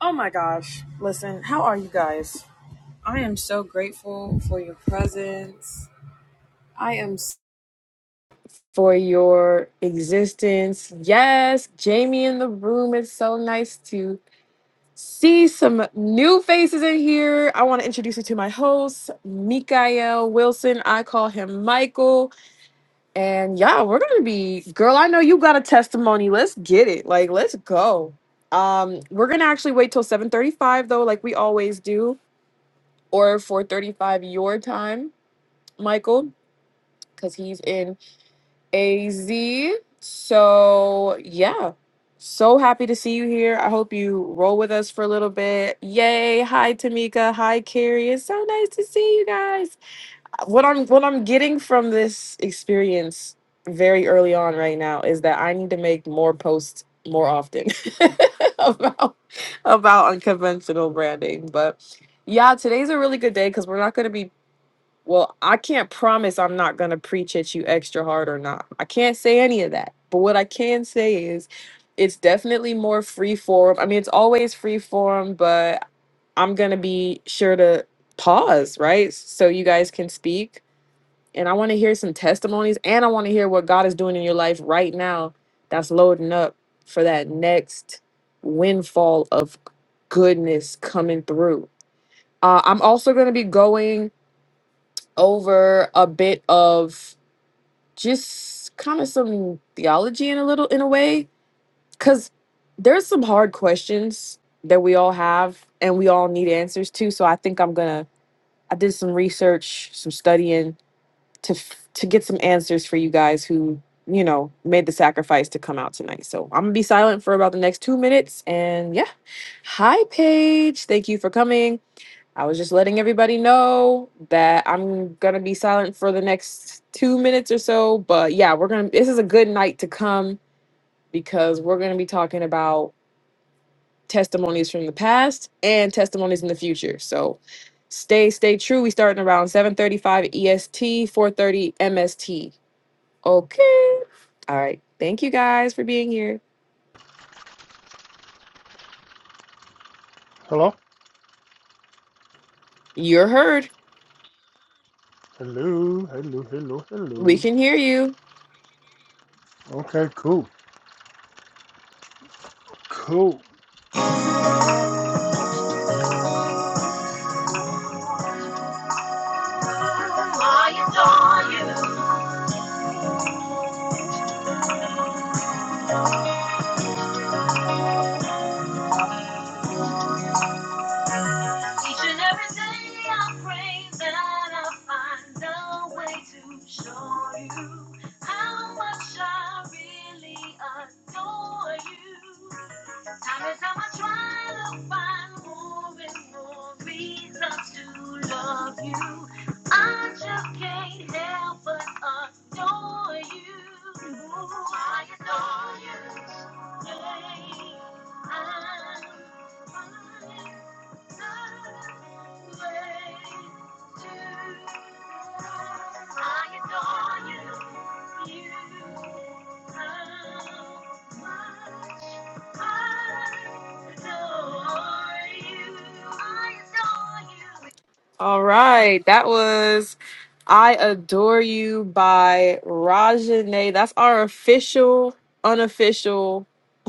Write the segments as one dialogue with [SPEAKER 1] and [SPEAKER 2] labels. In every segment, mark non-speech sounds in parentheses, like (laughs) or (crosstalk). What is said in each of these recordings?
[SPEAKER 1] Oh my gosh. Listen, how are you guys? I am so grateful for your presence. I am s- for your existence. Yes, Jamie in the room. It's so nice to see some new faces in here. I want to introduce you to my host, Mikael Wilson. I call him Michael. And yeah, we're going to be, girl, I know you got a testimony. Let's get it. Like, let's go. Um, we're gonna actually wait till 7:35 though, like we always do or 4:35 your time, Michael, because he's in AZ. So yeah, so happy to see you here. I hope you roll with us for a little bit. Yay! Hi Tamika. Hi Carrie. It's so nice to see you guys. What I'm what I'm getting from this experience very early on right now is that I need to make more posts more often (laughs) about about unconventional branding, but yeah, today's a really good day because we're not going to be well, I can't promise I'm not going to preach at you extra hard or not. I can't say any of that. But what I can say is it's definitely more free form. I mean, it's always free form, but I'm going to be sure to pause, right? So you guys can speak. And I want to hear some testimonies and I want to hear what God is doing in your life right now that's loading up for that next windfall of goodness coming through. Uh, I'm also going to be going over a bit of just kind of some theology in a little in a way cuz there's some hard questions that we all have and we all need answers to so I think I'm going to I did some research some studying to f- to get some answers for you guys who you know made the sacrifice to come out tonight so I'm going to be silent for about the next 2 minutes and yeah hi Paige thank you for coming I was just letting everybody know that I'm gonna be silent for the next two minutes or so. But yeah, we're gonna. This is a good night to come because we're gonna be talking about testimonies from the past and testimonies in the future. So stay, stay true. We starting around 7:35 EST, 4:30 MST. Okay. All right. Thank you guys for being here.
[SPEAKER 2] Hello?
[SPEAKER 1] You're heard.
[SPEAKER 2] Hello, hello, hello,
[SPEAKER 1] We
[SPEAKER 2] hello.
[SPEAKER 1] can hear you.
[SPEAKER 2] Okay, cool. Cool. I adore you. Each and every day I pray that I'll find a way to show you how much I really adore you. Time is up, I try to find more and more reasons to love you. I just can't help but adore you. I adore you. Yeah, yeah, yeah. I'm fine.
[SPEAKER 1] All right, that was I Adore You by Rajane. That's our official, unofficial (laughs)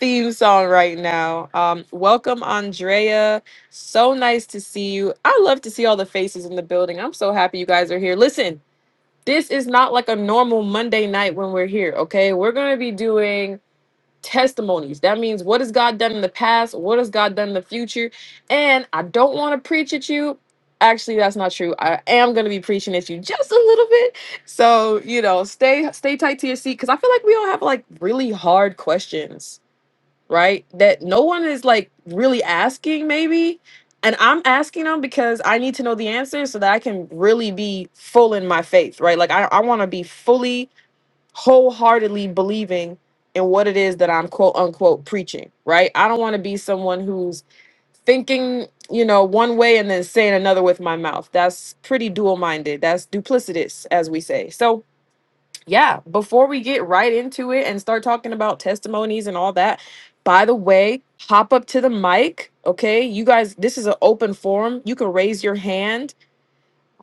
[SPEAKER 1] theme song right now. Um, welcome, Andrea. So nice to see you. I love to see all the faces in the building. I'm so happy you guys are here. Listen, this is not like a normal Monday night when we're here, okay? We're going to be doing testimonies. That means what has God done in the past? What has God done in the future? And I don't want to preach at you. Actually, that's not true. I am going to be preaching at you just a little bit. So, you know, stay stay tight to your seat cuz I feel like we all have like really hard questions, right? That no one is like really asking maybe. And I'm asking them because I need to know the answer so that I can really be full in my faith, right? Like I, I want to be fully wholeheartedly believing in what it is that I'm quote unquote preaching, right? I don't want to be someone who's thinking, you know, one way and then saying another with my mouth. That's pretty dual minded. That's duplicitous, as we say. So, yeah, before we get right into it and start talking about testimonies and all that, by the way, hop up to the mic, okay? You guys, this is an open forum. You can raise your hand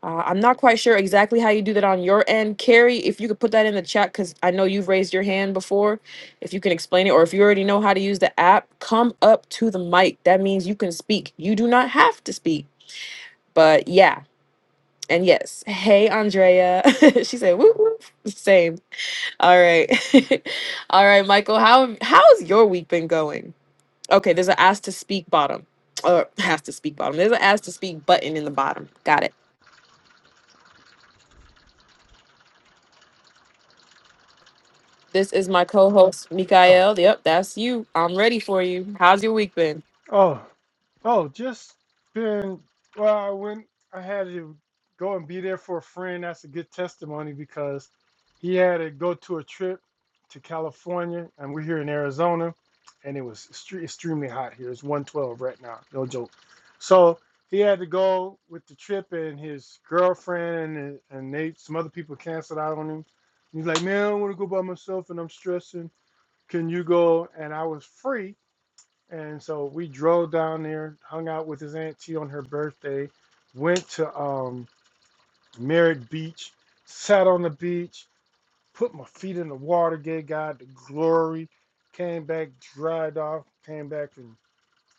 [SPEAKER 1] uh, I'm not quite sure exactly how you do that on your end. Carrie, if you could put that in the chat, because I know you've raised your hand before. If you can explain it, or if you already know how to use the app, come up to the mic. That means you can speak. You do not have to speak. But yeah, and yes. Hey, Andrea. (laughs) she said, whoop, whoop. Same. All right. (laughs) All right, Michael, how, how has your week been going? Okay, there's an ask to speak bottom, or (laughs) ask to speak bottom. There's an ask to speak button in the bottom. Got it. This is my co-host
[SPEAKER 2] Oh,
[SPEAKER 1] Mikael. Yep, that's you. I'm ready for you. How's your week been?
[SPEAKER 2] Oh, oh, just been. Well, I went. I had to go and be there for a friend. That's a good testimony because he had to go to a trip to California, and we're here in Arizona, and it was extre- extremely hot here. It's 112 right now. No joke. So he had to go with the trip, and his girlfriend and and they some other people canceled out on him. He's like, man, I want to go by myself, and I'm stressing. Can you go? And I was free. And so we drove down there, hung out with his auntie on her birthday, went to um, Merritt Beach, sat on the beach, put my feet in the water, gave God the glory, came back, dried off, came back and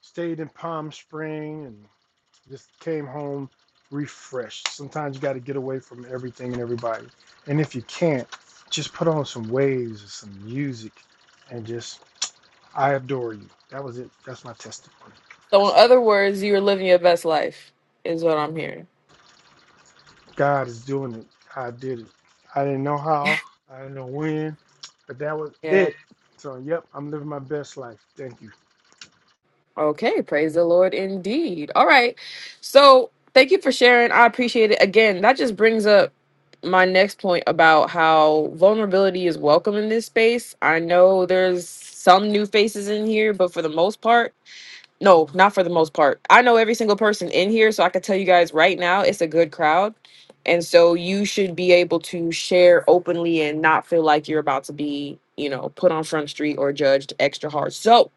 [SPEAKER 2] stayed in Palm Springs, and just came home refreshed. Sometimes you got to get away from everything and everybody. And if you can't, just put on some waves or some music and just, I adore you. That was it. That's my testimony.
[SPEAKER 1] So, in other words, you are living your best life, is what I'm hearing.
[SPEAKER 2] God is doing it. I did it. I didn't know how. I didn't know when, but that was
[SPEAKER 1] Yeah.
[SPEAKER 2] it. So, yep, I'm living my best life. Thank you.
[SPEAKER 1] Okay. Praise the Lord, indeed. All right. So, thank you for sharing. I appreciate it. Again, that just brings up my next point about how vulnerability is welcome in this space. I know there's some new faces in here, but for the most part. No, not for the most part. I know every single person in here, so I can tell you guys right now it's a good crowd. And so you should be able to share openly and not feel like you're about to be, you know, put on front street or judged extra hard. So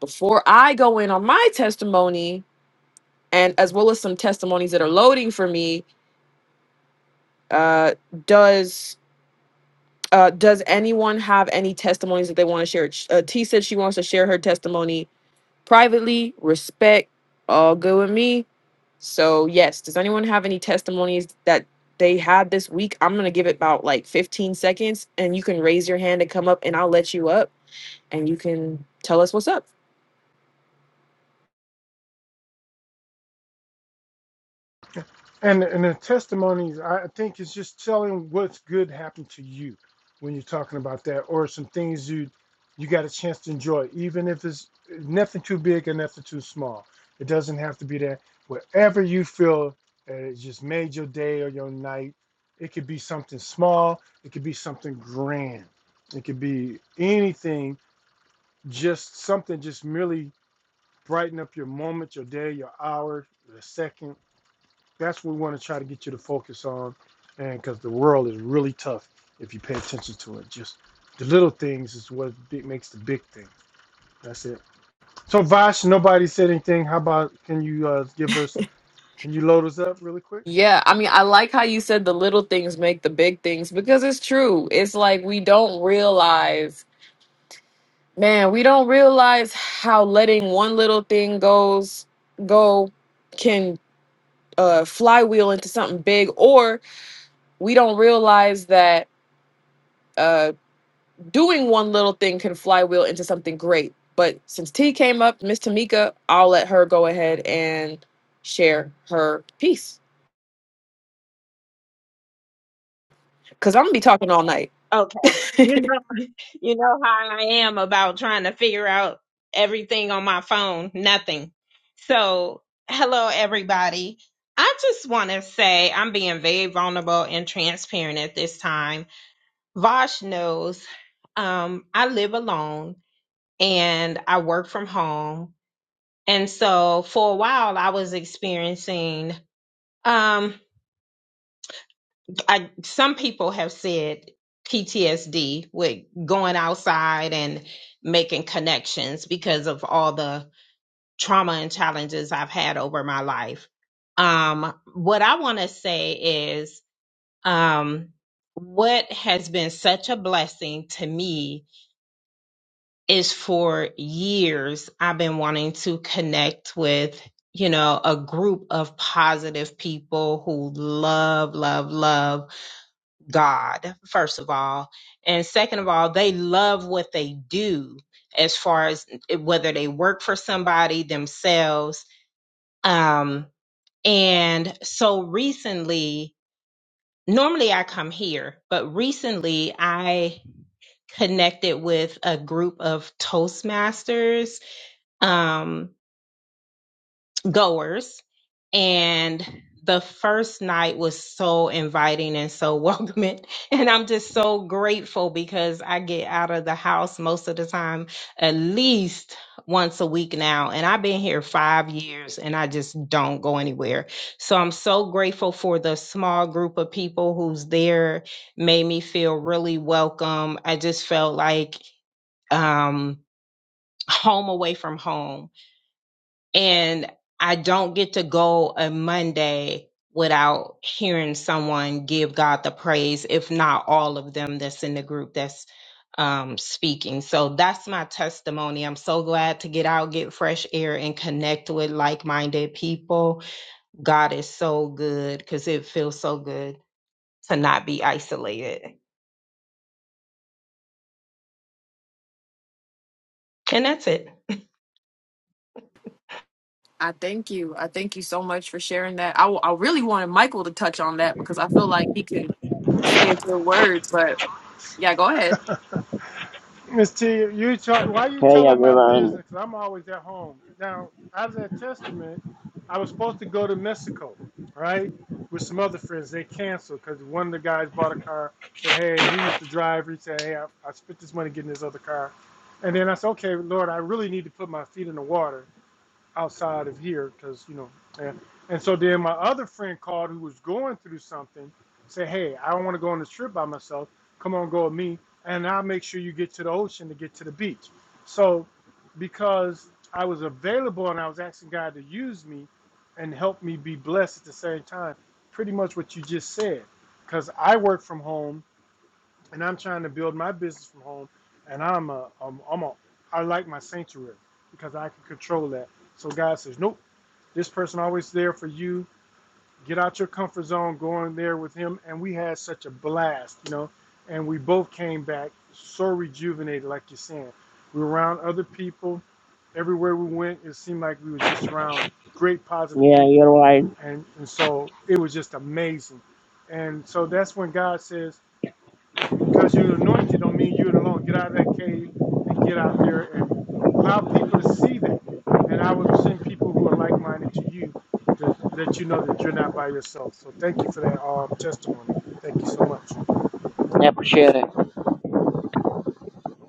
[SPEAKER 1] before I go in on my testimony, and as well as some testimonies that are loading for me, uh, does uh, does anyone have any testimonies that they want to share? Uh, T said she wants to share her testimony privately, respect, all good with me. So, yes, does anyone have any testimonies that they had this week? I'm going to give it about like 15 seconds and you can raise your hand and come up and I'll let you up and you can tell us what's up.
[SPEAKER 2] And and the testimonies, I think, is just telling what's good happened to you when you're talking about that, or some things you you got a chance to enjoy, even if it's nothing too big and nothing too small. It doesn't have to be that. Whatever you feel that it just made your day or your night, it could be something small, it could be something grand, it could be anything. Just something, just merely brighten up your moment, your day, your hour, the second that's what we want to try to get you to focus on and because the world is really tough if you pay attention to it just the little things is what big, makes the big thing that's it so vash nobody said anything how about can you uh, give us can you load us up really quick
[SPEAKER 1] Yeah, I mean, I like how you said the little things make the big things because it's true. It's like we don't realize, man, we don't realize how letting one little thing goes go can uh flywheel into something big or we don't realize that uh doing one little thing can flywheel into something great. But since T came up, Miss Tamika, I'll let her go ahead and share her piece because I'm gonna be talking all night.
[SPEAKER 3] Okay.
[SPEAKER 1] (laughs)
[SPEAKER 3] You know, you know how I am about trying to figure out everything on my phone. Nothing. So, hello everybody. I just want to say I'm being very vulnerable and transparent at this time. Vosh knows um, I live alone and I work from home. And so for a while I was experiencing um, I some people have said PTSD with going outside and making connections because of all the trauma and challenges I've had over my life. Um, what I want to say is, um, what has been such a blessing to me is for years I've been wanting to connect with, you know, a group of positive people who love, love, love God, first of all. And second of all, they love what they do as far as eh, whether they work for somebody themselves. Um, and so recently, normally I come here, but recently I connected with a group of Toastmasters um, goers and the first night was so inviting and so (laughs) welcoming and i'm just so grateful because i get out of the house most of the time at least once a week now and i've been here five years and i just don't go anywhere so i'm so grateful for the small group of people who's there made me feel really welcome i just felt like um home away from home and I don't get to go a Monday without hearing someone give God the praise, if not all of them that's in the group that's um, speaking. So that's my testimony. I'm so glad to get out, get fresh air, and connect with like minded people. God is so good because it feels so good to not be isolated. And that's it.
[SPEAKER 1] I thank you. I thank you so much for sharing that. I, w- I really wanted Michael to touch on that because I feel like he could say a good word, but yeah, go ahead.
[SPEAKER 2] Miss T, you tell, why you
[SPEAKER 4] Hey
[SPEAKER 2] telling my
[SPEAKER 4] everyone.
[SPEAKER 2] business? i I'm always at home. Now, out of that testament, I was supposed to go to Mexico, right, with some other friends. They canceled because one of the guys bought a car. Said, hey, he used to drive. He said, hey, I, I spent this money getting this other car. And then I said, okay, Lord, I really need to put my feet in the water outside of here because you know and, and so then my other friend called who was going through something said hey i don't want to go on this trip by myself come on go with me and i'll make sure you get to the ocean to get to the beach so because i was available and i was asking god to use me and help me be blessed at the same time pretty much what you just said because i work from home and I'm trying to build my business from home, and I'm a, I'm, I'm a, I like my sanctuary because I can control that. So God says, nope, this person always there for you. Get out your comfort zone, go in there with him, and we had such a blast, you know, and we both came back so rejuvenated, like you're saying. We were around other people. Everywhere we went, it seemed like we were just around great positive
[SPEAKER 4] Yeah,
[SPEAKER 2] people,
[SPEAKER 4] you're right.
[SPEAKER 2] and and so it was just amazing. And so that's when God says because you're anointed don't mean you're alone. Get out of that cave and get out there and allow people to see that. And I would send people who are like minded to you to let you know that you're not by yourself. So thank you for that um, testimony. Thank you so much.
[SPEAKER 4] I appreciate it.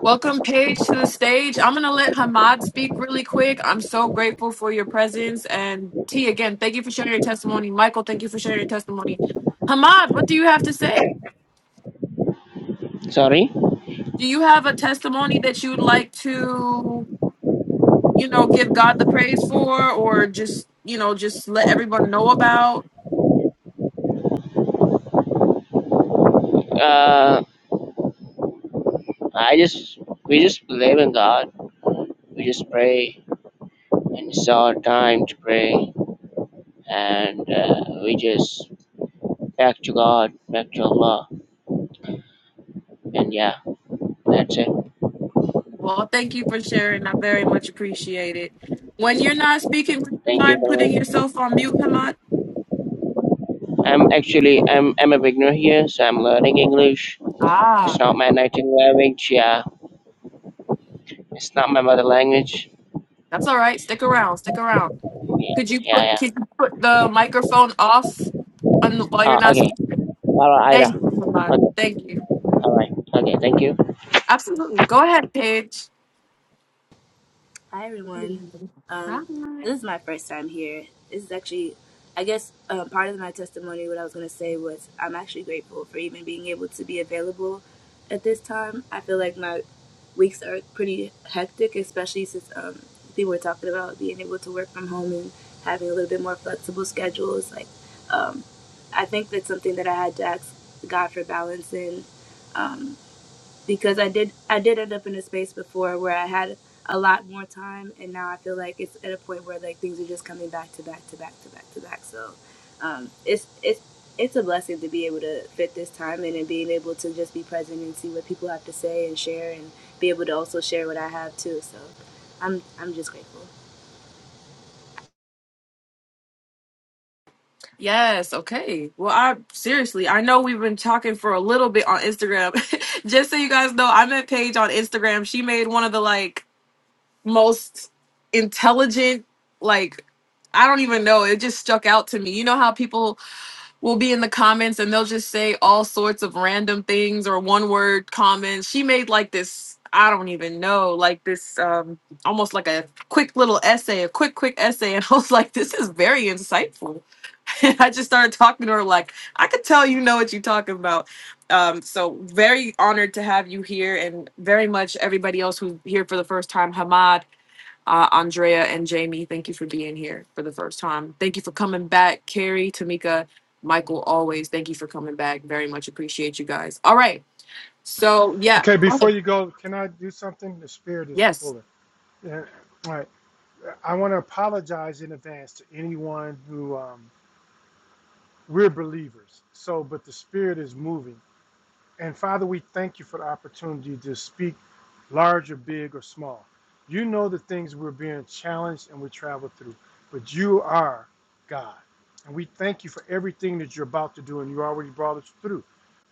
[SPEAKER 1] Welcome, Paige, to the stage. I'm going to let Hamad speak really quick. I'm so grateful for your presence. And T, again, thank you for sharing your testimony. Michael, thank you for sharing your testimony. Hamad, what do you have to say?
[SPEAKER 4] Sorry.
[SPEAKER 1] Do you have a testimony that you would like to, you know, give God the praise for or just, you know, just let everyone know about?
[SPEAKER 4] Uh, I just we just believe in God. We just pray, and it's our time to pray, and uh, we just back to God, back to Allah, and yeah, that's it.
[SPEAKER 1] Well, thank you for sharing. I very much appreciate it. When you're not speaking, would you
[SPEAKER 4] Thank you
[SPEAKER 1] mind
[SPEAKER 4] so
[SPEAKER 1] putting
[SPEAKER 4] much.
[SPEAKER 1] yourself on mute, Hamad?
[SPEAKER 4] I'm actually I'm I'm a beginner here, so I'm learning English. It's
[SPEAKER 1] Ah,
[SPEAKER 4] not my native language. Yeah, it's not my mother language.
[SPEAKER 1] that's all right. Stick around. Stick around.
[SPEAKER 4] Yeah,
[SPEAKER 1] Could you
[SPEAKER 4] yeah,
[SPEAKER 1] put
[SPEAKER 4] yeah.
[SPEAKER 1] could you put the microphone off on the, while you're
[SPEAKER 4] Uh,
[SPEAKER 1] not
[SPEAKER 4] okay.
[SPEAKER 1] speaking?
[SPEAKER 4] All right, Ira.
[SPEAKER 1] Thank you, Hamad.
[SPEAKER 4] Okay.
[SPEAKER 1] Thank you.
[SPEAKER 4] All right. Okay. Thank you.
[SPEAKER 1] Absolutely. Go ahead, Paige.
[SPEAKER 5] Hi, everyone.
[SPEAKER 1] Hi.
[SPEAKER 5] Um, this is my first time here. This is actually, I guess, uh, part of my testimony. What I was going to say was, I'm actually grateful for even being able to be available at this time. I feel like my weeks are pretty hectic, especially since um, people were talking about being able to work from home and having a little bit more flexible schedules. Like, um, I think that's something that I had to ask God for balance in. Um, because I did I did end up in a space before where I had a lot more time, and now I feel like it's at a point where like things are just coming back to back to back to back to back. So um, it's it's it's a blessing to be able to fit this time in and being able to just be present and see what people have to say and share and be able to also share what I have too. So I'm I'm just grateful.
[SPEAKER 1] Yes, okay. Well, I seriously, I know we've been talking for a little bit on Instagram. (laughs) Just so you guys know, I met Paige on Instagram. She made one of the like most intelligent like i don't even know it just stuck out to me you know how people will be in the comments and they'll just say all sorts of random things or one word comments she made like this i don't even know like this um almost like a quick little essay a quick quick essay and (laughs) i was like this is very insightful (laughs) and i just started talking to her like i could tell you know what you're talking about um so very honored to have you here and very much everybody else who's here for the first time hamad uh, Andrea and Jamie, thank you for being here for the first time. Thank you for coming back. Carrie, Tamika, Michael, always thank you for coming back. Very much appreciate you guys. All right. So, yeah.
[SPEAKER 2] Okay, before
[SPEAKER 1] Okay.
[SPEAKER 2] you go, can I do something? The spirit is
[SPEAKER 1] Yes.
[SPEAKER 2] pulling. Yeah. All right. I want to apologize in advance to anyone who um, we're believers. So, but the spirit is moving. And Father, we thank you for the opportunity to speak large or big or small. You know the things we're being challenged and we travel through, but you are God. And we thank you for everything that you're about to do and you already brought us through.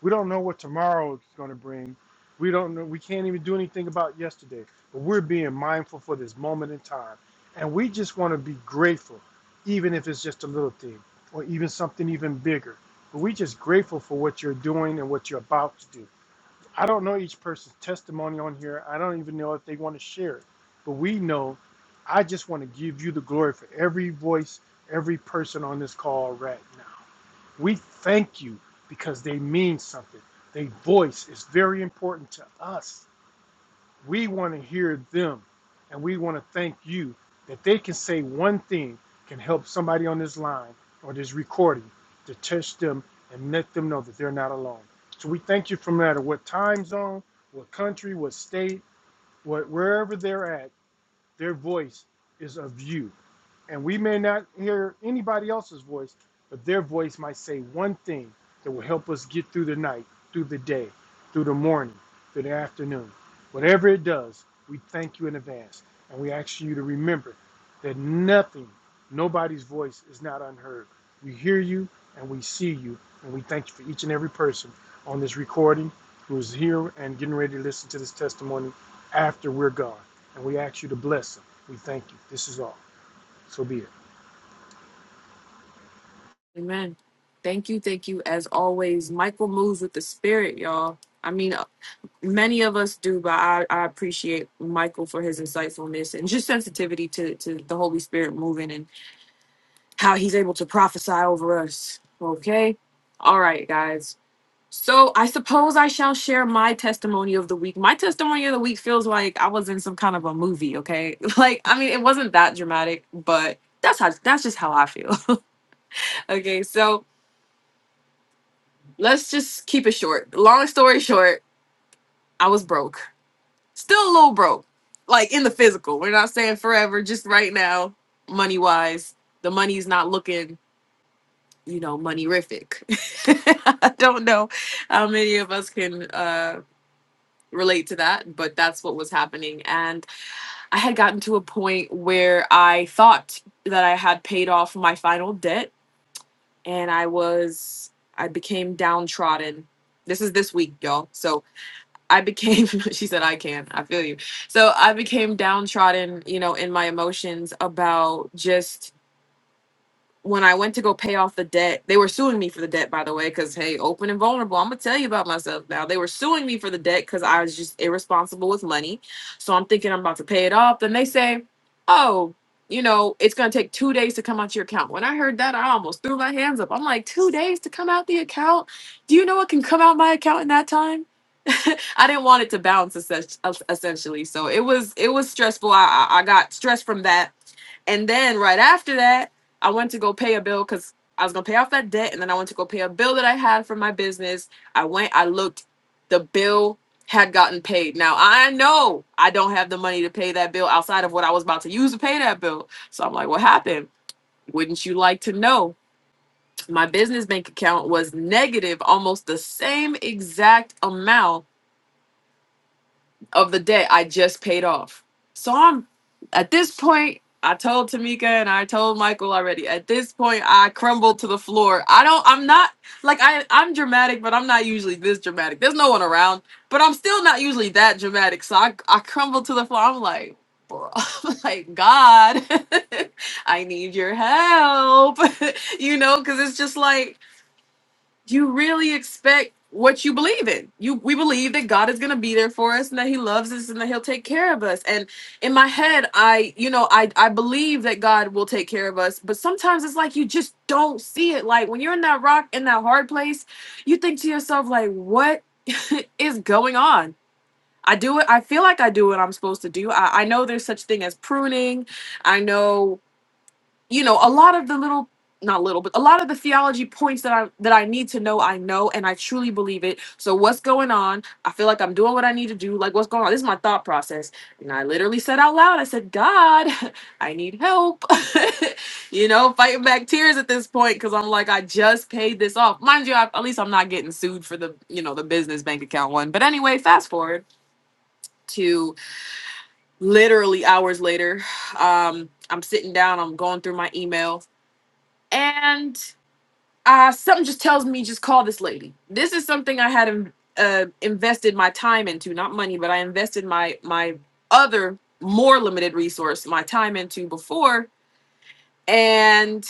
[SPEAKER 2] We don't know what tomorrow is going to bring. We don't know. We can't even do anything about yesterday, but we're being mindful for this moment in time. And we just want to be grateful, even if it's just a little thing or even something even bigger. But we just grateful for what you're doing and what you're about to do. I don't know each person's testimony on here. I don't even know if they want to share it. But we know I just want to give you the glory for every voice, every person on this call right now. We thank you because they mean something. Their voice is very important to us. We want to hear them and we want to thank you that they can say one thing can help somebody on this line or this recording to touch them and let them know that they're not alone. So we thank you from no matter what time zone, what country, what state, what wherever they're at, their voice is of you and we may not hear anybody else's voice, but their voice might say one thing that will help us get through the night, through the day, through the morning, through the afternoon. Whatever it does, we thank you in advance. And we ask you to remember that nothing, nobody's voice is not unheard. We hear you and we see you. And we thank you for each and every person on this recording who is here and getting ready to listen to this testimony after we're gone. And we ask you to bless them. We thank you. This is all. So be it.
[SPEAKER 1] Amen. Thank you. Thank you. As always, Michael moves with the spirit, y'all. I mean, uh, many of us do, but I, I appreciate Michael for his insightfulness and just sensitivity to, to the Holy Spirit moving and how he's able to prophesy over us. Okay. All right, guys. So I suppose I shall share my testimony of the week. My testimony of the week feels like I was in some kind of a movie, okay? (laughs) Like I mean, it wasn't that dramatic, but that's how that's just how I feel. (laughs) okay, so let's just keep it short. Long story short, I was broke. Still a little broke. Like in the physical. We're not saying forever, just right now, money-wise. The money's not looking, you know, money-rific. (laughs) I don't know how many of us can uh relate to that, but that's what was happening. And I had gotten to a point where I thought that I had paid off my final debt and I was, I became downtrodden. This is this week, y'all. So I became, (laughs) she said, I can, I feel you. So I became downtrodden, you know, in my emotions about just when I went to go pay off the debt, they were suing me for the debt, by the way, because hey, open and vulnerable. I'm gonna tell you about myself now. They were suing me for the debt because I was just irresponsible with money. So I'm thinking I'm about to pay it off. Then they say, Oh, you know, it's gonna take two days to come out your account. When I heard that, I almost threw my hands up. I'm like, two days to come out the account? Do you know what can come out my account in that time? (laughs) I didn't want it to bounce essen- essentially. So it was it was stressful. I I I got stressed from that. And then right after that. I went to go pay a bill because I was gonna pay off that debt, and then I went to go pay a bill that I had for my business. I went, I looked, the bill had gotten paid. Now I know I don't have the money to pay that bill outside of what I was about to use to pay that bill. So I'm like, what happened? Wouldn't you like to know? My business bank account was negative almost the same exact amount of the debt I just paid off. So I'm at this point, I told Tamika and I told Michael already. At this point, I crumble to the floor. I don't I'm not like I I'm dramatic, but I'm not usually this dramatic. There's no one around, but I'm still not usually that dramatic. So I I crumble to the floor. I'm like, bro, (laughs) like God, (laughs) I need your help. (laughs) you know, cuz it's just like you really expect what you believe in. You we believe that God is going to be there for us and that he loves us and that he'll take care of us. And in my head, I you know, I I believe that God will take care of us, but sometimes it's like you just don't see it. Like when you're in that rock in that hard place, you think to yourself like what (laughs) is going on? I do it. I feel like I do what I'm supposed to do. I, I know there's such thing as pruning. I know you know a lot of the little not little but a lot of the theology points that i that i need to know i know and i truly believe it so what's going on i feel like i'm doing what i need to do like what's going on this is my thought process and i literally said out loud i said god (laughs) i need help (laughs) you know fighting back tears at this point because i'm like i just paid this off mind you I, at least i'm not getting sued for the you know the business bank account one but anyway fast forward to literally hours later (sighs) um i'm sitting down i'm going through my email and uh, something just tells me just call this lady. This is something I had in- uh, invested my time into, not money, but I invested my my other more limited resource, my time into before. And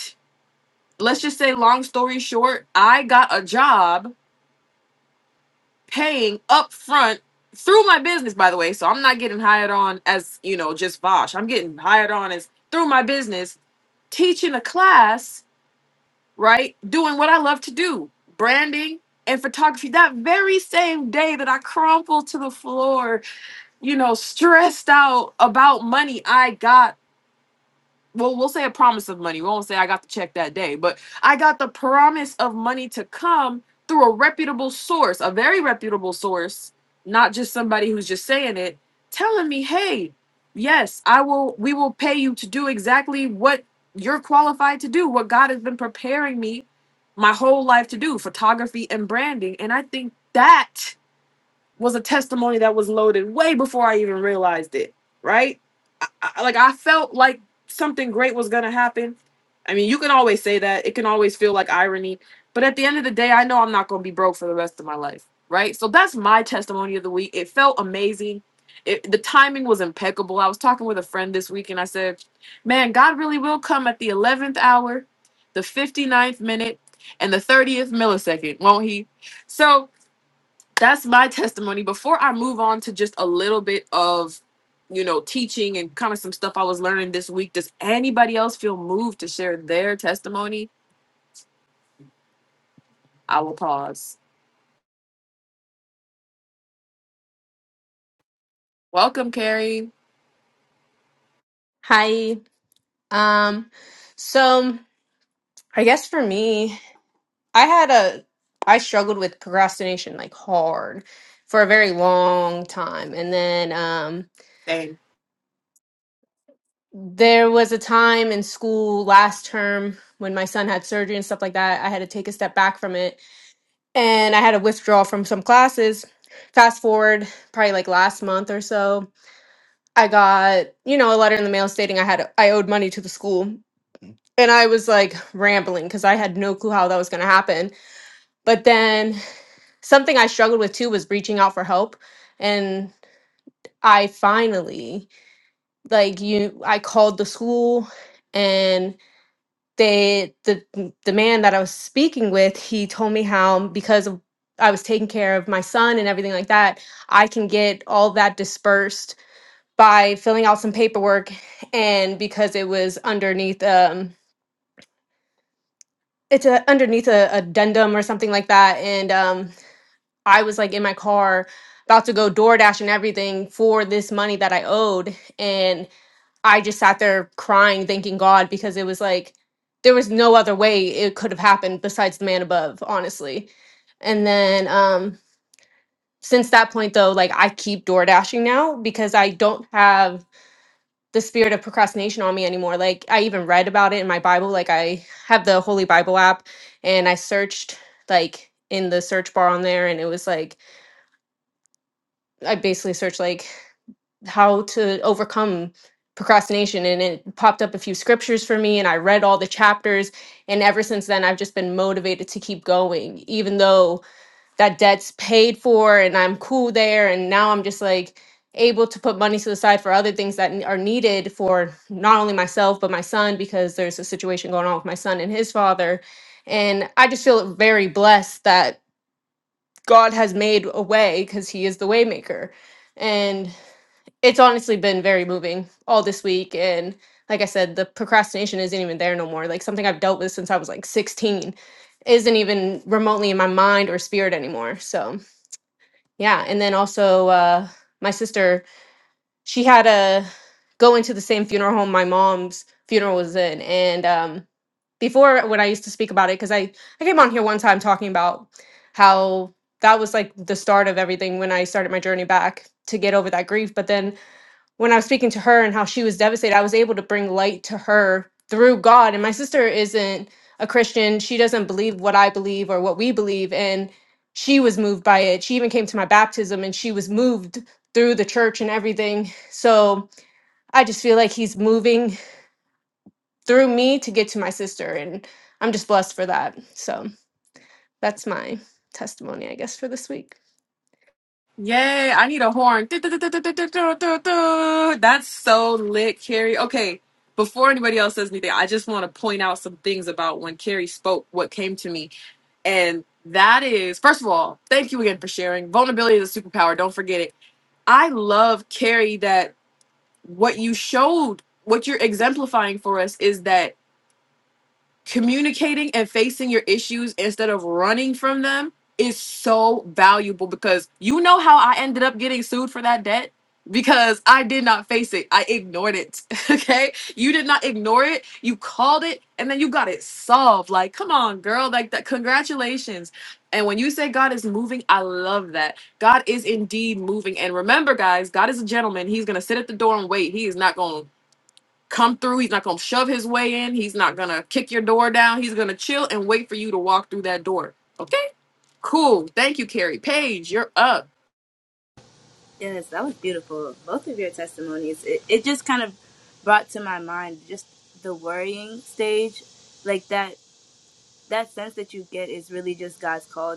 [SPEAKER 1] let's just say, long story short, I got a job paying up front through my business. By the way, so I'm not getting hired on as you know just Vosh. I'm getting hired on as through my business teaching a class right? Doing what I love to do, branding and photography. That very same day that I crumpled to the floor, you know, stressed out about money, I got well, we'll say a promise of money. We won't say I got the check that day, but I got the promise of money to come through a reputable source, a very reputable source, not just somebody who's just saying it, telling me, "Hey, yes, I will we will pay you to do exactly what you're qualified to do, what God has been preparing me my whole life to do, photography and branding." And I think that was a testimony that was loaded way before I even realized it, right? I, I, like I felt like something great was going to happen. I mean, you can always say that. It can always feel like irony, but at the end of the day, I know I'm not going to be broke for the rest of my life, right? So that's my testimony of the week. It felt amazing. It, the timing was impeccable. I was talking with a friend this week and I said, "Man, God really will come at the 11th hour, the 59th minute, and the 30th millisecond, won't he?" So, that's my testimony before i move on to just a little bit of you know teaching and kind of some stuff i was learning this week does anybody else feel moved to share their testimony i will pause welcome carrie
[SPEAKER 6] Hi. Um, so I guess for me, I had a I struggled with procrastination like hard for a very long time. And then um
[SPEAKER 1] Same.
[SPEAKER 6] there was a time in school last term when my son had surgery and stuff like that. I had to take a step back from it and I had to withdraw from some classes. Fast forward probably like last month or so, I got, you know, a letter in the mail stating I had I owed money to the school and I was like rambling because I had no clue how that was going to happen. But then something I struggled with too was reaching out for help. And I finally, like, you, I called the school and they, the, the man that I was speaking with, he told me how because of I was taking care of my son and everything like that, I can get all that dispersed by filling out some paperwork. And because it was underneath um. it's a, underneath a addendum or something like that. And um, I was like in my car about to go DoorDash and everything for this money that I owed. And I just sat there crying, thanking God, because it was like there was no other way it could have happened besides the man above, honestly. And then um, since that point, though, like I keep DoorDashing now because I don't have the spirit of procrastination on me anymore. Like I even read about it in my Bible. Like I have the Holy Bible app and I searched like in the search bar on there and it was like I basically searched like how to overcome procrastination and it popped up a few scriptures for me and I read all the chapters and ever since then I've just been motivated to keep going even though that debt's paid for and I'm cool there. And now I'm just like able to put money to the side for other things that n- are needed for not only myself, but my son, because there's a situation going on with my son and his father. And I just feel very blessed that God has made a way because he is the waymaker. And it's honestly been very moving all this week. And like I said, the procrastination isn't even there no more. Like something I've dealt with since I was like 16 isn't even remotely in my mind or spirit anymore. So yeah, and then also uh, my sister, she had a go into the same funeral home my mom's funeral was in, and um, before when I used to speak about it, because I I came on here one time talking about how that was like the start of everything when I started my journey back to get over that grief, but then when I was speaking to her and how she was devastated, I was able to bring light to her through God. And my sister isn't a Christian. She doesn't believe what I believe or what we believe. And she was moved by it. She even came to my baptism and she was moved through the church and everything. So I just feel like he's moving through me to get to my sister. And I'm just blessed for that. So that's my testimony, I guess, for this week.
[SPEAKER 1] Yay, I need a horn. That's so lit, Carrie. Okay, before anybody else says anything, I just want to point out some things about when Carrie spoke, what came to me. And that is, first of all, thank you again for sharing. Vulnerability is a superpower. Don't forget it. I love, Carrie, that what you showed, what you're exemplifying for us is that communicating and facing your issues instead of running from them is so valuable because you know how I ended up getting sued for that debt because I did not face it. I ignored it. (laughs) Okay? You did not ignore it. You called it and then you got it solved. Like, come on, girl, like that congratulations. And when you say God is moving, I love that. God is indeed moving. And remember guys, God is a gentleman. He's going to sit at the door and wait. He is not going to come through. He's not going to shove his way in. He's not going to kick your door down. He's going to chill and wait for you to walk through that door. Okay? Cool. Thank you, Carrie. Paige, you're up.
[SPEAKER 5] Yes, that was beautiful. Both of your testimonies. It, it just kind of brought to my mind just the worrying stage like that that sense that you get is really just God's call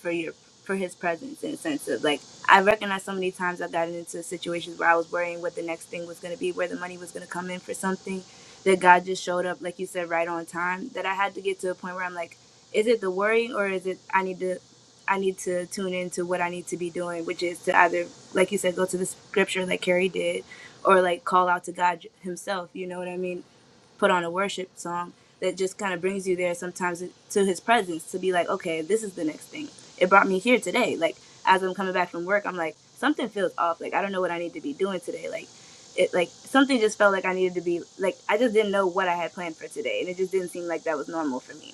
[SPEAKER 5] for your for His presence in a sense of like I recognize so many times I have gotten into situations where I was worrying what the next thing was going to be, where the money was going to come in for something that God just showed up, like you said, right on time. That I had to get to a point where I'm like, is it the worrying or is it I need to I need to tune into what I need to be doing, which is to either, like you said, go to the scripture like Carrie did, or like call out to God Himself. You know what I mean? put on a worship song that just kind of brings you there sometimes to his presence to be like, okay, this is the next thing. It brought me here today. Like as I'm coming back from work, I'm like, something feels off. Like I don't know what I need to be doing today. Like it like something just felt like I needed to be like I just didn't know what I had planned for today and it just didn't seem like that was normal for me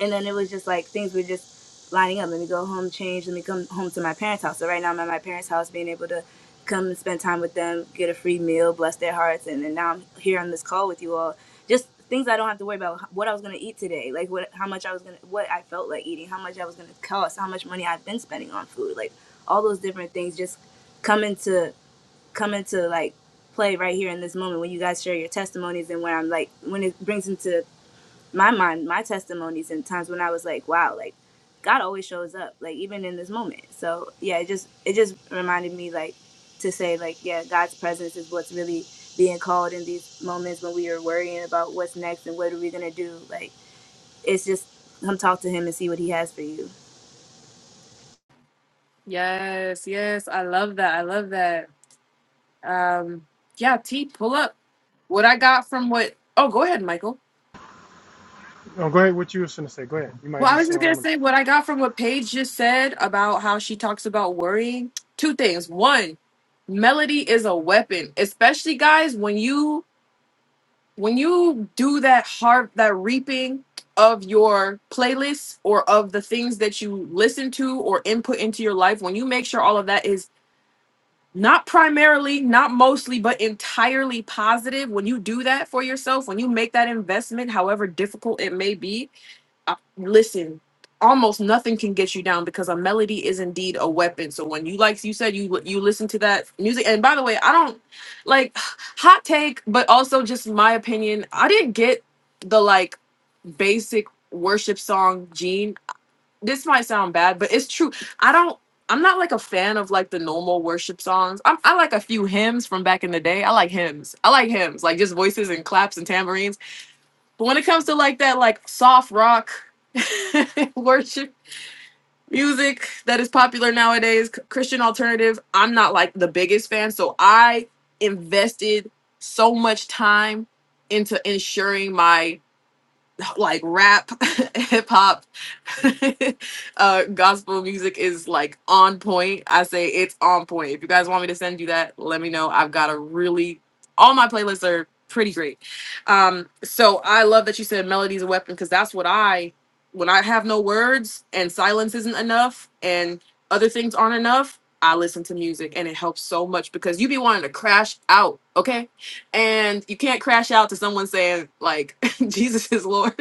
[SPEAKER 5] and then it was just like things were just lining up. Let me go home, change. Let me come home to my parents' house. So right now I'm at my parents' house, being able to come and spend time with them, get a free meal, bless their hearts, and then now I'm here on this call with you all. Just things I don't have to worry about. What I was gonna eat today, like what, how much I was gonna, what I felt like eating, how much I was gonna cost, how much money I've been spending on food, like all those different things just come into come into like play right here in this moment when you guys share your testimonies and when I'm like when it brings into my mind, my testimonies and times when I was like, wow, like God always shows up, like even in this moment. So yeah, it just it just reminded me like to say like, yeah, God's presence is what's really being called in these moments when we are worrying about what's next and what are we gonna do. Like it's just come talk to him and see what he has for you.
[SPEAKER 1] Yes, yes. I love that. I love that. Um, yeah, T, pull up what I got from what. Oh, go ahead, Michael.
[SPEAKER 2] No, go ahead. What you was gonna say? Go ahead. You might
[SPEAKER 1] Well,
[SPEAKER 2] be
[SPEAKER 1] I was
[SPEAKER 2] saying
[SPEAKER 1] just
[SPEAKER 2] what
[SPEAKER 1] going
[SPEAKER 2] I'm
[SPEAKER 1] to
[SPEAKER 2] gonna say.
[SPEAKER 1] say what I got from what Paige just said about how she talks about worrying. Two things. One, melody is a weapon, especially guys when you when you do that har that reaping of your playlists or of the things that you listen to or input into your life when you make sure all of that is not primarily not mostly but entirely positive when you do that for yourself when you make that investment however difficult it may be I, listen, almost nothing can get you down because a melody is indeed a weapon. So when you like you said you you listen to that music, and by the way, I don't like (sighs) hot take, but also just my opinion. I didn't get the like basic worship song gene. This might sound bad, but it's true. I don't. I'm not like a fan of like the normal worship songs. I'm, I like a few hymns from back in the day. I like hymns. I like hymns, like just voices and claps and tambourines but when it comes to like that, like soft rock (laughs) worship music that is popular nowadays, c- Christian alternative, I'm not like the biggest fan. So I invested so much time into ensuring my like rap, (laughs) hip hop, (laughs) uh, gospel music is like on point. I say it's on point. If you guys want me to send you that, let me know. I've got a really all my playlists are pretty great. Um, so I love that you said melody's a weapon because that's what I when I have no words and silence isn't enough and other things aren't enough. I listen to music and it helps so much because you be wanting to crash out, okay? and you can't crash out to someone saying like (laughs) jesus is lord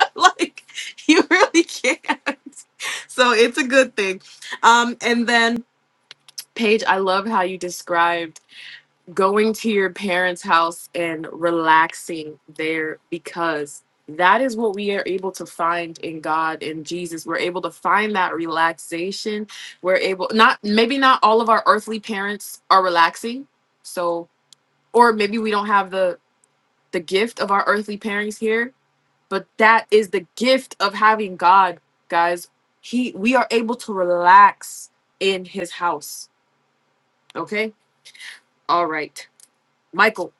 [SPEAKER 1] (laughs) like you really (laughs) can't so it's a good thing um and then paige i love how you described going to your parents house and relaxing there because that is what we are able to find in god and jesus we're able to find that relaxation we're able not maybe not all of our earthly parents are relaxing so or maybe we don't have the the gift of our earthly parents here, but that is the gift of having God, guys. He we are able to relax in his house. Okay? All right. Michael.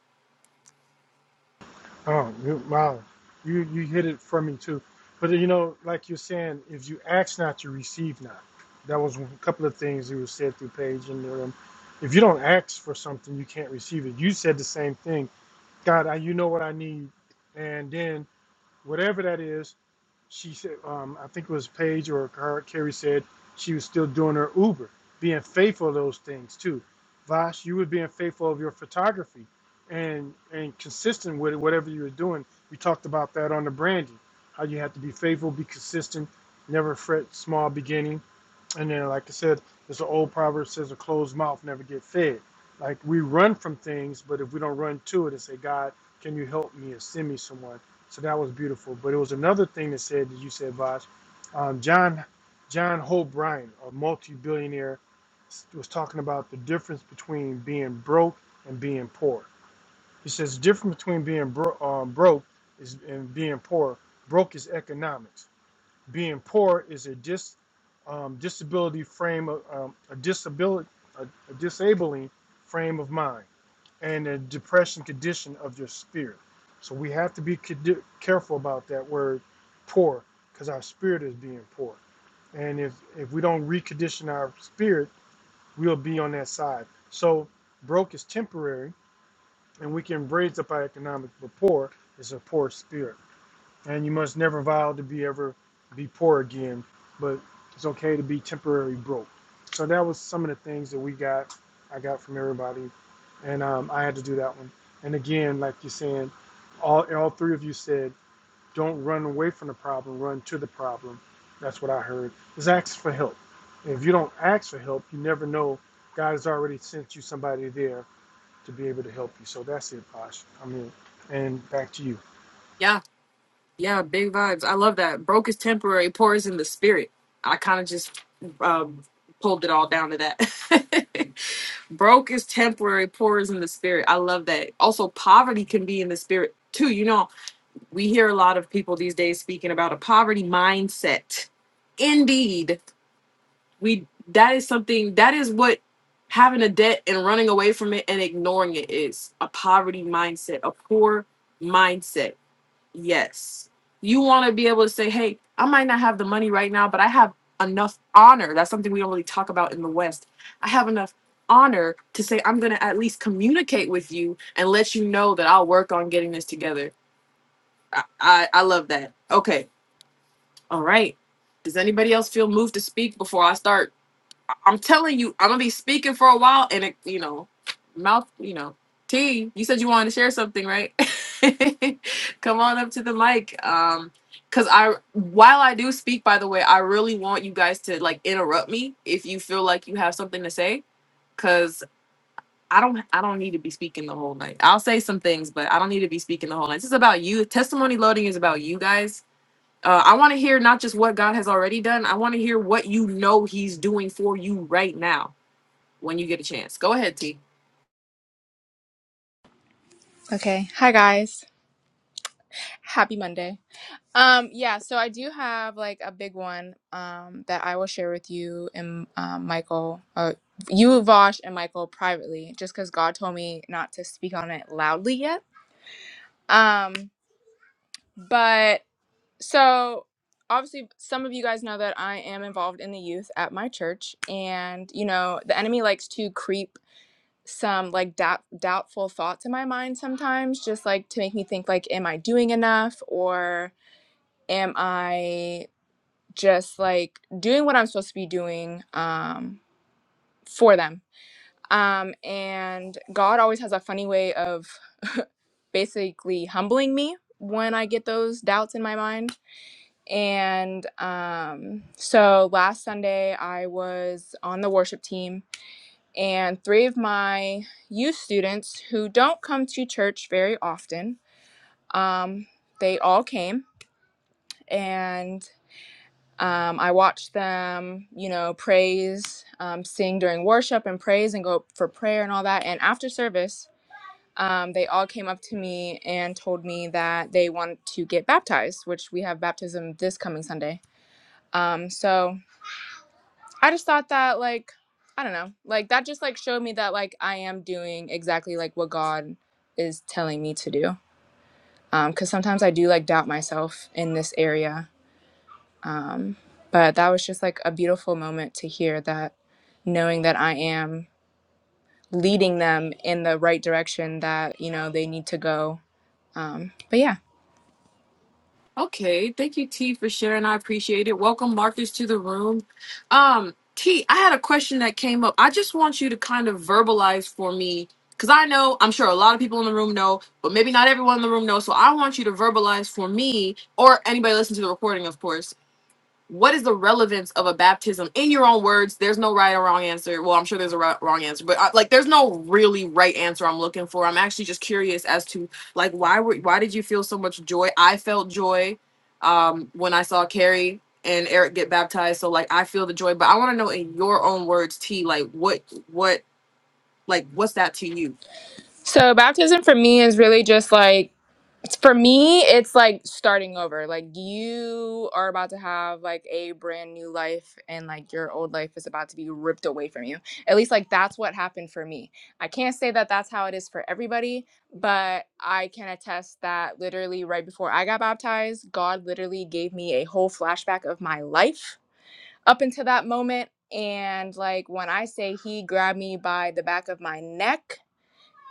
[SPEAKER 2] Oh, you, wow. You you hit it for me too. But you know, like you're saying, if you ask not, you receive not. That was a couple of things you said through Paige and um, if you don't ask for something, you can't receive it. You said the same thing. God, I, you know what I need, and then whatever that is. She said, um, I think it was Paige or her, Carrie said she was still doing her Uber, being faithful of those things too. Vash, you were being faithful of your photography and and consistent with it, whatever you were doing. We talked about that on the branding, how you have to be faithful, be consistent, never fret small beginning. And then, like I said, there's an old proverb says, "A closed mouth never get fed." Like we run from things, but if we don't run to it and say, "God, can you help me?" or "Send me someone," So that was beautiful. But it was another thing that said that you said, Vaj, um, John John Hope a multi-billionaire, was talking about the difference between being broke and being poor. He says the difference between being bro- um, broke is and being poor. Broke is economics. Being poor is a dis um, disability frame of um, a disability a, a disabling frame of mind and the depression condition of your spirit. So we have to be careful about that word poor because our spirit is being poor. And if, if we don't recondition our spirit, we'll be on that side. So broke is temporary and we can raise up our economic rapport is a poor spirit and you must never vow to be ever be poor again, but it's okay to be temporarily broke. So that was some of the things that we got, I got from everybody, and um, I had to do that one. And again, like you're saying, all all three of you said, don't run away from the problem, run to the problem. That's what I heard. Is ask for help. If you don't ask for help, you never know. God has already sent you somebody there to be able to help you. So that's it, Posh. I mean, and back to you.
[SPEAKER 1] Yeah. Yeah, big vibes. I love that. Broke is temporary, poor is in the spirit. I kind of just um pulled it all down to that. (laughs) Broke is temporary, poor is in the spirit. I love that. Also, poverty can be in the spirit too. You know, we hear a lot of people these days speaking about a poverty mindset. Indeed, we that is something that is what having a debt and running away from it and ignoring it is a poverty mindset, a poor mindset. Yes. You want to be able to say, "Hey, I might not have the money right now, but I have enough honor." That's something we don't really talk about in the West. I have enough honor to say I'm going to at least communicate with you and let you know that I'll work on getting this together I, I I love that. Okay. All right. Does anybody else feel moved to speak before I start? I- I'm telling you, I'm gonna be speaking for a while, and it, you know, mouth, you know, T. You said you wanted to share something, right? (laughs) Come on up to the mic. Um, cause I, while I do speak, by the way, I really want you guys to like interrupt me if you feel like you have something to say, cause I don't, I don't need to be speaking the whole night. I'll say some things, but I don't need to be speaking the whole night. This is about you. Testimony loading is about you guys uh, I want to hear not just what God has already done. I want to hear what you know He's doing for you right now when you get a chance. Go ahead, T.
[SPEAKER 7] Okay. Hi guys. Happy Monday. Um yeah, so I do have like a big one um that I will share with you and um, Michael uh you Vosh and Michael privately just cuz God told me not to speak on it loudly yet. Um but so obviously some of you guys know that I am involved in the youth at my church and you know, the enemy likes to creep some like doubt, doubtful thoughts in my mind sometimes just like to make me think like am i doing enough or am I just like doing what I'm supposed to be doing um, for them? Um, and God always has a funny way of basically humbling me when I get those doubts in my mind. And um, so last Sunday, I was on the worship team, and three of my youth students who don't come to church very often, um, they all came. And Um, I watch them, you know, praise, um, sing during worship and praise and go for prayer and all that. And after service, um, they all came up to me and told me that they want to get baptized, which we have baptism this coming Sunday. Um, so I just thought that, like, I don't know, like that just like showed me that like I am doing exactly like what God is telling me to do. Um, cause sometimes I do like doubt myself in this area, but that was just like a beautiful moment to hear that knowing that I am leading them in the right direction that you know they need to go. Um, but yeah,
[SPEAKER 1] Okay, thank you, T, for sharing. I appreciate it. Welcome, Marcus, to the room. Um, T, I had a question that came up. I just want you to kind of verbalize for me because I know I'm sure a lot of people in the room know, but maybe not everyone in the room knows. So I want you to verbalize for me or anybody listening to the recording, of course what is the relevance of a baptism in your own words there's no right or wrong answer well i'm sure there's a right, wrong answer but uh like there's no really right answer i'm looking for i'm actually just curious as to like why were why did you feel so much joy i felt joy um when i saw carrie and eric get baptized so like i feel the joy but i want to know in your own words t like what what like what's that to you
[SPEAKER 7] so baptism for me is really just like it's for me it's like starting over. Like you are about to have like a brand new life and like your old life is about to be ripped away from you. At least like that's what happened for me. I can't say that that's how it is for everybody, but I can attest that literally right before I got baptized, God literally gave me a whole flashback of my life up until that moment. And like when I say he grabbed me by the back of my neck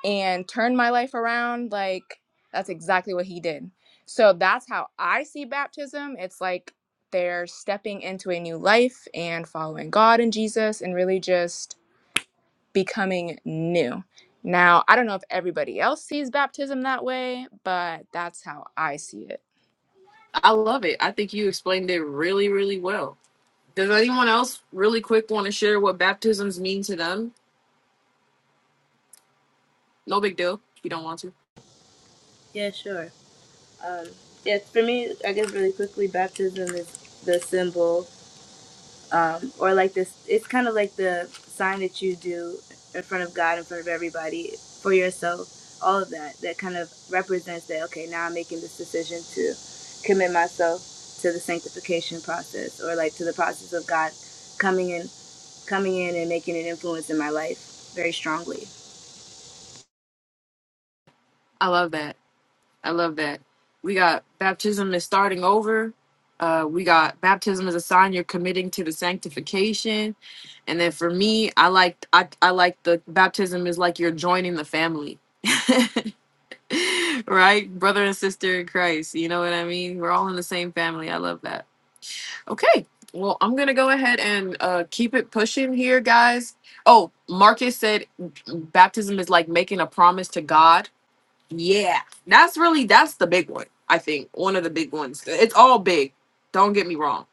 [SPEAKER 7] and turned my life around, like that's exactly what he did. So that's how I see baptism. It's like they're stepping into a new life and following God and Jesus and really just becoming new. Now, I don't know if everybody else sees baptism that way, but that's how I see it.
[SPEAKER 1] i love it i think you explained it really really well does anyone else really quick want to share what baptisms mean to them no big deal if you don't want to
[SPEAKER 5] Yeah, sure. Yeah, for me, I guess really quickly, baptism is the symbol um, or like this it's kind of like the sign that you do in front of god in front of everybody for yourself all of that that kind of represents that okay now i'm making this decision to commit myself to the sanctification process or like to the process of god coming in coming in and making an influence in my life very strongly
[SPEAKER 1] I love that. I love that. We got baptism is starting over. Uh, we got baptism is a sign you're committing to the sanctification, and then for me, I like I, I like the baptism is like you're joining the family, (laughs) right, brother and sister in Christ. You know what I mean? We're all in the same family. I love that. Okay, well I'm gonna go ahead and uh, keep it pushing here, guys. Oh, Marcus said baptism is like making a promise to God yeah, that's really that's the big one. I think one of the big ones. It's all big. Don't get me wrong.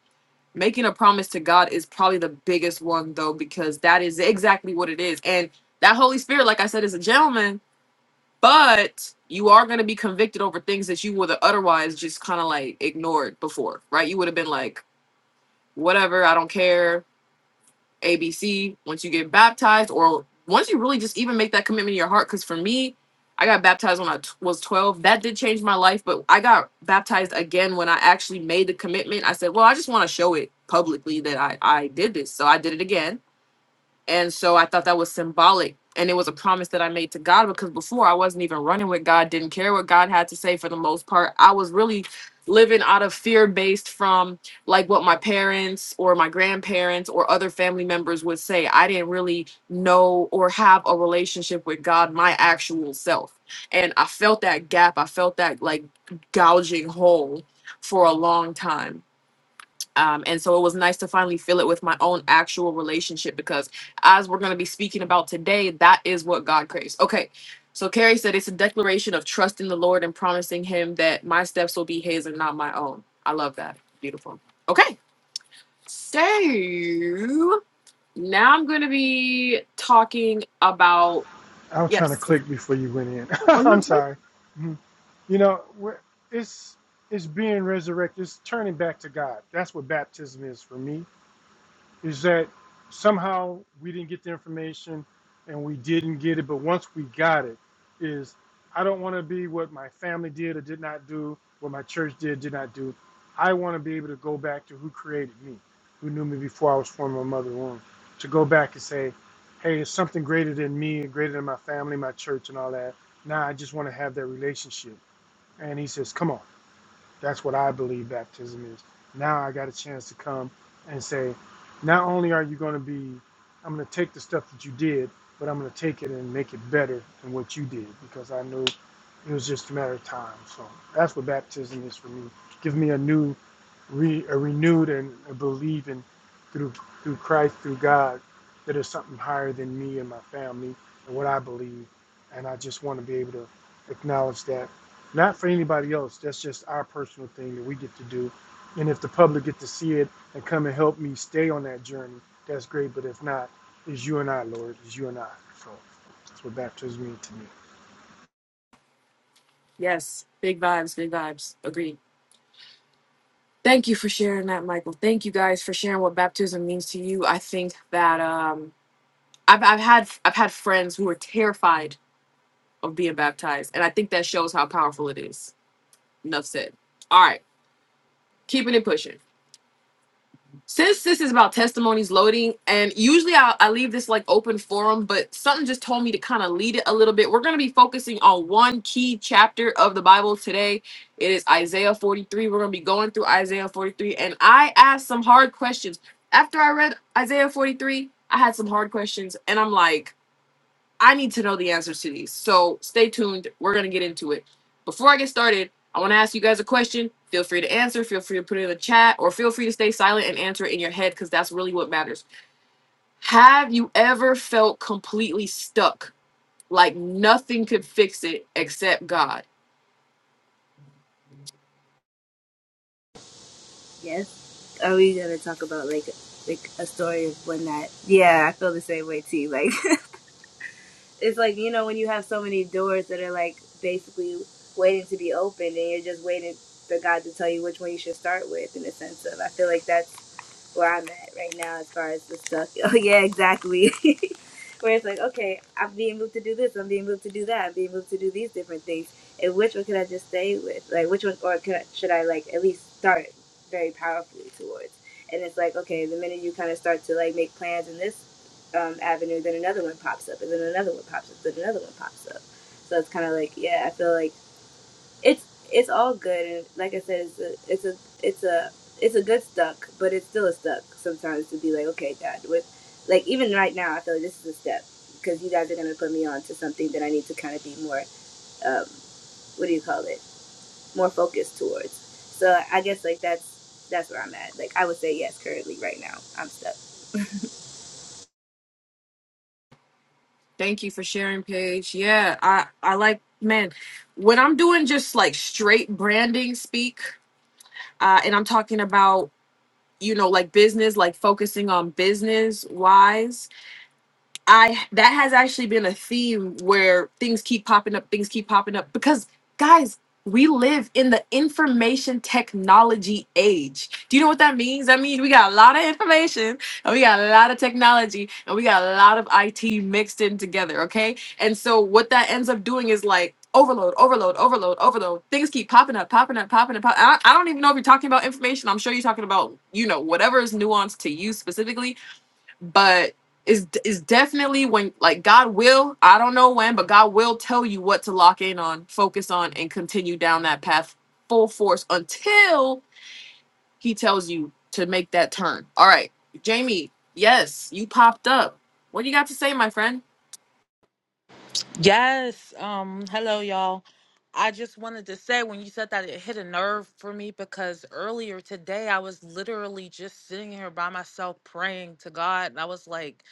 [SPEAKER 1] Making a promise to God is probably the biggest one though because that is exactly what it is. And that Holy Spirit, like I said, is a gentleman, but you are going to be convicted over things that you would have otherwise just kind of like ignored before, right? You would have been like, whatever, I don't care ABC once you get baptized, or once you really just even make that commitment in your heart. Because for me, I got baptized when I t- was 12. That did change my life, but I got baptized again when I actually made the commitment. I said, Well, I just want to show it publicly that I, I did this. So I did it again and so I thought that was symbolic. And it was a promise that I made to God because before I wasn't even running with God, didn't care what God had to say for the most part. I was really living out of fear based from like what my parents or my grandparents or other family members would say. I didn't really know or have a relationship with God, my actual self. And I felt that gap. I felt that like gouging hole for a long time um, and so it was nice to finally feel it with my own actual relationship because, as we're going to be speaking about today, that is what God craves. Okay. So Carrie said it's a declaration of trusting the Lord and promising Him that my steps will be His and not my own. I love that. Beautiful. Okay. So now I'm going to be talking about,
[SPEAKER 2] I was trying to
[SPEAKER 1] yes.
[SPEAKER 2] click before you went in. (laughs)
[SPEAKER 1] Oh, you're
[SPEAKER 2] I'm
[SPEAKER 1] good.
[SPEAKER 2] sorry. Mhm. You know, we're- it's it's being resurrected. It's turning back to God. That's what baptism is for me is that somehow we didn't get the information and we didn't get it but once we got it is i don't want to be what my family did or did not do what my church did did not do i want to be able to go back to who created me who knew me before i was formed in my mother's womb to go back and say hey it's something greater than me and greater than my family my church and all that now i just want to have that relationship and he says come on that's what I believe baptism is. Now I got a chance to come and say, not only are you going to be, I'm going to take the stuff that you did, but I'm going to take it and make it better than what you did because I knew it was just a matter of time. So that's what baptism is for me. Give me a new, re, a renewed and a believing through through Christ, through God, that there's something higher than me and my family and what I believe, and I just want to be able to acknowledge that not for anybody else. That's just our personal thing that we get to do. And if the public get to see it and come and help me stay on that journey, that's great. But if not, it's you and I, Lord. It's you and I. So that's what baptism means to me.
[SPEAKER 1] Yes. Big vibes, big vibes. Agreed. Thank you for sharing that, Michael. Thank you guys for sharing what baptism means to you. I think that, um, I've I've had I've had friends who are terrified of being baptized, and I think that shows how powerful it is. Enough said. All right, keeping it pushing. Since this is about testimonies loading, and usually I, I leave this like open forum, but something just told me to kind of lead it a little bit. We're going to be focusing on one key chapter of the Bible today. It is Isaiah 43. We're going to be going through Isaiah 43, and I asked some hard questions. After I read Isaiah 43, I had some hard questions, and I'm like, I need to know the answers to these. So stay tuned. We're going to get into it. Before I get started, I want to ask you guys a question. Feel free to answer. Feel free to put it in the chat or feel free to stay silent and answer it in your head because that's really what matters. Have you ever felt completely stuck? Like nothing could fix it except God?
[SPEAKER 5] yes are we gonna talk about like like a story of when that yeah i feel the same way too like It's like you know when you have so many doors that are like basically waiting to be opened, and you're just waiting for God to tell you which one you should start with. In a sense of, I feel like that's where I'm at right now as far as the stuff. (laughs) Oh yeah, exactly. (laughs) where it's like, okay, I'm being moved to do this, I'm being moved to do that, I'm being moved to do these different things. And which one can I just stay with? Like which one, or can I, should I like at least start very powerfully towards? And it's like, okay, the minute you kind of start to like make plans in this um, avenue, then another one pops up, and then another one pops up, then another one pops up. So it's kind of like, yeah, I feel like it's it's all good and like i said it's a it's a it's a it's a good stuck but it's still a stuck sometimes to be like okay dad with like even right now i feel like this is a step because you guys are going to put me on to something that i need to kind of be more um what do you call it more focused towards so i guess like that's that's where i'm at like i would say yes currently right now i'm stuck
[SPEAKER 1] Thank you for sharing, Paige. Yeah, I, I like, man, when I'm doing just like straight branding speak, uh, and I'm talking about, you know, like business, like focusing on business wise I that has actually been a theme where things keep popping up, things keep popping up because guys, we live in the information technology age. Do you know what that means? That means we got a lot of information and we got a lot of technology and we got a lot of IT mixed in together, okay? And so what that ends up doing is like overload, overload, overload, overload. Things keep popping up, popping up, popping up. pop- I I don't even know if you're talking about information. I'm sure you're talking about, you know, whatever is nuanced to you specifically but it's it's definitely when like God will, I don't know when, but God will tell you what to lock in on, focus on, and continue down that path full force until He tells you to make that turn. All right, Jamie, yes, you popped up. What do you got to say, my friend?
[SPEAKER 8] Yes. Um, hello y'all. I just wanted to say when you said that it hit a nerve for me because earlier today I was literally just sitting here by myself praying to God and I was like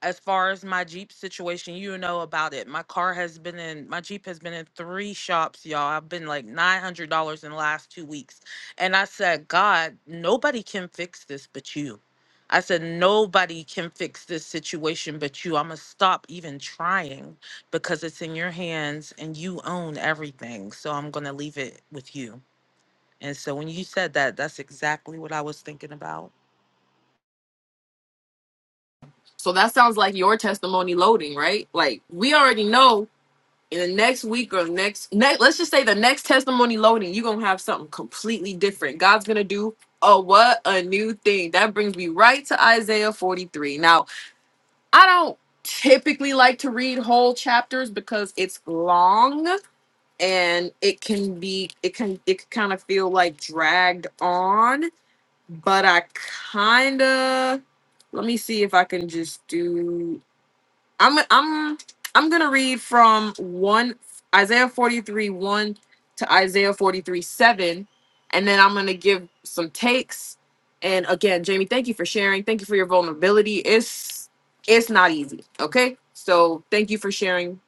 [SPEAKER 8] as far as my Jeep situation, you know about it. My car has been in my Jeep has been in three shops, y'all. I've been like $900 in the last 2 weeks. And I said, "God, nobody can fix this but you." I said, "Nobody can fix this situation but you. I'm going to stop even trying." because it's in your hands and you own everything. So I'm going to leave it with you. And so when you said that, that's exactly what I was thinking about.
[SPEAKER 1] So that sounds like your testimony loading, right? Like we already know in the next week or next, next let's just say the next testimony loading you're gonna have something completely different god's gonna do a what a new thing that brings me right to isaiah 43 now i don't typically like to read whole chapters because it's long and it can be it can it can kind of feel like dragged on but i kind of let me see if i can just do I'm I'm I'm gonna read from one Isaiah 43 1 to Isaiah 43 7, and then I'm gonna give some takes. And again, Jamie, thank you for sharing. Thank you for your vulnerability. It's it's not easy. Okay. So thank you for sharing.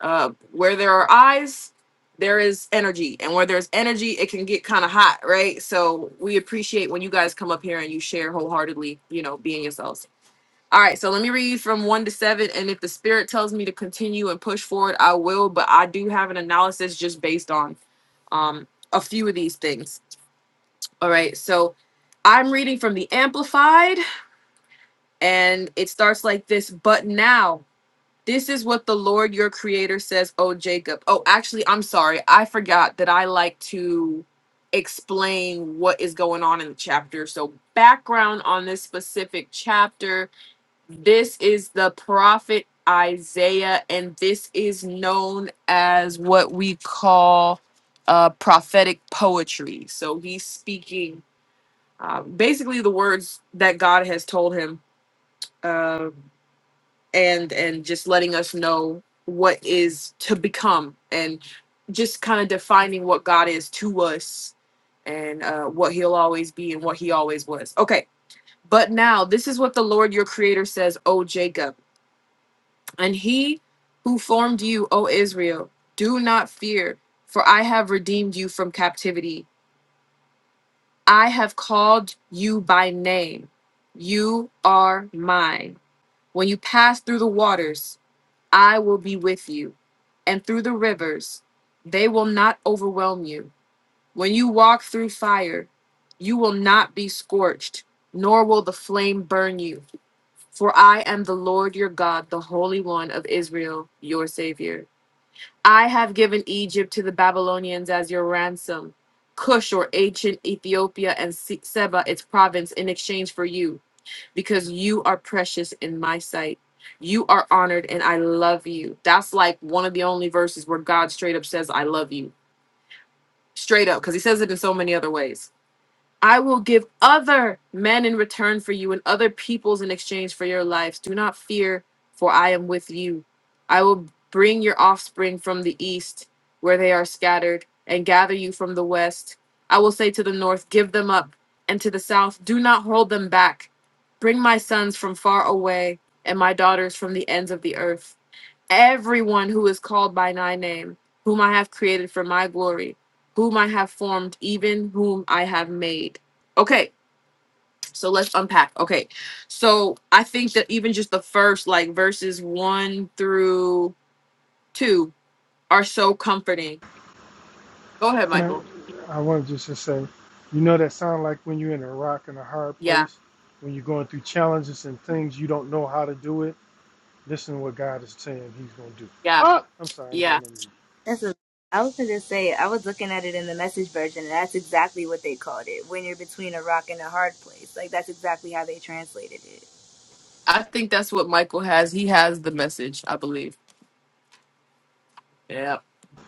[SPEAKER 1] Uh where there are eyes, there is energy. And where there's energy, it can get kind of hot, right? So we appreciate when you guys come up here and you share wholeheartedly, you know, being yourselves. All right, so let me read from one to seven. And if the spirit tells me to continue and push forward, I will. But I do have an analysis just based on um, a few of these things. All right, so I'm reading from the Amplified, and it starts like this But now, this is what the Lord your creator says, oh Jacob. Oh, actually, I'm sorry. I forgot that I like to explain what is going on in the chapter. So, background on this specific chapter this is the prophet Isaiah, and this is known as what we call uh, prophetic poetry. So he's speaking uh, basically the words that God has told him, uh, and and just letting us know what is to become, and just kind of defining what God is to us, and uh, what He'll always be, and what He always was. Okay, but now this is what the Lord your Creator says, O Jacob. And he who formed you, O Israel, do not fear, for I have redeemed you from captivity. I have called you by name. You are mine. When you pass through the waters, I will be with you, and through the rivers, they will not overwhelm you. When you walk through fire, you will not be scorched, nor will the flame burn you. For I am the Lord your God, the Holy One of Israel, your Savior. I have given Egypt to the Babylonians as your ransom, Cush or ancient Ethiopia and Se- Seba its province in exchange for you, because you are precious in my sight. You are honored and I love you. That's like one of the only verses where God straight up says, I love you. Straight up, because he says it in so many other ways. I will give other men in return for you and other peoples in exchange for your lives. Do not fear, for I am with you. I will bring your offspring from the east, where they are scattered, and gather you from the west. I will say to the north, Give them up, and to the south, Do not hold them back. Bring my sons from far away, and my daughters from the ends of the earth everyone who is called by my name, whom I have created for my glory, whom I have formed, even whom I have made. Okay, so let's unpack. Okay, so I think that even just the first, like verses one through two, are so comforting. Go ahead,
[SPEAKER 2] Can I?
[SPEAKER 1] Michael.
[SPEAKER 2] I want to just to say, you know, that sound like when you're in a rock and a hard
[SPEAKER 1] Yeah,
[SPEAKER 2] place, when you're going through challenges and things you don't know how to do it. Listen to what God is saying He's going to do.
[SPEAKER 1] yeah,
[SPEAKER 2] Ah, I'm sorry, I'm
[SPEAKER 1] yeah.
[SPEAKER 2] going to mute.
[SPEAKER 5] that's a I was gonna just say I was looking at it in the message version, and that's exactly what they called it. When you're between a rock and a hard place, like that's exactly how they translated it.
[SPEAKER 1] I think that's what Michael has. He has the message, I believe. Yep,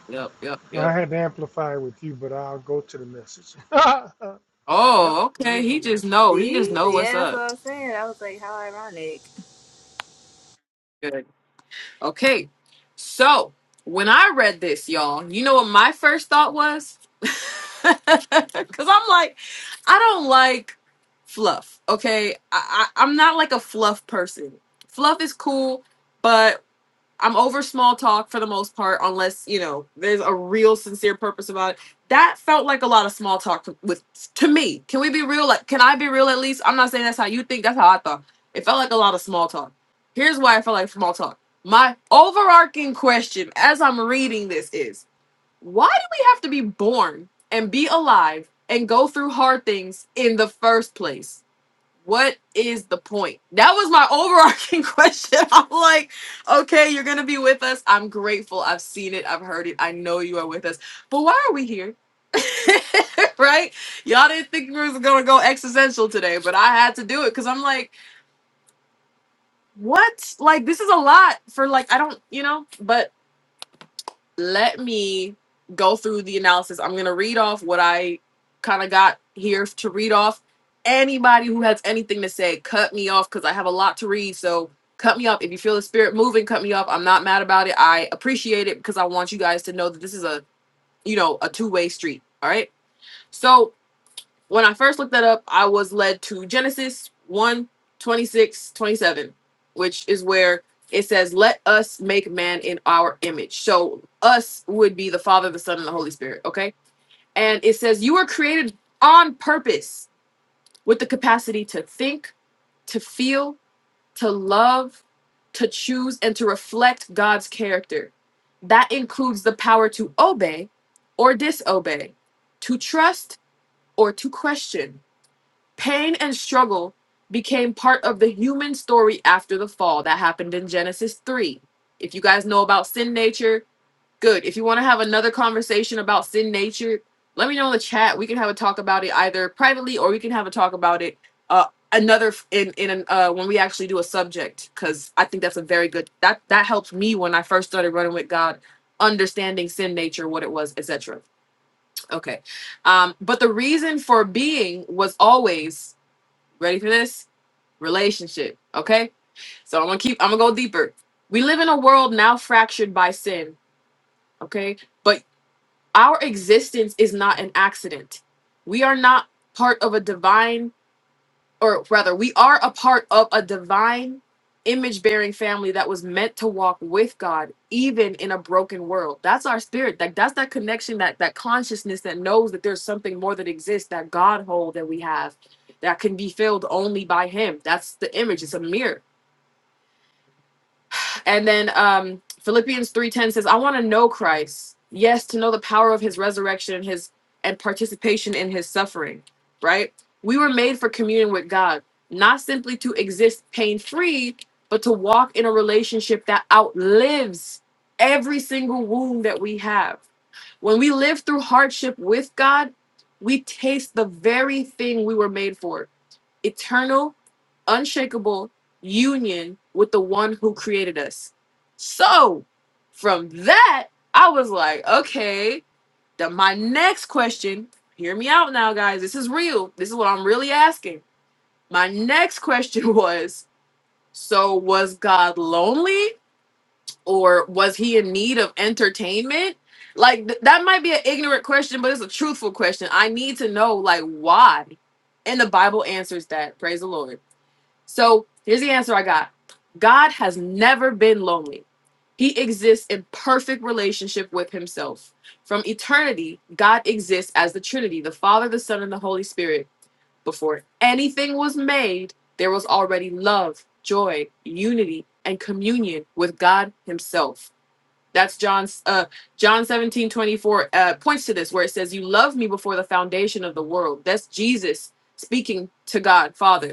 [SPEAKER 1] yep, yep,
[SPEAKER 2] Well, I
[SPEAKER 1] yep.
[SPEAKER 2] had to amplify with you, but I'll go to the message. (laughs) Yep,
[SPEAKER 1] Oh,
[SPEAKER 2] it
[SPEAKER 1] okay.
[SPEAKER 2] is
[SPEAKER 1] He
[SPEAKER 2] on the
[SPEAKER 1] just
[SPEAKER 2] missile.
[SPEAKER 1] know. He just
[SPEAKER 5] See?
[SPEAKER 1] know
[SPEAKER 2] (laughs)
[SPEAKER 1] what's
[SPEAKER 5] Yeah, that's what
[SPEAKER 1] up.
[SPEAKER 5] I'm saying. I was like, how ironic.
[SPEAKER 1] Good. Okay, so when I read this, y'all, you know what my first thought was? (laughs) Because I'm like, I don't like fluff. Okay, I, I, I'm not like a fluff person. Fluff is cool, but. I'm over small talk for the most part, unless you know there's a real sincere purpose about it. That felt like a lot of small talk to, with to me. Can we be real? Like, can I be real? At least I'm not saying that's how you think. That's how I thought. It felt like a lot of small talk. Here's why I felt like small talk. My overarching question as I'm reading this is: Why do we have to be born and be alive and go through hard things in the first place? what is the point? That was my overarching (laughs) question. I'm like, okay, you're gonna be with us. I'm grateful. I've seen it. I've heard it. I know you are with us. But why are we here? (laughs) right? Y'all didn't think we was gonna go existential today, but I had to do it because I'm like, what? Like, this is a lot for like I don't, you know. But let me go through the analysis. I'm going to read off what I kind of got here to read off. Anybody who has anything to say, cut me off because I have a lot to read. So cut me off. If you feel the spirit moving, cut me off. I'm not mad about it. I appreciate it because I want you guys to know that this is a, you know, a two-way street. All right. So when I first looked that up, I was led to Genesis one 26 27, which is where it says, Let us make man in our image. So, us would be the Father, the Son, and the Holy Spirit. Okay. And it says, You were created on purpose with the capacity to think, to feel, to love, to choose, and to reflect God's character. That includes the power to obey or disobey, to trust or to question Pain and struggle became part of the human story after the fall. That happened in Genesis 3. If you guys know about sin nature, good. If you want to have another conversation about sin nature, let me know in the chat. We can have a talk about it either privately or we can have a talk about it uh, another in in an, uh, when we actually do a subject because I think that's a very good that that helped me when I first started running with God, understanding sin nature, what it was, et cetera. Okay, um, but the reason for being was always Ready for this? Relationship. Okay? So I'm gonna keep I'm gonna go deeper. We live in a world now fractured by sin, okay? But our existence is not an accident. We are not part of a divine or rather, we are a part of a divine image bearing family that was meant to walk with God, even in a broken world. That's our spirit. Like that's that connection, that that consciousness that knows that there's something more that exists, that God hole that we have that can be filled only by Him. That's the image. It's a mirror. And then um, Philippians 3:10 says, "I want to know Christ. Yes, to know the power of his resurrection and his and participation in his suffering, right? We were made for communion with God, not simply to exist pain-free, but to walk in a relationship that outlives every single wound that we have. When we live through hardship with God, we taste the very thing we were made for eternal, unshakable union with the one who created us. So, from that, I was like, okay, then my next question, hear me out now, guys. This is real. This is what I'm really asking. My next question (laughs) was so, was God lonely or was he in need of entertainment? Like, th- that might be an ignorant question, but it's a truthful question. I need to know, like, why? And the Bible answers that. Praise the Lord. So here's the answer I got God has never been lonely. He exists in perfect relationship with himself. From eternity, God exists as the Trinity, the Father, the Son, and the Holy Spirit. Before anything was made, there was already love, joy, unity, and communion with God Himself. That's John's uh John 17 24 uh points to this where it says, You loved me before the foundation of the world. That's Jesus speaking to God Father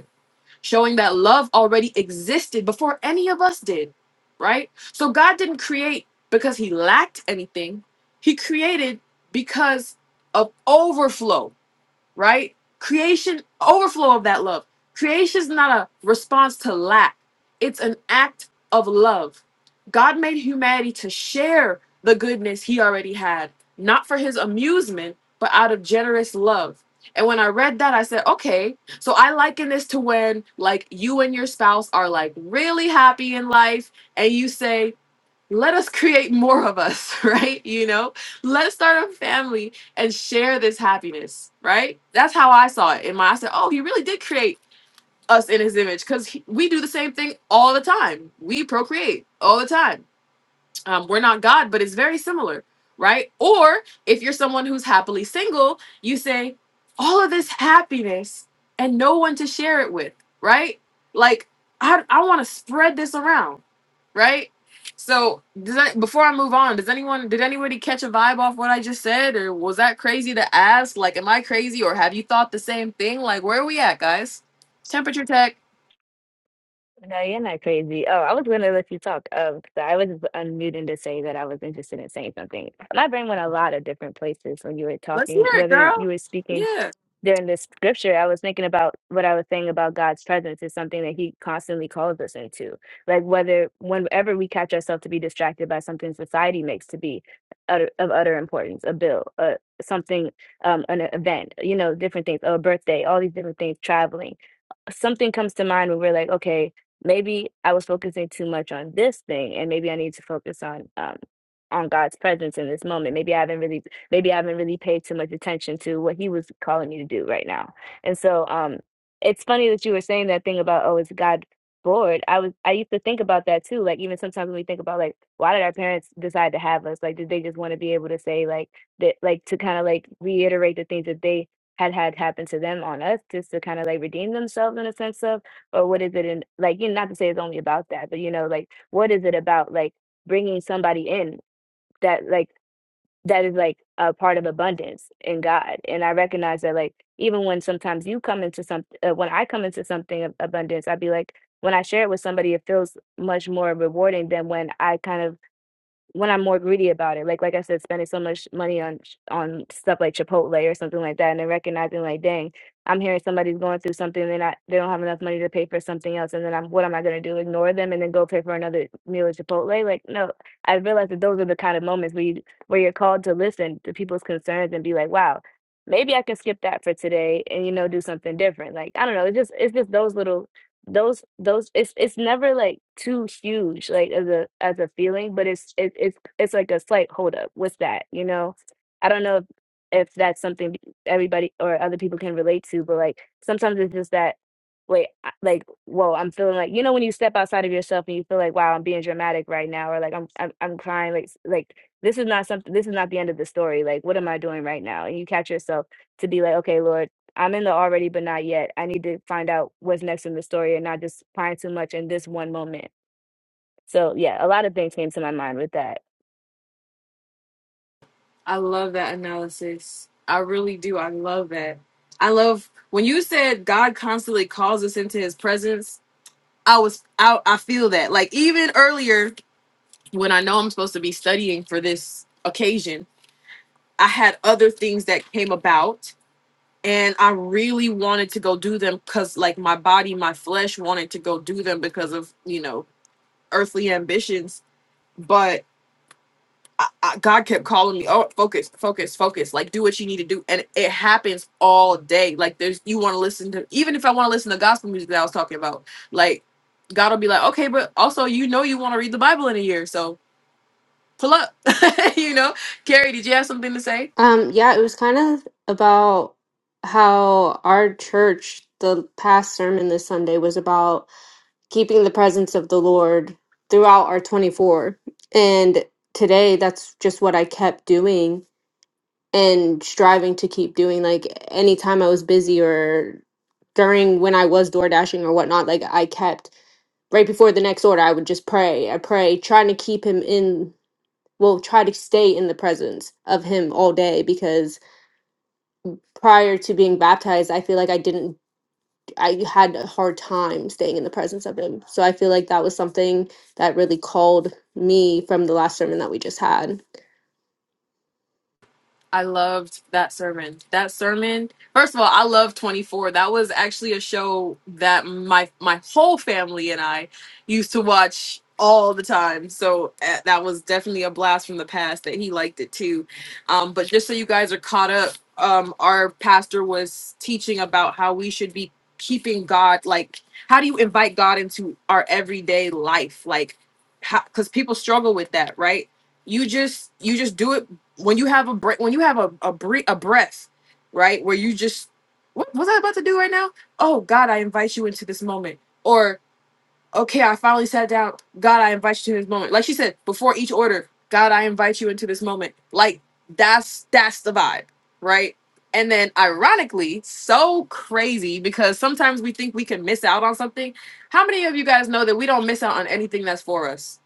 [SPEAKER 1] showing that love already existed before any of us did, right? So God didn't create because he lacked anything, he created because of overflow right? Creation, overflow of that love. Creation is not a response to lack, it's an act of love. God made humanity to share the goodness he already had, not for his amusement, but out of generous love. And when I read that, I said, okay, so I liken this to when like you and your spouse are like really happy in life and you say, let us create more of us, (laughs) right? You know, let's start a family and share this happiness, right? That's how I saw it. In my, I said, oh, he really did create us in his image because we do the same thing all the time. We procreate all the time um, we're not God, but it's very similar, right? Or if you're someone who's happily single, you say, all of this happiness and no one to share it with, right? Like, I, I want to spread this around, right? So, does that, before I move on, does anyone, did anybody catch a vibe off what I just said? Or was that crazy to ask? Like, am I crazy or have you thought the same thing? Like, where are we at, guys? Temperature tech.
[SPEAKER 5] No, you're not crazy. Oh, I was going to let you talk. Um, so I was unmuting to say that I was interested in saying something. My brain went a lot of different places when you were
[SPEAKER 1] Let's hear
[SPEAKER 5] talking,
[SPEAKER 1] it,
[SPEAKER 5] whether you
[SPEAKER 1] girl.
[SPEAKER 5] were speaking
[SPEAKER 1] Yeah.
[SPEAKER 5] during this scripture, I was thinking about what I was saying about God's presence is something that He constantly calls us into. Like whether whenever we catch ourselves to be distracted by something society makes to be utter, of utter importance, a bill, a something, um, an event, you know, different things, a birthday, all these different things, traveling something comes to mind where we're like, okay, maybe I was focusing too much on this thing, and maybe I need to focus on um on God's presence in this moment. Maybe I haven't really, maybe I haven't really paid too much attention to what He was calling me to do right now. And so, um, it's funny that you were saying that thing about oh, is God bored? I was, I used to think about that too. Like even sometimes when we think about like, why did our parents decide to have us? Like, did they just want to be able to say like that, like to kind of like reiterate the things that they had had happen to them on us just to kind of like redeem themselves in a sense of or what is it in like you know not to say it's only about that but you know like what is it about like bringing somebody in that like that is like a part of abundance in God and I recognize that like even when sometimes you come into some uh, when I come into something of abundance I'd be like when I share it with somebody it feels much more rewarding than when I kind of when I'm more greedy about it. Like like I said, spending so much money on sh- on stuff like Chipotle or something like that, and then recognizing like, dang, I'm hearing somebody's going through something, they're not they don't have enough money to pay for something else, and then I'm what am I gonna do? Ignore them and then go pay for another meal at Chipotle? Like no, I realized that those are the kind of moments where you where you're called to listen to people's concerns and be like, wow. Maybe I can skip that for today and you know do something different. Like I don't know, it's just it's just those little those those it's it's never like too huge like as a as a feeling but it's it, it's it's like a slight hold up with that you know i don't know if, if that's something everybody or other people can relate to but like sometimes it's just that wait I- like whoa i'm feeling like you know when you step outside of yourself and you feel like wow i'm being dramatic right now or like i'm i'm, I'm crying like s- like this is not something this is not the end of the story like what am i doing right now and you catch yourself to be like okay lord I'm in the already but not yet. I need to find out what's next in the story and not just pine too much in this one moment. So yeah, a lot of things came to my mind with that.
[SPEAKER 1] I love that analysis. I really do. I love that. I love when you said God constantly calls us into his presence. I was out I I feel that. Like even earlier when I know I'm supposed to be studying for this occasion, I had other things that came about and I really wanted to go do them cuz like my body, my flesh wanted to go do them because of, you know, earthly ambitions, but. I, I, God kept calling me, oh, focus, focus, focus. Like, do what you need to do. And it happens all day. Like, there's, you want to listen to, even if I want to listen to gospel music that I was talking about, like, God will be like, okay, but also, you know, you want to read the Bible in a year. So pull up, (laughs) you know. Carrie, did you have something to say?
[SPEAKER 6] Um, yeah, it was kind of about how our church, the past sermon this Sunday was about keeping the presence of the Lord throughout our 24. And today, that's just what I kept doing and striving to keep doing like anytime I was busy or during when I was door dashing or whatnot, like I kept right before the next order, I would just pray. I pray, trying to keep him in well, try to stay in the presence of him all day because prior to being baptized, I feel like I didn't I had a hard time staying in the presence of him. So I feel like that was something that really called me from the last sermon that we just had.
[SPEAKER 1] I loved that sermon. That sermon. First of all, I love 24. That was actually a show that my my whole family and I used to watch all the time. So eh, that was definitely a blast from the past that he liked it too. Um, but just so you guys are caught up, um, our pastor was teaching about how we should be keeping God like how do you invite God into our everyday life? Like because people struggle with that, right? you just you just do it when you have a break when you have a a, bre- a breath right where you just what was i about to do right now oh god i invite you into this moment or okay i finally sat down god i invite you to this moment like she said before each order god i invite you into this moment like that's that's the vibe right and then ironically so crazy because sometimes we think we can miss out on something how many of you guys know that we don't miss out on anything that's for us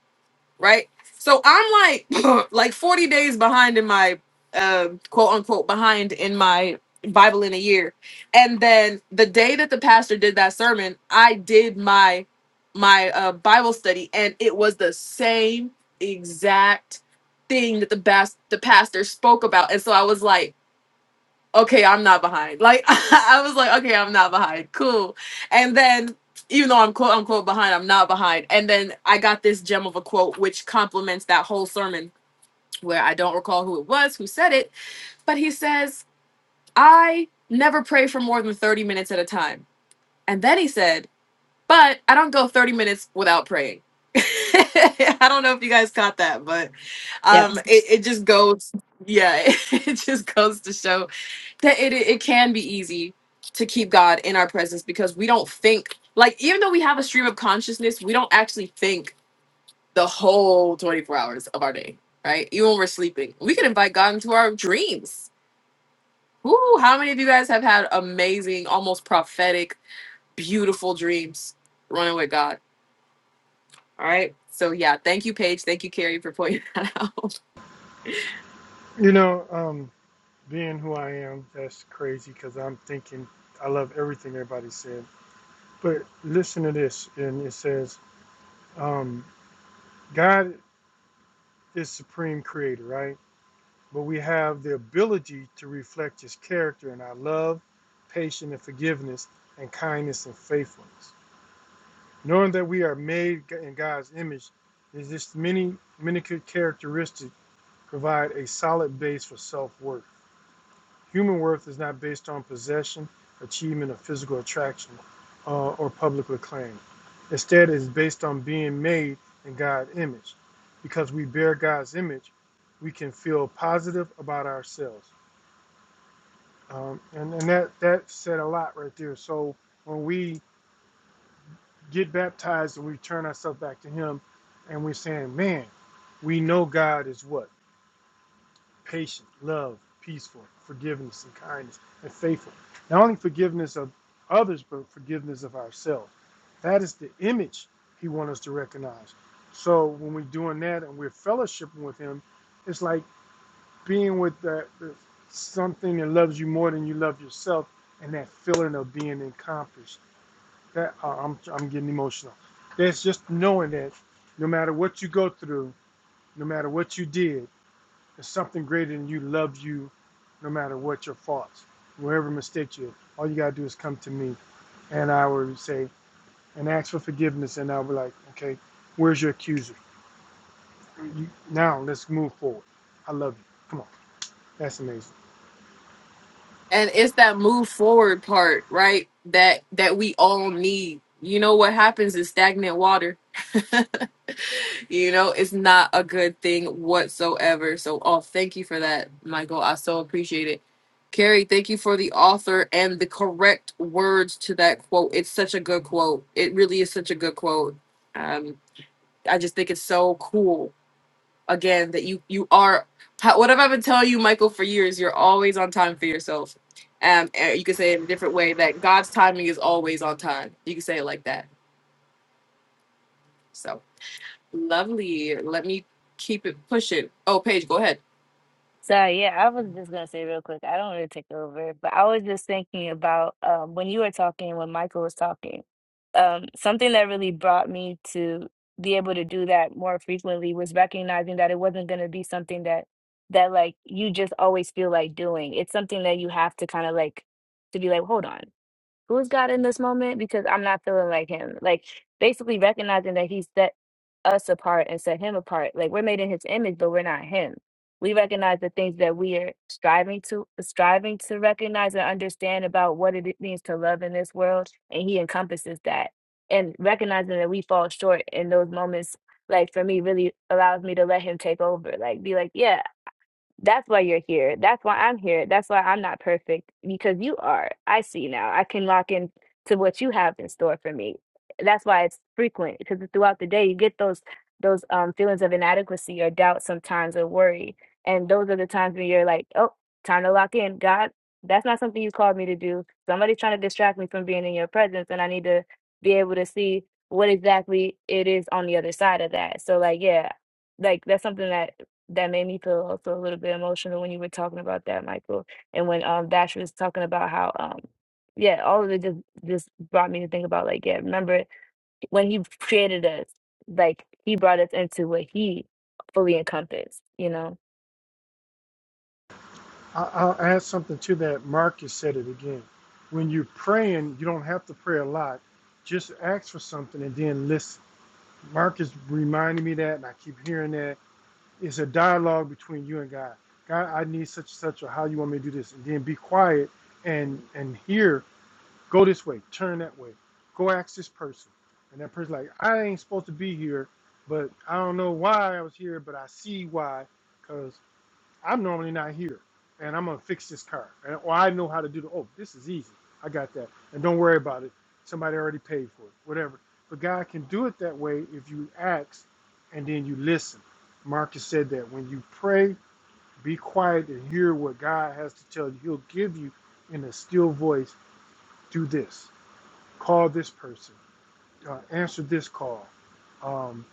[SPEAKER 1] right? So I'm like (laughs) like 40 days behind in my uh, quote unquote behind in my Bible in a year. And then the day that the pastor did that sermon, I did my my uh, Bible study and it was the same exact thing that the bas- the pastor spoke about. And so I was like okay, I'm not behind. Like (laughs) I was like, okay, I'm not behind. Cool. And then even though I'm quote unquote behind, I'm not behind. And then I got this gem of a quote which complements that whole sermon where I don't recall who it was who said it, but he says, I never pray for more than 30 minutes at a time. And then he said, but I don't go 30 minutes without praying. (laughs) I don't know if you guys caught that, but
[SPEAKER 6] Yeah.
[SPEAKER 1] um it, it just goes yeah, (laughs) it just goes to show that it, it can be easy to keep God in our presence because we don't think like even though we have a stream of consciousness, we don't actually think the whole 24 hours of our day, right? Even when we're sleeping. We can invite God into our dreams. Woo, how many of you guys have had amazing, almost prophetic, beautiful dreams running with God? All right. So yeah, thank you, Paige. Thank you, Carrie, for pointing (laughs) that out.
[SPEAKER 2] You know, um, being who I am, that's crazy because I'm thinking I love everything everybody said. But listen to this, and it says, um, God is supreme creator, right? But we have the ability to reflect his character in our love, patience, and forgiveness, and kindness and faithfulness. Knowing that we are made in God's image, is this many, many good characteristics provide a solid base for self worth Human worth is not based on possession, achievement, or physical attraction uh, or public acclaim. Instead, it is based on being made in God's image. Because we bear God's image, we can feel positive about ourselves. Um, and and that, that said a lot right there. So when we get baptized and we turn ourselves back to Him and we're saying, man, we know God is what? patient, love, peaceful, forgiveness, and kindness, and faithful. Not only forgiveness of others, but forgiveness of ourselves. That is the image He wants us to recognize. So when we're doing that and we're fellowshipping with Him, it's like being with that, something that loves you more than you love yourself, and that feeling of being accomplished. That uh, I'm, I'm getting emotional. That's just knowing that no matter what you go through, no matter what you did, there's something greater than you loves you no matter what your faults, wherever mistakes you. All you gotta do is come to me and I will say and ask for forgiveness and I'll be like, okay, where's your accuser? You, now let's move forward. I love you. Come on, that's amazing.
[SPEAKER 1] And it's that move forward part, right? That that we all need. You know what happens is stagnant water (laughs) you know, it's not a good thing whatsoever. So, oh, thank you for that, Michael. I so appreciate it. Carrie, thank you for the author and the correct words to that quote. It's such a good quote. It really is such a good quote. Um, I just think it's so cool. Again, that you you are how- what have I been telling you, Michael, for years? You're always on time for yourself. Um, and you can say it in a different way that God's timing is always on time. You can say it like that. So. Lovely. Let me keep it pushing. Oh, Paige, go ahead.
[SPEAKER 5] So yeah, I was just gonna say real quick, I don't want to take over, but I was just thinking about um, when you were talking, when Michael was talking, um, something that really brought me to be able to do that more frequently was recognizing that it wasn't gonna be something that that like you just always feel like doing. It's something that you have to kind of like to be like, hold on. who's God in this moment? Because I'm not feeling like him. Like basically recognizing that he set us apart and set him apart. Like we're made in his image, but we're not him. We recognize the things that we are striving to striving to recognize and understand about what it means to love in this world, and he encompasses that. And recognizing that we fall short in those moments, like for me, really allows me to let him take over. Like be like, yeah, that's why you're here. That's why I'm here. That's why I'm not perfect because you are. I see now. I can lock in to what you have in store for me. That's why it's frequent because throughout the day you get those those um feelings of inadequacy or doubt sometimes or worry. And those are the times when you're like, "Oh, time to lock in. God, that's not something you called me to do. Somebody's trying to distract me from being in your presence and I need to be able to see what exactly it is on the other side of that." So like, yeah, like that's something that that made me feel also a little bit emotional when you were talking about that, Michael. And when um Dash was talking about how um yeah, all of it just just brought me to think about like, yeah, remember when he created us, like he brought us into what he fully encompassed, you know?
[SPEAKER 2] I, I'll add something to that. Marcus said it again. When you're praying, you don't have to pray a lot. Just ask for something and then listen. Marcus reminded me that, and I keep hearing that It's a dialogue between you and God. God, I need such and such, or how you want me to do this, and then be quiet and and hear. Go this way, turn that way, go ask this person, and that person like, I ain't supposed to be here, but I don't know why I was here, but I see why, because I'm normally not here, and I'm gonna fix this car, and, or I know how to do the. Oh, this is easy. I got that, and don't worry about it. Somebody already paid for it, whatever. But God can do it that way if you ask, and then you listen. Marcus said that when you pray, be quiet and hear what God has to tell you. He'll give you in a still voice. Do this. Call this person. Uh, answer this call. Um,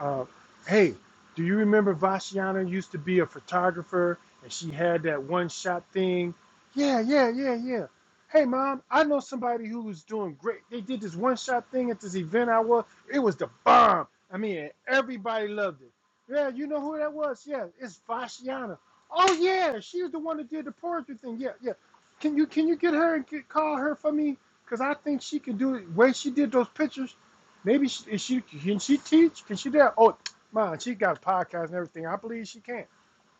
[SPEAKER 2] uh, hey, do you remember Vashiana used to be a photographer and she had that one shot thing? Yeah, yeah, yeah, yeah. Hey, mom, I know somebody who was doing great. They did this one shot thing at this event I was. It was the bomb. I mean, everybody loved it. Yeah, you know who that was? Yeah, it's Vashiana. Oh yeah, she was the one that did the poetry thing. Yeah, yeah. Can you can you get her and get, call her for me? Cause I think she can do it. Way she did those pictures. Maybe she, is she can she teach? Can she do? that? Oh, man, she got a podcast and everything. I believe she can.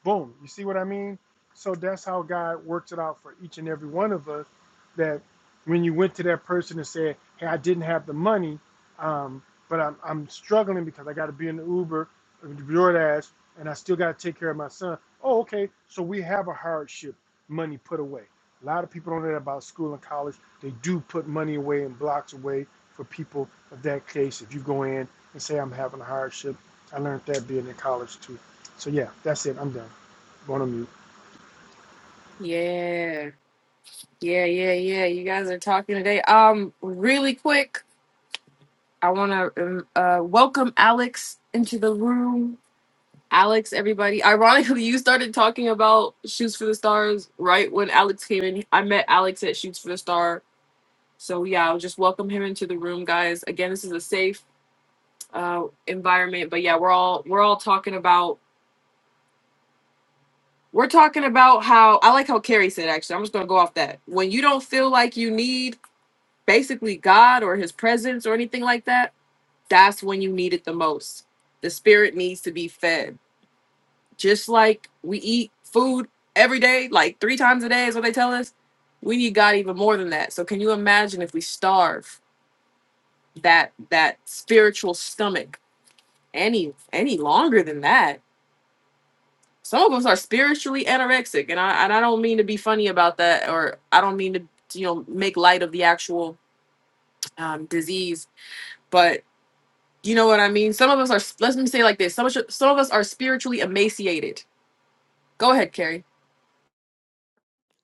[SPEAKER 2] Boom. You see what I mean? So that's how God works it out for each and every one of us. That when you went to that person and said, "Hey, I didn't have the money, um, but I'm, I'm struggling because I got to be in the Uber, or the DoorDash, and I still got to take care of my son." Oh, okay. So we have a hardship money put away. A lot of people don't know that about school and college. They do put money away and blocks away for people of that case. If you go in and say, "I'm having a hardship," I learned that being in college too. So yeah, that's it. I'm done. One of you.
[SPEAKER 1] Yeah. Yeah, yeah, yeah. You guys are talking today. Um, really quick, I want to uh, welcome Alex into the room. Alex, everybody. Ironically, you started talking about Shoots for the Stars right when Alex came in. I met Alex at Shoots for the Star. So, yeah, I'll just welcome him into the room, guys. Again, this is a safe uh, environment, but yeah, we're all we're all talking about We're talking about how I like how Carrie said actually. I'm just gonna go off that. When you don't feel like you need basically God or his presence or anything like that, that's when you need it the most. The spirit needs to be fed. Just like we eat food every day, like three times a day is what they tell us. We need God even more than that. So can you imagine if we starve that that spiritual stomach any any longer than that? some of us are spiritually anorexic and I and I don't mean to be funny about that or I don't mean to you know make light of the actual um, disease but you know what I mean some of us are let me say it like this some of, us- some of us are spiritually emaciated go ahead Carrie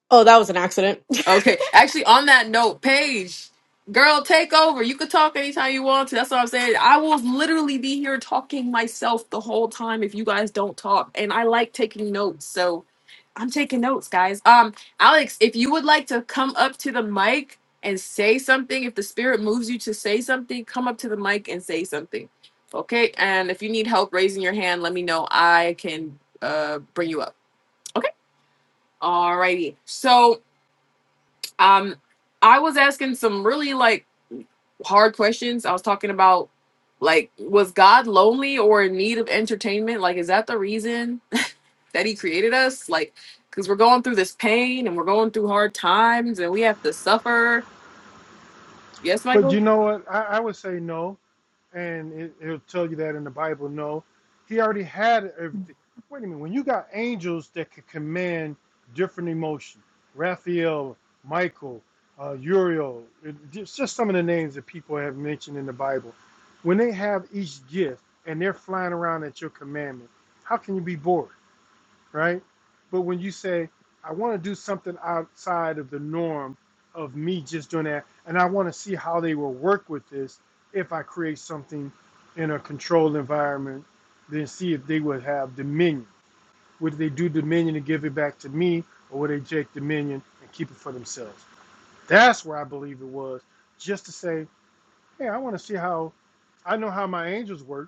[SPEAKER 6] Oh, that was an accident.
[SPEAKER 1] Okay. Actually, on that note, Paige, girl, take over. You could talk anytime you want to. That's what I'm saying. I will literally be here talking myself the whole time if you guys don't talk. And I like taking notes. So I'm taking notes, guys. Um, Alex, if you would like to come up to the mic and say something, if the spirit moves you to say something, come up to the mic and say something. Okay. And if you need help raising your hand, let me know. I can uh bring you up. Okay. Alrighty. So um i was asking some really like hard questions i was talking about like was god lonely or in need of entertainment like is that the reason (laughs) that he created us like because we're going through this pain and we're going through hard times and we have to suffer yes
[SPEAKER 2] But you
[SPEAKER 1] michael
[SPEAKER 2] know what? I, I would say no, and it, it'll tell you that in the Bible. No, he already had everything. Wait a minute. When you got angels that could command different emotion, Raphael, Michael, uh, Uriel, it, it's just some of the names that people have mentioned in the Bible. When they have each gift and they're flying around at your commandment, how can you be bored? right? But when you say, I want to do something outside of the norm of me just doing that, and I want to see how they will work with this if I create something in a controlled environment, then see if they would have dominion. Would they do dominion and give it back to me, or would they take dominion and keep it for themselves? That's where I believe it was, just to say, hey, I want to see how I know how my angels work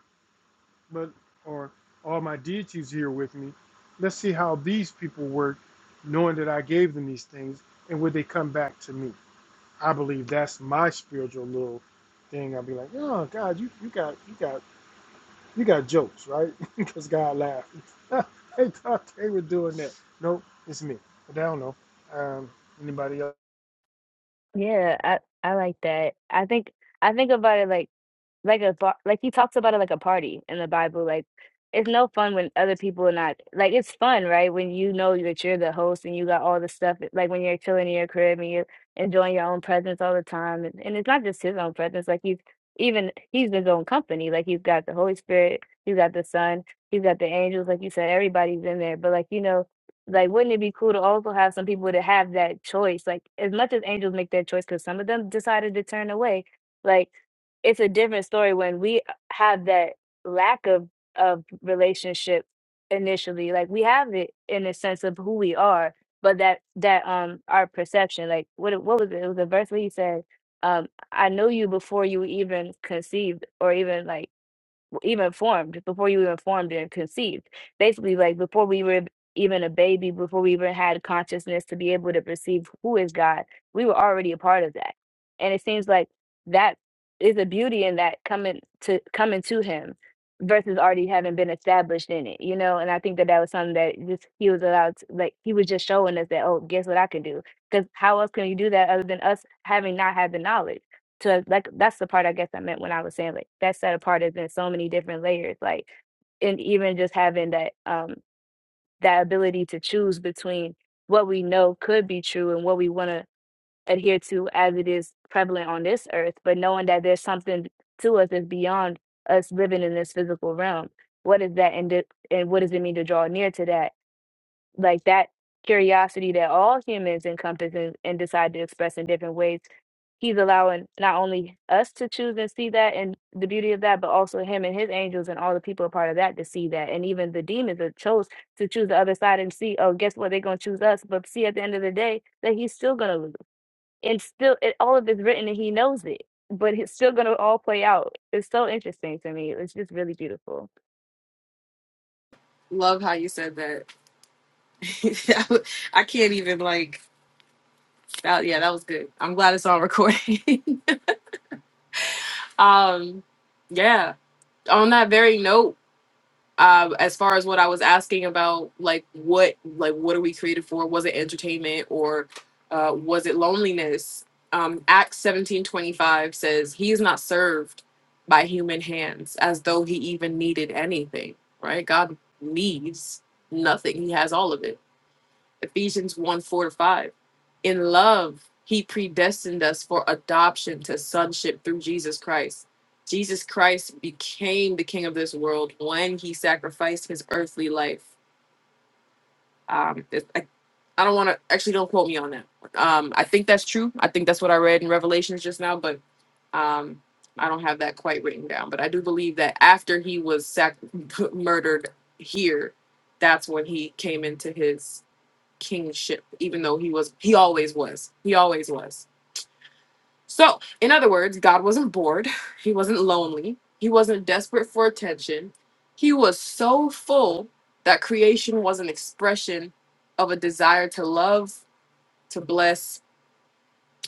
[SPEAKER 2] but or all my deities here with me. Let's see how these people work, knowing that I gave them these things, and would they come back to me? I believe that's my spiritual little thing. I'd be like, oh God, you, you got you got you got jokes, right? (laughs) Because God laughed. (laughs) they thought they were doing that. Nope, it's me. But I don't know um, anybody else.
[SPEAKER 5] Yeah, I I like that. I think I think about it like Like a bar like he talks about it like a party in the Bible. Like it's no fun when other people are not like it's fun, right? When you know that you're the host and you got all the stuff like when you're chilling in your crib and you're enjoying your own presence all the time. And, and it's not just his own presence, like he's even he's his own company. Like he's got the Holy Spirit, he's got the Son, he's got the angels, like you said, everybody's in there. But like, you know, like wouldn't it be cool to also have some people to have that choice? Like as much as angels make that choice because some of them decided to turn away. Like it's a different story when we have that lack of of relationship initially like we have it in the sense of who we are but that that um our perception like what it- what was it it was a verse where he said um i know you before you were even conceived or even like even formed, before you even formed and conceived. Basically, like before we were even a baby, before we even had consciousness to be able to perceive who is God, we were already a part of that. And it seems like that is a beauty in that coming to coming to Him versus already having been established in it, you know. And I think that that was something that just He was allowed, to, like He was just showing us that, oh, guess what I can do? Because how else can you do that other than us having not had the knowledge? to like that's the part I guess I meant when I was saying like that set apart is in so many different layers, like and even just having that um that ability to choose between what we know could be true and what we want to adhere to as it is prevalent on this earth, but knowing that there's something to us that's beyond us living in this physical realm. What is that and, di- and what does it mean to draw near to that? like that curiosity that all humans encompass and, and decide to express in different ways he's allowing not only us to choose and see that and the beauty of that but also him and his angels and all the people a part of that to see that and even the demons that chose to choose the other side and see oh guess what they're going to choose us but see at the end of the day that he's still going to lose and still it, all of it's written and he knows it but it's still going to all play out it's so interesting to me it's just really beautiful
[SPEAKER 1] love how you said that (laughs) i can't even like that yeah that was good i'm glad it's on recording (laughs) um yeah on that very note um as far as what i was asking about like what like what are we created for was it entertainment or uh was it loneliness um acts 17 25 says he is not served by human hands as though he even needed anything right god needs nothing he has all of it Ephesians 1 4 to 5. In love, he predestined us for adoption to sonship through Jesus Christ. Jesus Christ became the king of this world when he sacrificed his earthly life. Um, it- I, I don't want to actually don't quote me on that. Um, I think that's true. I think that's what I read in Revelations just now, but um, I don't have that quite written down. But I do believe that after he was sac- (laughs) murdered here, that's when he came into his kingship, even though he was, he always was. He always was. So, in other words, God wasn't bored. (laughs) He wasn't lonely. He wasn't desperate for attention. He was so full that creation was an expression of a desire to love, to bless,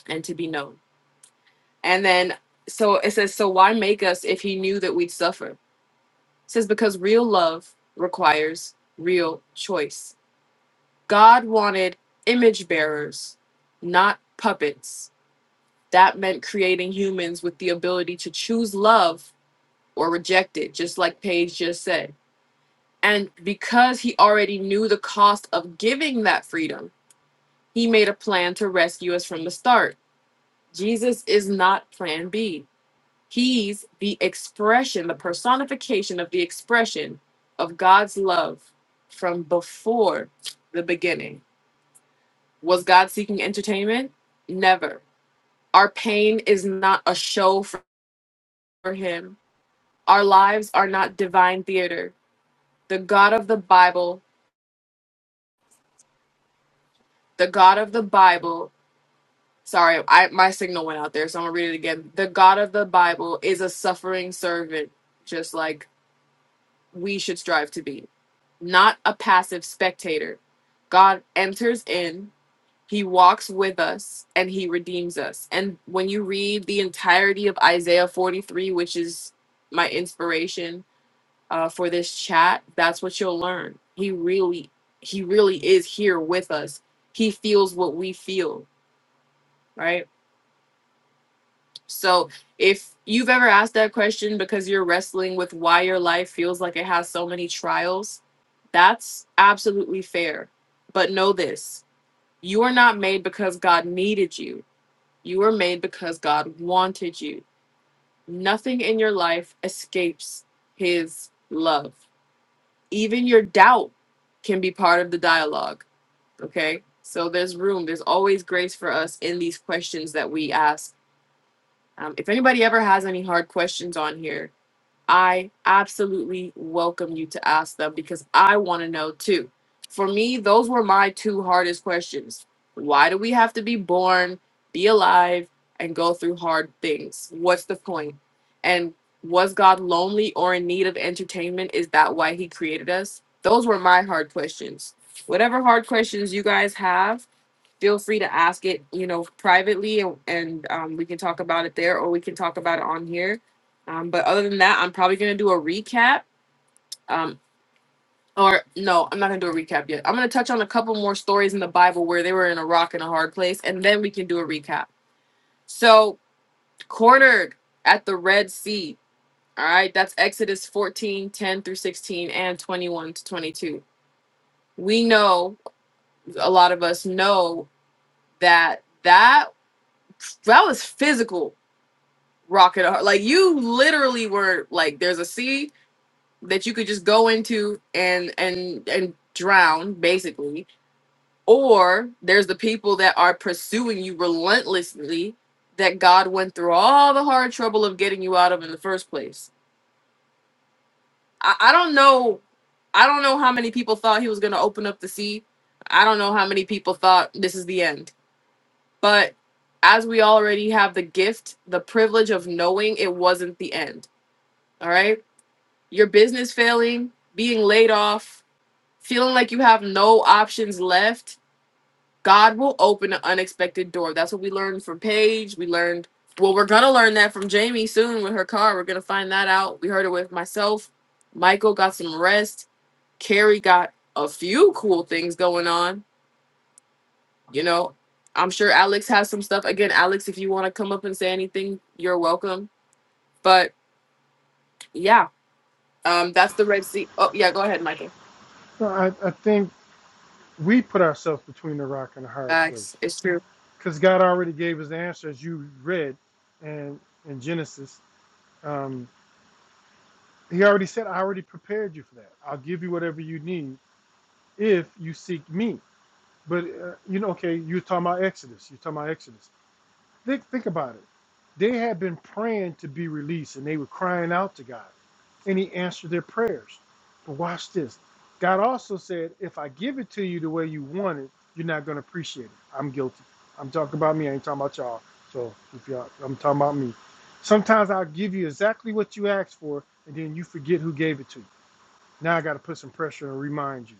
[SPEAKER 1] and to be known. And then, so it says, so why make us if he knew that we'd suffer? It says, because real love requires real choice. God wanted image bearers, not puppets That meant creating humans with the ability to choose love or reject it, just like Paige just said. And because he already knew the cost of giving that freedom, he made a plan to rescue us from the start. Jesus is not plan B. He's the expression, the personification of the expression of God's love from before the beginning. Was God seeking entertainment? Never. Our pain is not a show for him Our lives are not divine theater. The God of the Bible, the God of the Bible, sorry, I, my signal went out there, so I'm going to read it again. The God of the Bible is a suffering servant, just like we should strive to be, not a passive spectator. God enters in, he walks with us, and he redeems us. And when you read the entirety of Isaiah 43, which is my inspiration, uh, for this chat, that's what you'll learn. He really, he really is here with us. He feels what we feel, right? So if you've ever asked that question because you're wrestling with why your life feels like it has so many trials, that's absolutely fair. But know this you are not made because God needed you, you are made because God wanted you. Nothing in your life escapes his love. even your doubt can be part of the dialogue. Okay. So there's room. There's always grace for us in these questions that we ask. Um, if anybody ever has any hard questions on here, I absolutely welcome you to ask them because I want to know too. For me, those were my two hardest questions. Why do we have to be born, be alive, and go through hard things? What's the point? And was God lonely or in need of entertainment? Is that why he created us? Those were my hard questions. Whatever hard questions you guys have, feel free to ask it, you know, privately and, and um, we can talk about it there or we can talk about it on here. Um, but other than that, I'm probably going to do a recap. Um, or no, I'm not going to do a recap yet. I'm going to touch on a couple more stories in the Bible where they were in a rock and a hard place, and then we can do a recap. So, cornered at the Red Sea. All right, that's Exodus 14 10 through 16, and 21 to 22. We know, a lot of us know that that that was physical rocket hard. Like you literally were like there's a sea that you could just go into and and and drown basically or there's the people that are pursuing you relentlessly that God went through all the hard trouble of getting you out of in the first place. I, I don't know I don't know how many people thought he was going to open up the sea. I don't know how many people thought this is the end. But as we already have the gift, the privilege of knowing it wasn't the end. All right? your business failing, being laid off, feeling like you have no options left, God will open an unexpected door. That's what we learned from Paige. We learned, well, we're going to learn that from Jamie soon with her car. We're going to find that out. We heard it with myself. Michael got some rest. Carrie got a few cool things going on. You know, I'm sure Alex has some stuff. Again, Alex, if you want to come up and say anything, you're welcome. But yeah, um, that's the Red Sea. Oh, yeah, go ahead, Michael.
[SPEAKER 2] No, I, I think we put ourselves between the rock and a hard place
[SPEAKER 1] Facts. It's true.
[SPEAKER 2] because God already gave us the answer as you read, and in Genesis. Um, he already said, I already prepared you for that. I'll give you whatever you need if you seek me. But, uh, you know, okay, you're talking about Exodus. You're talking about Exodus. Think think about it. They had been praying to be released and they were crying out to God. And he answered their prayers. But watch this. God also said, if I give it to you the way you want it, you're not gonna appreciate it. I'm guilty. I'm talking about me, I ain't talking about y'all. So if y'all I'm talking about me. Sometimes I'll give you exactly what you asked for, and then you forget who gave it to you. Now I gotta put some pressure and remind you.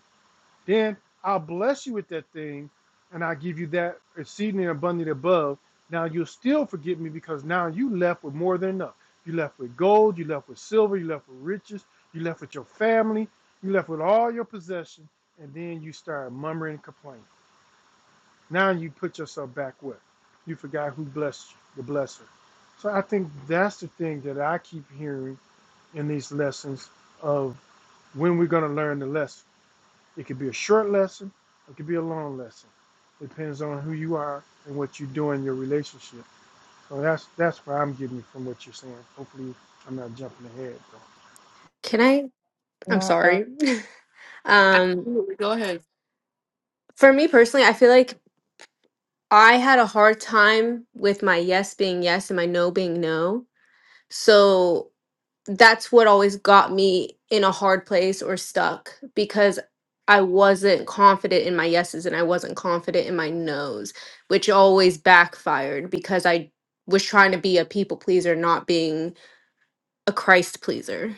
[SPEAKER 2] Then I'll bless you with that thing, and I'll give you that exceeding and abundant above. Now you'll still forget me because now you left with more than enough. You left with gold, you left with silver, you left with riches, you left with your family, you left with all your possession, and then you start murmuring and complaining. Now you put yourself back with. You forgot who blessed you, the blesser. So I think that's the thing that I keep hearing in these lessons of when we're going to learn the lesson it could be a short lesson, it could be a long lesson. It depends on who you are and what you do in your relationship. So that's that's what I'm getting from what you're saying. Hopefully, I'm not jumping ahead. Though.
[SPEAKER 6] (laughs) Can I? I'm sorry. (laughs) Um
[SPEAKER 1] Absolutely. Go ahead.
[SPEAKER 6] For me personally, I feel like I had a hard time with my yes being yes and my no being no. So that's what always got me in a hard place or stuck because I wasn't confident in my yeses and I wasn't confident in my nos, which always backfired because I was trying to be a people pleaser, not being a Christ pleaser.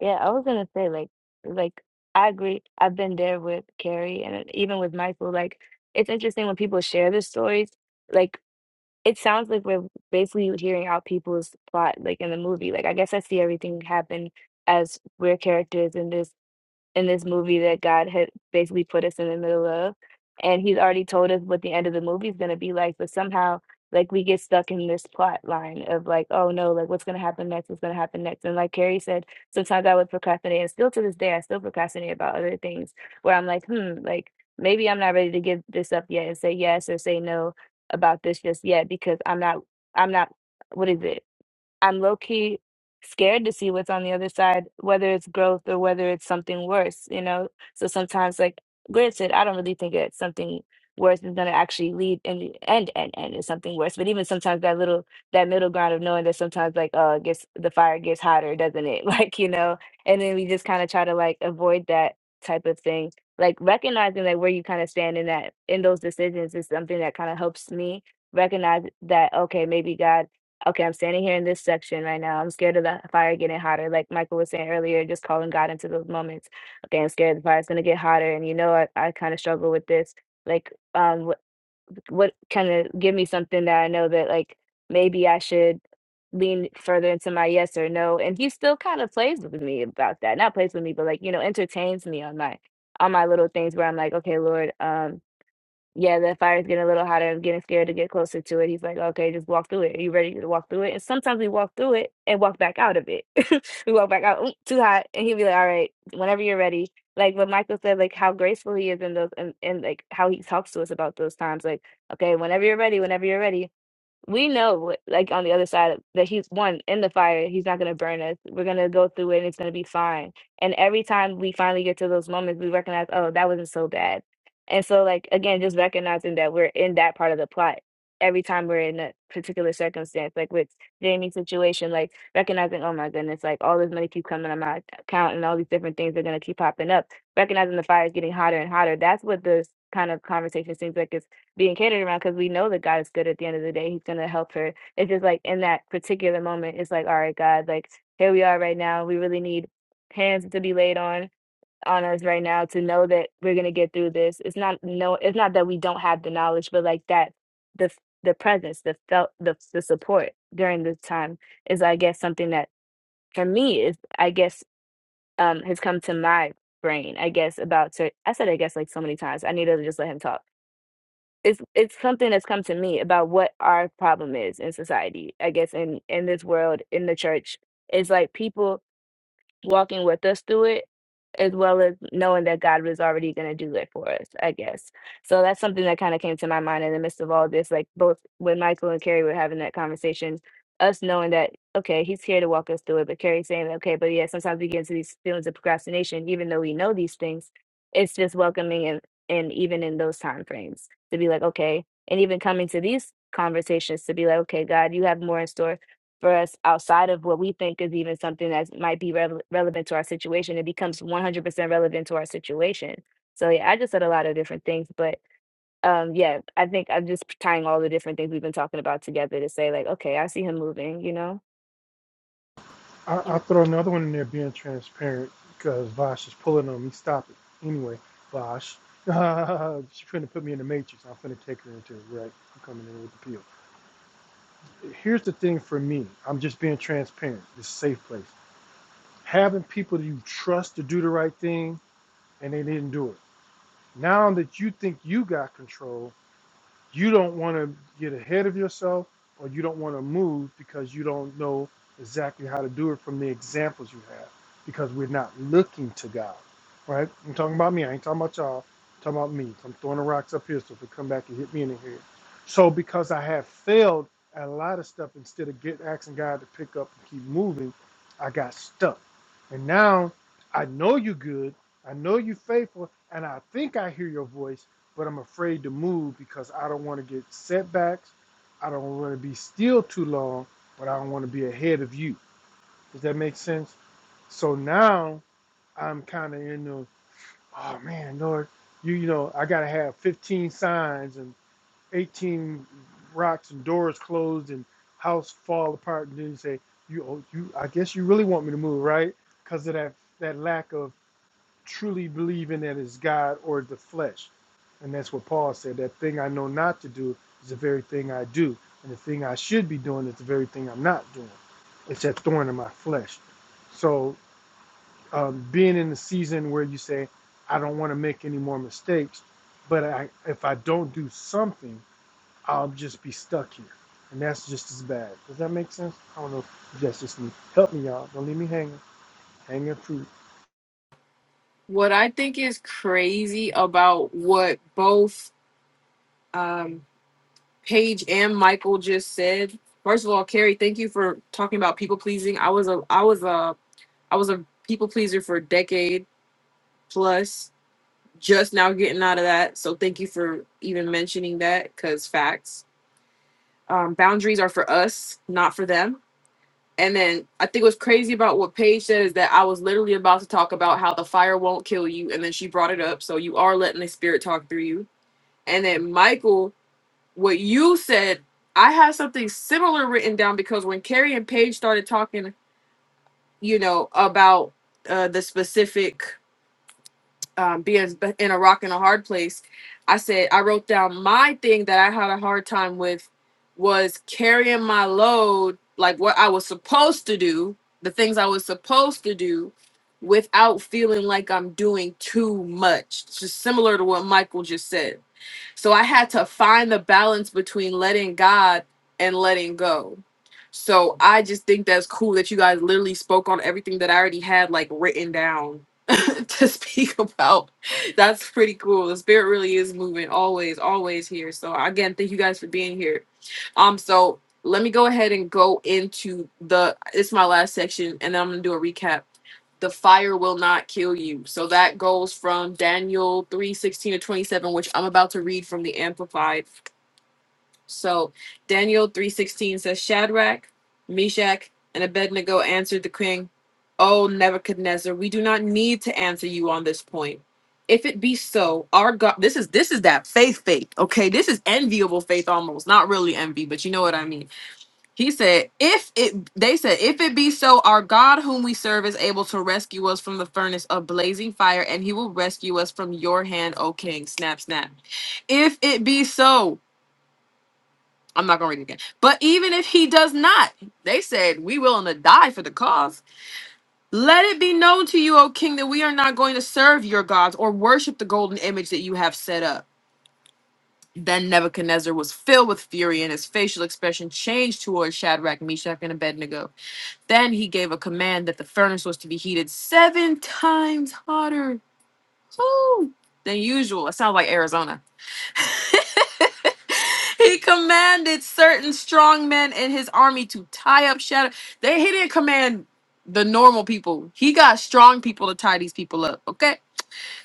[SPEAKER 5] Yeah, I was gonna say like like I agree. I've been there with Carrie and it- even with Michael. Like it's interesting when people share their stories. Like it sounds like we're basically hearing out people's plot, like in the movie. Like I guess I see everything happen as we're characters in this in this movie that God had basically put us in the middle of. And he's already told us what the end of the movie is going to be like, but somehow, like, we get stuck in this plot line of, like, oh no, like, what's going to happen next? What's going to happen next? And, like Carrie said, sometimes I would procrastinate. And still to this day, I still procrastinate about other things where I'm like, hmm, like, maybe I'm not ready to give this up yet and say yes or say no about this just yet because I'm not, I'm not, what is it? I'm low key scared to see what's on the other side, whether it's growth or whether it's something worse, you know? So sometimes, like, granted, I don't really think that something worse is going to actually lead in the end, end, end is something worse. But even sometimes that little, that middle ground of knowing that sometimes, like, oh, it gets, the fire gets hotter, doesn't it? (laughs) Like, you know? And then we just kind of try to, like, avoid that type of thing. Like, recognizing that where you kind of stand in that, in those decisions is something that kind of helps me recognize that, okay, maybe God okay, I'm standing here in this section right now. I'm scared of the fire getting hotter. Like Michael was saying earlier, just calling God into those moments. Okay, I'm scared the fire's gonna get hotter, and you know, I, I kind of struggle with this. Like, um, what, what kind of give me something that I know that like maybe I should lean further into my yes or no. And he still kind of plays with me about that. Not plays with me, but like you know, entertains me on my on my little things where I'm like, okay, Lord, um, yeah, the fire's getting a little hotter. I'm getting scared to get closer to it. He's like, okay, just walk through it. Are you ready to walk through it? And sometimes we walk through it and walk back out of it. (laughs) we walk back out, "Mm, too hot. And he'll be like, all right, whenever you're ready. Like what Michael said, like how graceful he is in those and, and like how he talks to us about those times. Like, okay, whenever you're ready, whenever you're ready we know like on the other side that he's one in the fire he's not going to burn us we're going to go through it and it's going to be fine and every time we finally get to those moments we recognize oh that wasn't so bad and so like again just recognizing that we're in that part of the plot every time we're in a particular circumstance like with jamie's situation like recognizing oh my goodness like all this money keep coming on my account and all these different things are going to keep popping up recognizing the fire is getting hotter and hotter that's what this kind of conversation seems like being catered around because we know that God is good at the end of the day. He's going to help her. It's just like in that particular moment, it's like, all right, God, like here we are right now. We really need hands to be laid on on us right now to know that we're going to get through this. It's not no it's not that we don't have the knowledge, but like that the f- the presence, the felt the the support during this time is I guess something that for me is I guess um has come to my brain, I guess about cer I said I guess like so many times. I need to just let him talk it's it's something that's come to me about what our problem is in society i guess in in this world in the church it's like people walking with us through it, as well as knowing that God was already going to do it for us, I guess. So that's something that kind of came to my mind in the midst of all this. Like both when Michael and Carrie were having that conversation, us knowing that, okay, he's here to walk us through it, but Carrie saying, okay, but yeah, sometimes we get into these feelings of procrastination, even though we know these things, it's just welcoming and, and even in those time frames to be like, okay, and even coming to these conversations to be like, okay, God, you have more in store for us outside of what we think is even something that might be rev- relevant to our situation. It becomes 100% relevant to our situation. So yeah, I just said a lot of different things, but um, yeah, I think I'm just tying all the different things we've been talking about together to say like, okay, I see him moving, you know.
[SPEAKER 2] I,
[SPEAKER 1] Yeah.
[SPEAKER 2] I'll throw another one in there, being transparent, because Vosh is pulling on me. Stop it. Anyway, Vosh, (laughs) she's trying to (laughs) put me in the matrix. I'm going to take her into it. Right, I'm coming in with the peel. Here's the thing for me. I'm just being transparent. It's a safe place. Having people that you trust to do the right thing and they didn't do it Now that you think you got control, you don't want to get ahead of yourself or you don't want to move because you don't know exactly how to do it from the examples you have because we're not looking to God, right? I'm talking about me. I ain't talking about y'all. I'm talking about me. I'm throwing the rocks up here so if it come back and hit me in the head. So because I have failed at a lot of stuff, instead of get asking God to pick up and keep moving, I got stuck. And now I know you good. I know you faithful. And I think I hear your voice but I'm afraid to move because I don't want to get setbacks. I don't want to be still too long, but I don't want to be ahead of you. Does that make sense? So now I'm kind of in the, oh man, Lord, you, you know, I got to have 15 signs and 18 rocks and doors closed and house fall apart. And then you say, you, oh, you, I guess you really want me to move, right? Because of that, that lack of truly believing that it's God or the flesh. And that's what Paul said. That thing I know not to do is the very thing I do. And the thing I should be doing is the very thing I'm not doing. It's that thorn in my flesh. So um, being in the season where you say, I don't want to make any more mistakes, but I, if I don't do something, I'll just be stuck here. And that's just as bad. Does that make sense? I don't know if that's just me. Help me, y'all. Don't leave me hanging. Hanging fruit.
[SPEAKER 1] What I think is crazy about what both um, Paige and Michael just said. First of all, Carrie, thank you for talking about people pleasing. I was a, I was a, I was a people pleaser for a decade plus. Just now getting out of that, so thank you for even mentioning that because facts. Um, boundaries are for us, not for them And then I think what's crazy about what Paige said is that I was literally about to talk about how the fire won't kill you, and then she brought it up. So you are letting the spirit talk through you. And then Michael, what you said, I had something similar written down because when Carrie and Paige started talking, you know, about uh, the specific um, being in a rock and a hard place, I said I wrote down my thing that I had a hard time with was carrying my load, like what I was supposed to do, the things I was supposed to do, without feeling like I'm doing too much. It's just similar to what Michael just said so I had to find the balance between letting God and letting go. So I just think that's cool that you guys literally spoke on everything that I already had like written down (laughs) to speak about. That's pretty cool. The spirit really is moving always, always here. So again, thank you guys for being here. Um, so let me go ahead and go into the it's my last section and then I'm gonna do a recap the fire will not kill you. So that goes from Daniel 3 16 to 27, which I'm about to read from the Amplified. So Daniel 3 16 says, Shadrach, Meshach, and Abednego answered the king, O Nebuchadnezzar, we do not need to answer you on this point. If it be so, our God this is this is that faith faith. Okay, this is enviable faith almost. Not really envy, but you know what I mean. He said, if it they said, if it be so, our God whom we serve is able to rescue us from the furnace of blazing fire, and he will rescue us from your hand, O king. Snap, snap. If it be so, I'm not gonna read it again. But even if he does not, they said, we willing to die for the cause. Let it be known to you, O king, that we are not going to serve your gods or worship the golden image that you have set up. Then Nebuchadnezzar was filled with fury, and his facial expression changed towards Shadrach, Meshach, and Abednego. Then he gave a command that the furnace was to be heated seven times hotter whew, than usual. It sounds like Arizona. (laughs) he commanded certain strong men in his army to tie up shadow. They he didn't command the normal people. He got strong people to tie these people up. Okay.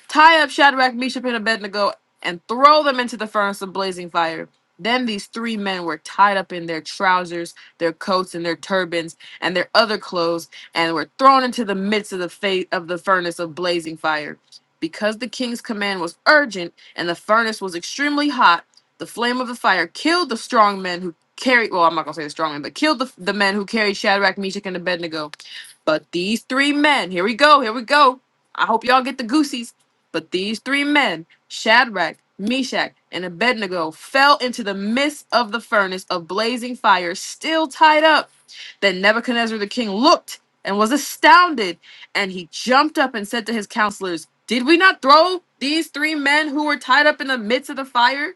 [SPEAKER 1] Tie up Shadrach, Meshach, and Abednego, and throw them into the furnace of blazing fire. Then these three men were tied up in their trousers, their coats, and their turbans, and their other clothes, and were thrown into the midst of the fa- of the furnace of blazing fire. Because the king's command was urgent, and the furnace was extremely hot, the flame of the fire killed the strong men who carried. Well, I'm not gonna say the strong men, but killed the, the men who carried Shadrach, Meshach, and Abednego. But these three men, here we go, here we go. I hope y'all get the goosies. But these three men, Shadrach, Meshach, and Abednego, fell into the midst of the furnace of blazing fire, still tied up. Then Nebuchadnezzar the king looked and was astounded, and he jumped up and said to his counselors, Did we not throw these three men who were tied up in the midst of the fire?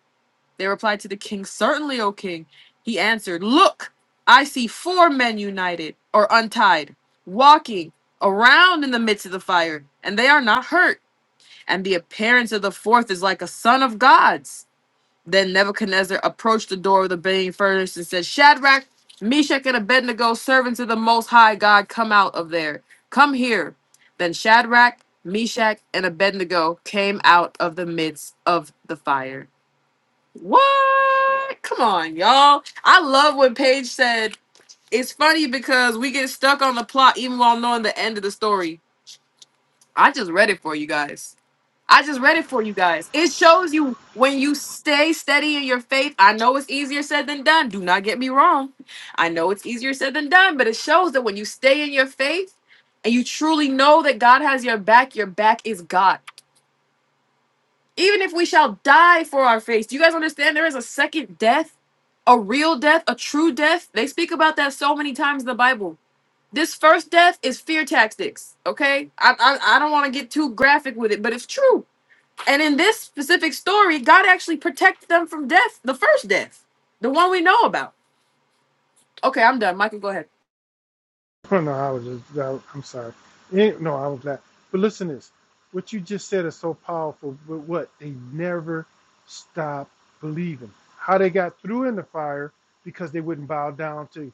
[SPEAKER 1] They replied to the king, Certainly, O king. He answered, Look, I see four men united or untied, walking around in the midst of the fire, and they are not hurt and the appearance of the fourth is like a son of God's. Then Nebuchadnezzar approached the door of the burning furnace and said, Shadrach, Meshach, and Abednego, servants of the Most High God, come out of there. Come here. Then Shadrach, Meshach, and Abednego came out of the midst of the fire. What? Come on, y'all. I love what Paige said. It's funny because we get stuck on the plot even while knowing the end of the story. I just read it for you guys. I just read it for you guys. It shows you when you stay steady in your faith. I know it's easier said than done. Do not get me wrong. I know it's easier said than done, but it shows that when you stay in your faith and you truly know that God has your back, your back is God. Even if we shall die for our faith, do you guys understand there is a second death, a real death, a true death? They speak about that so many times in the Bible. This first death is fear tactics, okay? I, I, I don't want to get too graphic with it, but it's true and in this specific story, God actually protected them from death, the first death, the one we know about. Okay, I'm done. Michael, go ahead.
[SPEAKER 2] (laughs) no, I was just, I, I'm sorry. Eh, No, I was not. But listen to this. What you just said is so powerful, but what? They never stopped believing. How they got through in the fire because they wouldn't bow down to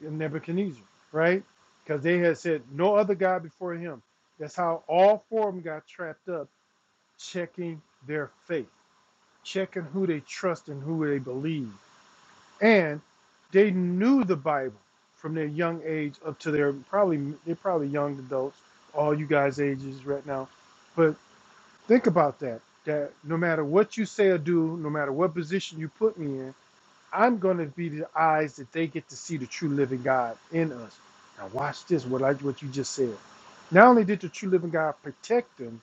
[SPEAKER 2] Nebuchadnezzar, right? Because they had said, no other God before him. That's how all four of them got trapped up, checking their faith, checking who they trust and who they believe and they knew the Bible from their young age up to their probably they're probably young adults, all you guys' ages right now. But think about that. That no matter what you say or do, no matter what position you put me in, I'm gonna be the eyes that they get to see the true living God in us. Now watch this, what I what you just said. Not only did the true living God protect them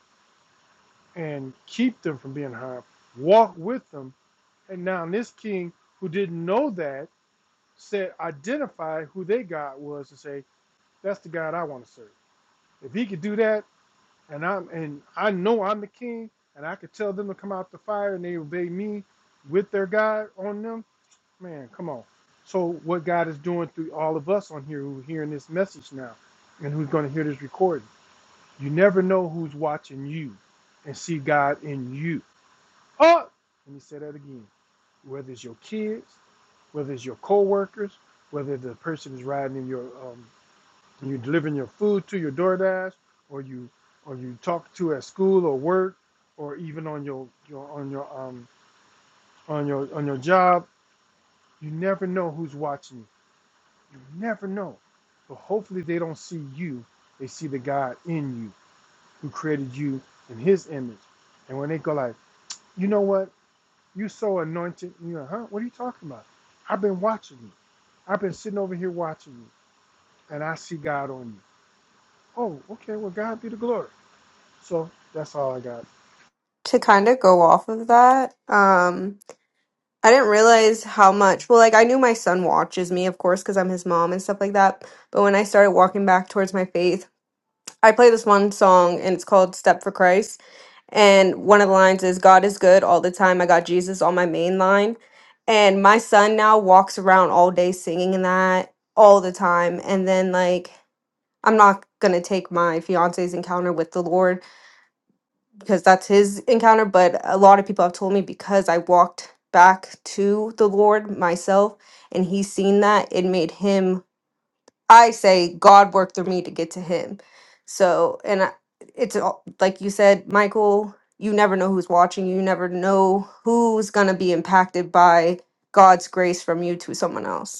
[SPEAKER 2] and keep them from being harmed, walk with them, and now this king who didn't know that said identify who their God was and say, That's the God I want to serve. If he could do that and I'm and I know I'm the king and I could tell them to come out the fire and they obey me with their God on them, man, come on. So what God is doing through all of us on here who are hearing this message now and who's going to hear this recording. You never know who's watching you and see God in you. Oh, let me say that again whether it's your kids, whether it's your coworkers, whether the person is riding in your um, you delivering your food to your DoorDash, or you or you talk to at school or work, or even on your, your on your um on your on your job. You never know who's watching you. You never know. but hopefully they don't see you. They see the God in you who created you in His image. And when they go like, you know what, you so anointed, you know, huh? What are you talking about? I've been watching you. I've been sitting over here watching you, and I see God on you. Oh, okay. Well, God be the glory. So that's all I got.
[SPEAKER 6] To kind of go off of that, um, I didn't realize how much. Well, like I knew my son watches me, of course, because I'm his mom and stuff like that. But when I started walking back towards my faith, I play this one song and it's called Step for Christ. And one of the lines is God is good all the time. I got Jesus on my main line. And my son now walks around all day singing that all the time. And then like I'm not gonna take my fiance's encounter with the Lord because that's his encounter. But a lot of people have told me because I walked back to the Lord myself and he's seen that, it made him, I say, God worked through me to get to him. So, and I, it's all- like you said, Michael, you never know who's watching, you never know who's going to be impacted by God's grace from you to someone else.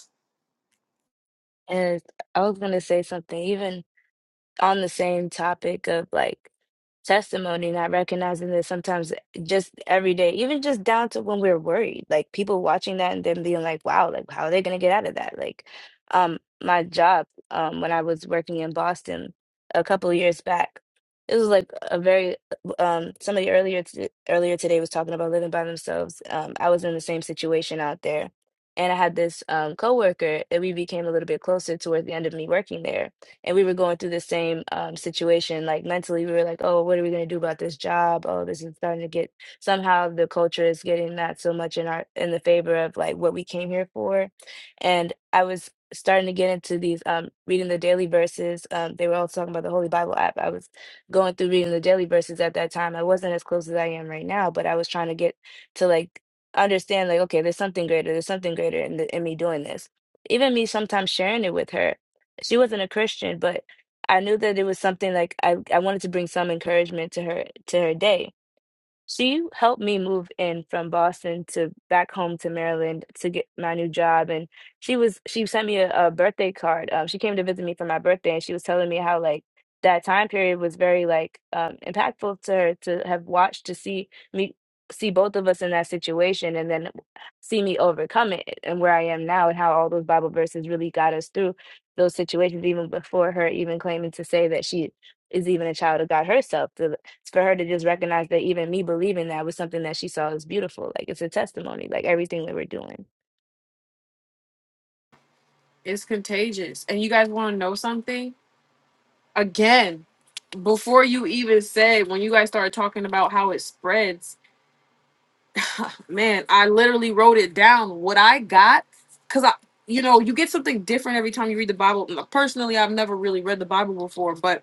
[SPEAKER 5] And I was gonna say something even on the same topic of like testimony, not recognizing that sometimes just every day, even just down to when we're worried, like people watching that and then being like, wow, like how are they gonna get out of that? Like, um, my job, um, when I was working in Boston a couple of years back, it was like a very um somebody earlier t earlier today was talking about living by themselves. Um, I was in the same situation out there. And I had this um coworker that we became a little bit closer towards the end of me working there and we were going through the same um, situation. Like mentally, we were like, "Oh, what are we going to do about this job? Oh, this is starting to get somehow the culture is getting not so much in our in the favor of like what we came here for." And I was starting to get into these um, reading the daily verses. Um, they were all talking about the Holy Bible app. I was going through reading the daily verses at that time. I wasn't as close as I am right now, but I was trying to get to like understand like okay, there's something greater. There's something greater in the, in me doing this. Even me sometimes sharing it with her she wasn't a Christian, but I knew that it was something like I I wanted to bring some encouragement to her to her day. So you helped me move in from Boston to back home to Maryland to get my new job. And she was she sent me a, a birthday card. Um, she came to visit me for my birthday, and she was telling me how like that time period was very like um, impactful to her to have watched to see me see both of us in that situation, and then see me overcome it and where I am now, and how all those Bible verses really got us through those situations, even before her even claiming to say that she is even a child of God herself for her to just recognize that even me believing that was something that she saw as beautiful. Like it's a testimony, like everything that we're doing.
[SPEAKER 1] It's contagious. And you guys want to know something? Again, before you even said, when you guys started talking about how it spreads, man, I literally wrote it down what I got. Because I, you know, you get something different every time you read the Bible. Personally, I've never really read the Bible before, but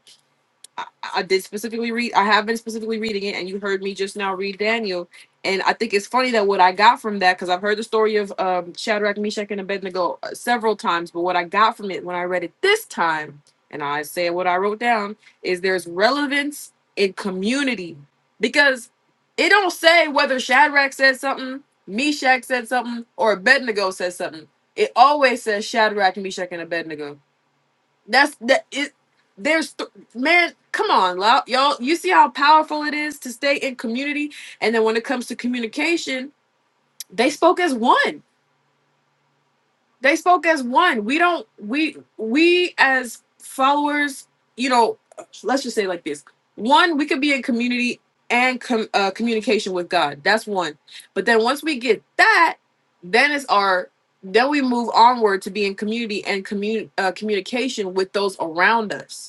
[SPEAKER 1] I did specifically read. I have been specifically reading it, and you heard me just now read Daniel. And I think it's funny that what I got from that, because I've heard the story of um, Shadrach, Meshach, and Abednego uh, several times, but what I got from it when I read it this time, and I say what I wrote down, is there's relevance in community because it don't say whether Shadrach said something, Meshach said something, or Abednego said something. It always says Shadrach, Meshach, and Abednego that's that it. There's th- man, come on, lo- y'all. You see how powerful it is to stay in community, and then when it comes to communication, they spoke as one. They spoke as one. We don't. We we as followers, you know, let's just say it like this: one, we could be in community and com- uh, communication with God. That's one. But then once we get that, then it's our then we move onward to be in community and commun- uh, communication with those around us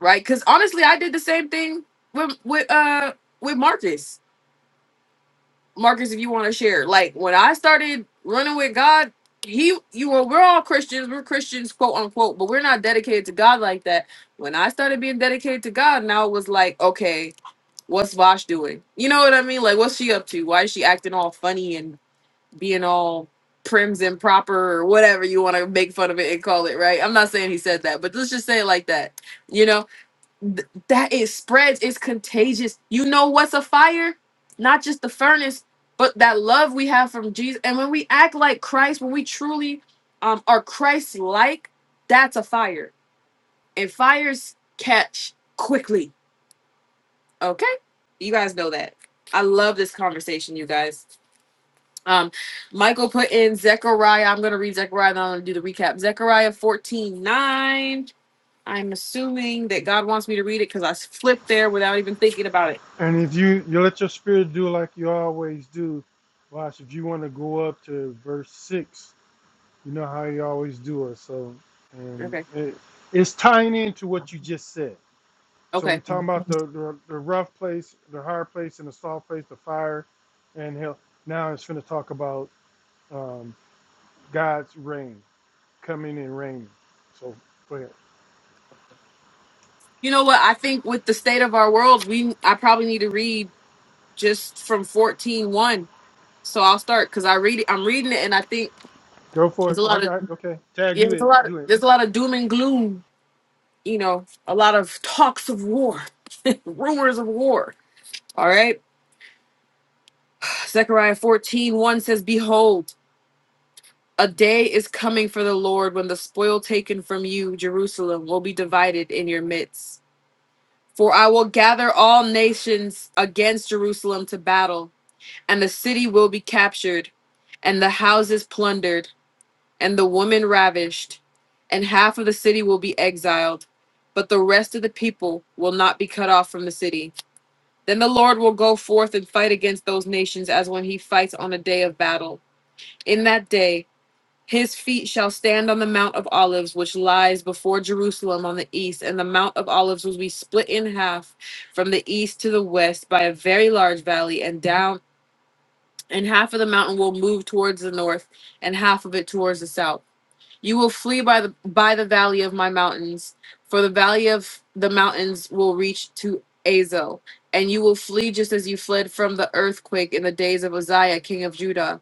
[SPEAKER 1] right? Because honestly, I did the same thing with with uh with Marcus. Marcus, if you want to share, like when I started running with God, he you were we're all Christians, we're Christians, quote unquote, but we're not dedicated to God like that. When I started being dedicated to God, now it was like, okay, what's Vosh doing? You know what I mean? Like, what's she up to? Why is she acting all funny and being all prims and proper or whatever you want to make fun of it and call it right? I'm not saying he said that, but let's just say it like that you know th- that it spreads it's contagious you know what's a fire not just the furnace but that love we have from jesus and when we act like christ when we truly um, are christ like that's a fire and fires catch quickly okay you guys know that i love this conversation you guys um michael put in zechariah i'm gonna read zechariah and i'm gonna do the recap zechariah 14:9. I'm assuming that God wants me to read it because I flipped there without even thinking about it.
[SPEAKER 2] And if you you let your spirit do like you always do, watch. If you want to go up to verse six, you know how you always do it. So, and
[SPEAKER 1] Okay.
[SPEAKER 2] it, it's tying into what you just said. So we're
[SPEAKER 1] Okay.
[SPEAKER 2] talking about the, the the rough place, the hard place, and the soft place, the fire, and hell. Now it's going to talk about um, God's reign coming and reigning. So, go ahead.
[SPEAKER 1] You know what? I think with the state of our world, we I probably need to read just from fourteen one. So I'll start because I read it. I'm reading it, and I think
[SPEAKER 2] Go for
[SPEAKER 1] there's
[SPEAKER 2] it.
[SPEAKER 1] a
[SPEAKER 2] I
[SPEAKER 1] lot of
[SPEAKER 2] got okay. Tag
[SPEAKER 1] yeah,
[SPEAKER 2] you
[SPEAKER 1] there's a
[SPEAKER 2] it.
[SPEAKER 1] lot of
[SPEAKER 2] You it.
[SPEAKER 1] there's a lot of doom and gloom. You know, a lot of talks of war, (laughs) rumors of war. All right. Zechariah fourteen one says, "Behold." A day is coming for the Lord when the spoil taken from you, Jerusalem, will be divided in your midst. For I will gather all nations against Jerusalem to battle, and the city will be captured, and the houses plundered, and the women ravished, and half of the city will be exiled, but the rest of the people will not be cut off from the city. Then the Lord will go forth and fight against those nations as when he fights on a day of battle. In that day, his feet shall stand on the Mount of Olives, which lies before Jerusalem on the east, and the Mount of Olives will be split in half from the east to the west by a very large valley, and down and half of the mountain will move towards the north, and half of it towards the south. You will flee by the by the valley of my mountains, for the valley of the mountains will reach to Azel, and you will flee just as you fled from the earthquake in the days of Uzziah, king of Judah.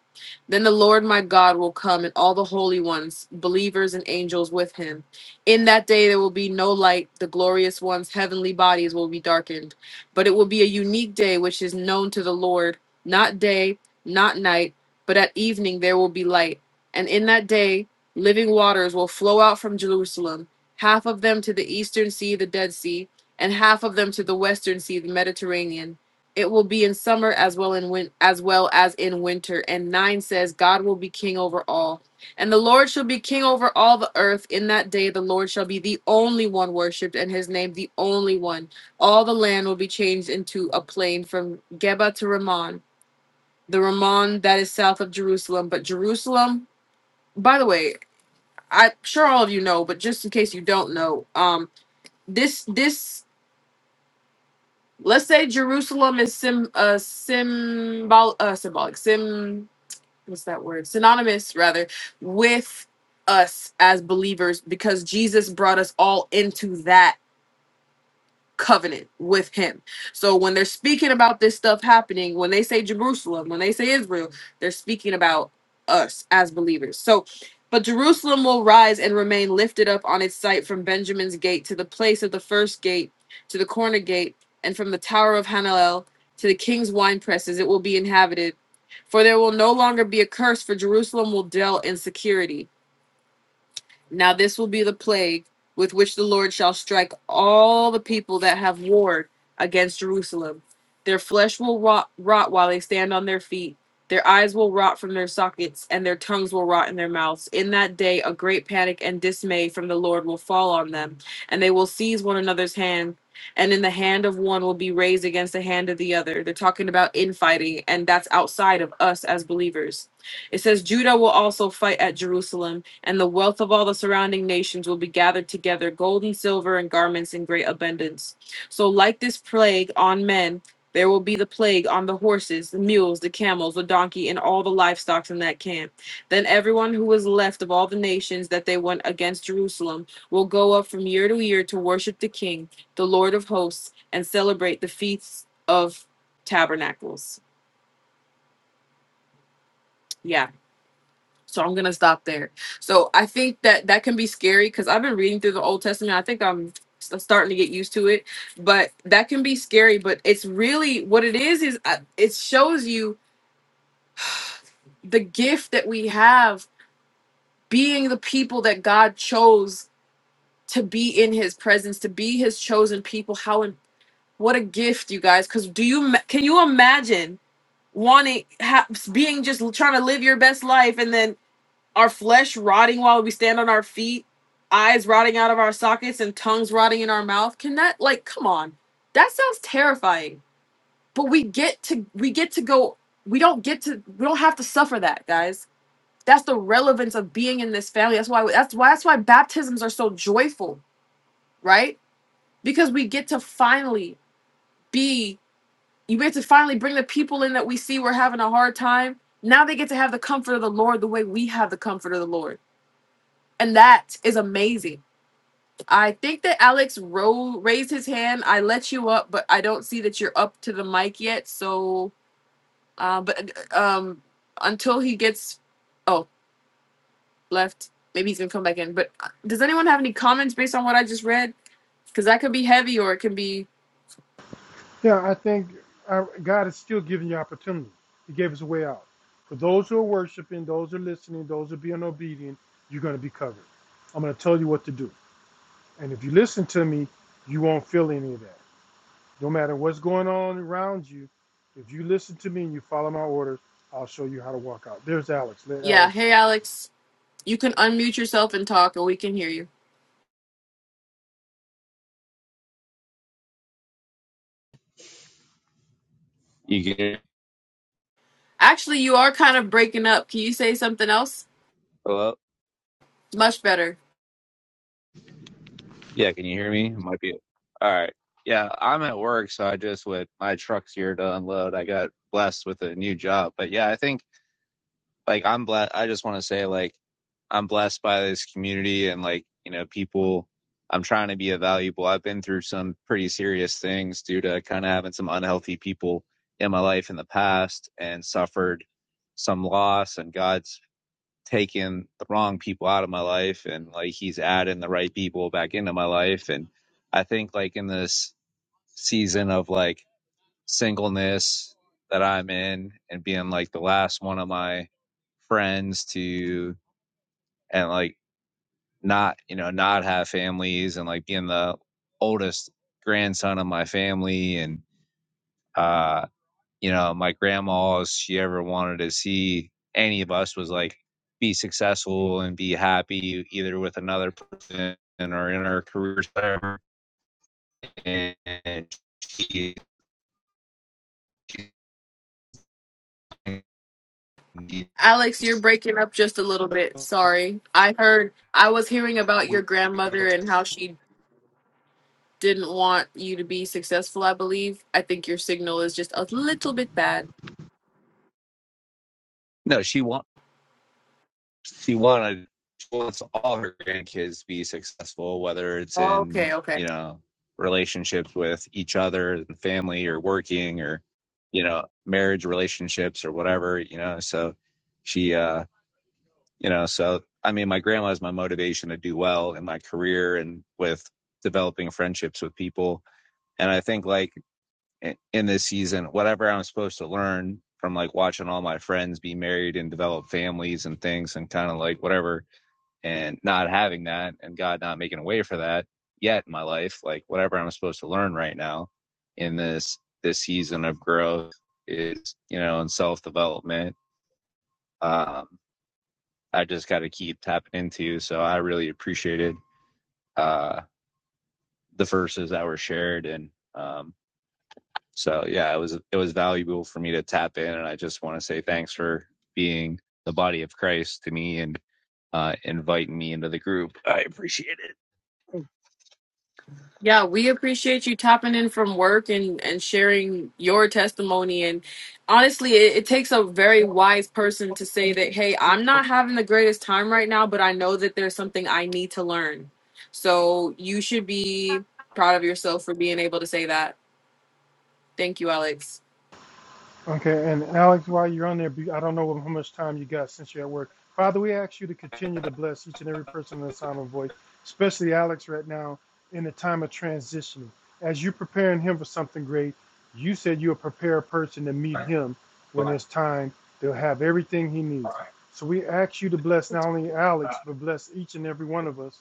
[SPEAKER 1] Then the Lord my God will come, and all the holy ones, believers and angels with him. In that day there will be no light; the glorious ones' heavenly bodies will be darkened. But it will be a unique day which is known to the Lord, not day, not night, but at evening there will be light. And in that day Living waters will flow out from Jerusalem, half of them to the eastern sea, the Dead Sea, and half of them to the western sea, the Mediterranean. It will be in summer as well in win- as well as in winter. And 9 says, God will be king over all. And the Lord shall be king over all the earth. In that day the Lord shall be the only one worshipped, and his name the only one. All the land will be changed into a plain from Geba to Ramon, the Ramon that is south of Jerusalem. But Jerusalem, by the way, I'm sure all of you know, but just in case you don't know, um, this this let's say Jerusalem is sim uh symbol uh symbolic sim what's that word synonymous rather with us as believers because Jesus brought us all into that covenant with him. So when they're speaking about this stuff happening, when they say Jerusalem, when they say Israel, they're speaking about us as believers. So but Jerusalem will rise and remain lifted up on its site from Benjamin's gate to the place of the first gate to the corner gate and from the tower of Hananel to the king's wine presses it will be inhabited for there will no longer be a curse for Jerusalem will dwell in security. Now this will be the plague with which the Lord shall strike all the people that have warred against Jerusalem. Their flesh will rot, rot while they stand on their feet. Their eyes will rot from their sockets, and their tongues will rot in their mouths. In that day, a great panic and dismay from the Lord will fall on them, and they will seize one another's hand. And in the hand of one will be raised against the hand of the other. They're talking about infighting, and that's outside of us as believers. It says, Judah will also fight at Jerusalem, and the wealth of all the surrounding nations will be gathered together gold and silver and garments in great abundance. So, like this plague on men, there will be the plague on the horses, the mules, the camels, the donkey, and all the livestock in that camp. Then everyone who is left of all the nations that they went against Jerusalem will go up from year to year to worship the King, the Lord of hosts, and celebrate the feasts of tabernacles. Yeah. So I'm gonna stop there. So I think that that can be scary because I've been reading through the Old Testament. I think I'm s- starting to get used to it, but that can be scary. But it's really what it is is uh, it shows you the gift that we have being the people that God chose to be in His presence, to be His chosen people. How and what a gift, you guys! Because do you ma- can you imagine wanting ha- being just trying to live your best life and then our flesh rotting while we stand on our feet, eyes rotting out of our sockets, and tongues rotting in our mouth. Can that like come on? That sounds terrifying. But we get to we get to go we don't get to we don't have to suffer that, guys. That's the relevance of being in this family. That's why that's why that's why baptisms are so joyful, right? Because we get to finally be you get to finally bring the people in that we see we're having a hard time. Now they get to have the comfort of the Lord the way we have the comfort of the Lord. And that is amazing. I think that Alex ro- raised his hand. I let you up, but I don't see that you're up to the mic yet. So, uh, but uh, um, until he gets, oh, left. Maybe he's gonna come back in. But uh, does anyone have any comments based on what I just read? Because that could be heavy, or it can be,
[SPEAKER 2] Yeah, I think I, God is still giving you opportunity. He gave us a way out. For those who are worshiping, those who are listening, those who are being obedient, you're going to be covered. I'm going to tell you what to do. And if you listen to me, you won't feel any of that. No matter what's going on around you, if you listen to me and you follow my orders, I'll show you how to walk out. There's Alex. Let
[SPEAKER 1] yeah.
[SPEAKER 2] Alex
[SPEAKER 1] Hey,
[SPEAKER 2] go.
[SPEAKER 1] Alex, you can unmute yourself and talk, and we can hear you.
[SPEAKER 9] You get
[SPEAKER 1] Actually, you are kind of breaking up. Can you say something else?
[SPEAKER 9] hello?
[SPEAKER 1] Much better.
[SPEAKER 9] Yeah, can you hear me? It might be all right. Yeah, I'm at work, so I just with my truck's here to unload. I got blessed with a new job, but yeah, I think like I'm blessed. I just want to say like I'm blessed by this community and like you know people. I'm trying to be a valuable. I've been through some pretty serious things due to kind of having some unhealthy people in my life in the past and suffered some loss and God's taking the wrong people out of my life and like he's adding the right people back into my life and i think like in this season of like singleness that i'm in and being like the last one of my friends to and like not you know not have families and like being the oldest grandson of my family and uh you know, my grandma, all she ever wanted to see any of us was like be successful and be happy either with another person or in our careers, whatever. And she, she she
[SPEAKER 1] Alex, you're breaking up just a little bit. Sorry. I heard, I was hearing about your grandmother and how she didn't want you to be successful, I believe. I think your signal is just a little bit bad.
[SPEAKER 9] no, she wa- she wanted she wants all her grandkids to be successful, whether it's in
[SPEAKER 1] Okay, okay.
[SPEAKER 9] you know relationships with each other and family, or working, or you know marriage relationships, or whatever. You know, so she, uh, you know, so I mean, my grandma is my motivation to do well in my career and with developing friendships with people. And I think like in this season, whatever I'm supposed to learn from like watching all my friends be married and develop families and things and kind of like whatever and not having that and God not making a way for that yet in my life, like whatever I'm supposed to learn right now in this this season of growth is, you know, and self development. Um, I just gotta keep tapping into. So I really appreciated uh the verses that were shared and um so yeah, it was it was valuable for me to tap in and I just wanna say thanks for being the body of Christ to me and uh inviting me into the group. I appreciate it.
[SPEAKER 1] Yeah, we appreciate you tapping in from work and, and sharing your testimony. And honestly, it, it takes a very wise person to say that, hey, I'm not having the greatest time right now, but I know that there's something I need to learn. So you should be proud of yourself for being able to say that. Thank you, Alex.
[SPEAKER 2] Okay, and Alex, while you're on there, be- I don't know how much time you got since you're at work. Father, we ask you to continue to bless each and every person in the sound of voice, especially Alex right now in the time of transitioning. As you're preparing him for something great, you said you'll prepare a person to meet him when it's time. They'll have everything he needs. So we ask you to bless not only Alex, but bless each and every one of us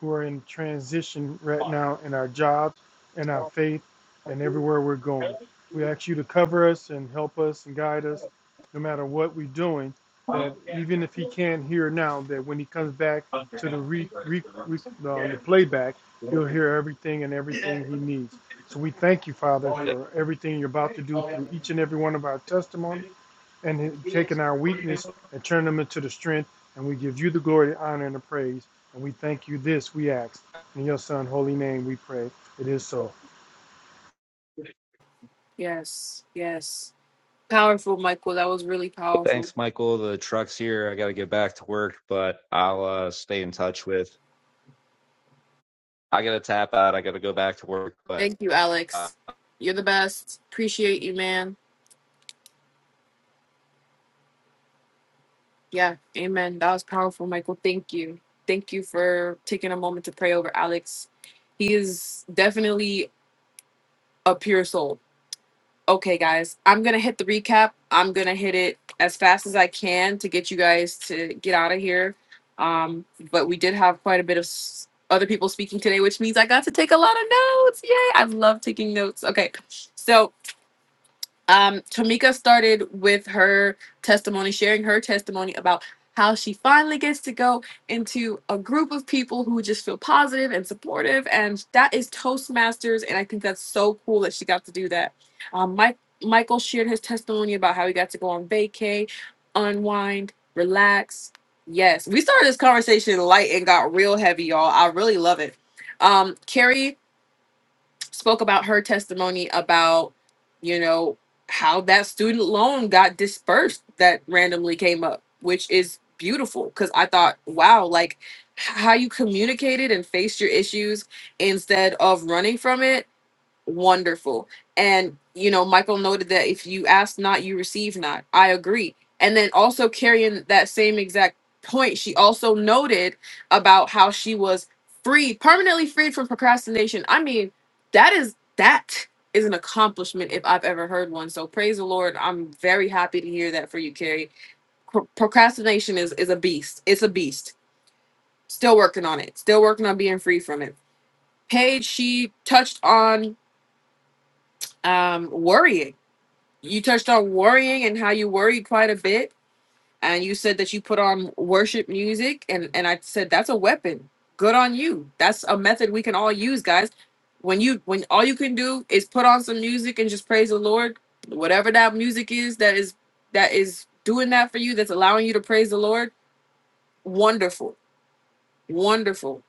[SPEAKER 2] who are in transition right now in our jobs, in our faith, and everywhere we're going. We ask you to cover us and help us and guide us no matter what we're doing, that even if he can't hear now, that when he comes back to the, re, re, re, uh, the playback, he'll hear everything and everything he needs. So we thank you, Father,
[SPEAKER 9] Oh, yeah.
[SPEAKER 2] for everything you're about to do through each and every one of our testimonies and taking our weakness and turning them into the strength. And we give you the glory, the honor, and the praise. And we thank you this, we ask. In your son, holy name, we pray. It is so.
[SPEAKER 1] Yes, yes. Powerful, Michael. That was really powerful.
[SPEAKER 9] Thanks, Michael. The truck's here. I got to get back to work, but I'll uh, stay in touch with. I got to tap out. I got to go back to work, but
[SPEAKER 1] Thank you,
[SPEAKER 9] uh,
[SPEAKER 1] Alex. You're the best. Appreciate you, man. Yeah, amen. That was powerful, Michael. Thank you. Thank you for taking a moment to pray over Alex. He is definitely a pure soul. Okay, guys, I'm gonna hit the recap. I'm gonna hit it as fast as I can to get you guys to get out of here. Um, but we did have quite a bit of s- other people speaking today, which means I got to take a lot of notes. Yay! I love taking notes. Okay, so um, Tamika started with her testimony, sharing her testimony about how she finally gets to go into a group of people who just feel positive and supportive. And that is Toastmasters. And I think that's so cool that she got to do that. Um, Mike, Michael shared his testimony about how he got to go on vacay, unwind, relax. Yes, we started this conversation light and got real heavy, y'all. I really love it. Um, Carrie spoke about her testimony about you know how that student loan got dispersed that randomly came up which is beautiful because i thought wow like h- how you communicated and faced your issues instead of running from it wonderful. And you know, Michael noted that if you ask not, you receive not. I agree. And then also carrying that same exact point, she also noted about how she was free, permanently freed from procrastination. I mean, that is that is an accomplishment if I've ever heard one. So praise the Lord. I'm very happy to hear that for you, Carrie. Pro- procrastination is is a beast. It's a beast. Still working on it. Still working on being free from it. Paige, she touched on um worrying you touched on worrying and how you worry quite a bit and you said that you put on worship music and and i said that's a weapon good on you that's a method we can all use guys when you when all you can do is put on some music and just praise the lord whatever that music is that is that is doing that for you that's allowing you to praise the lord wonderful wonderful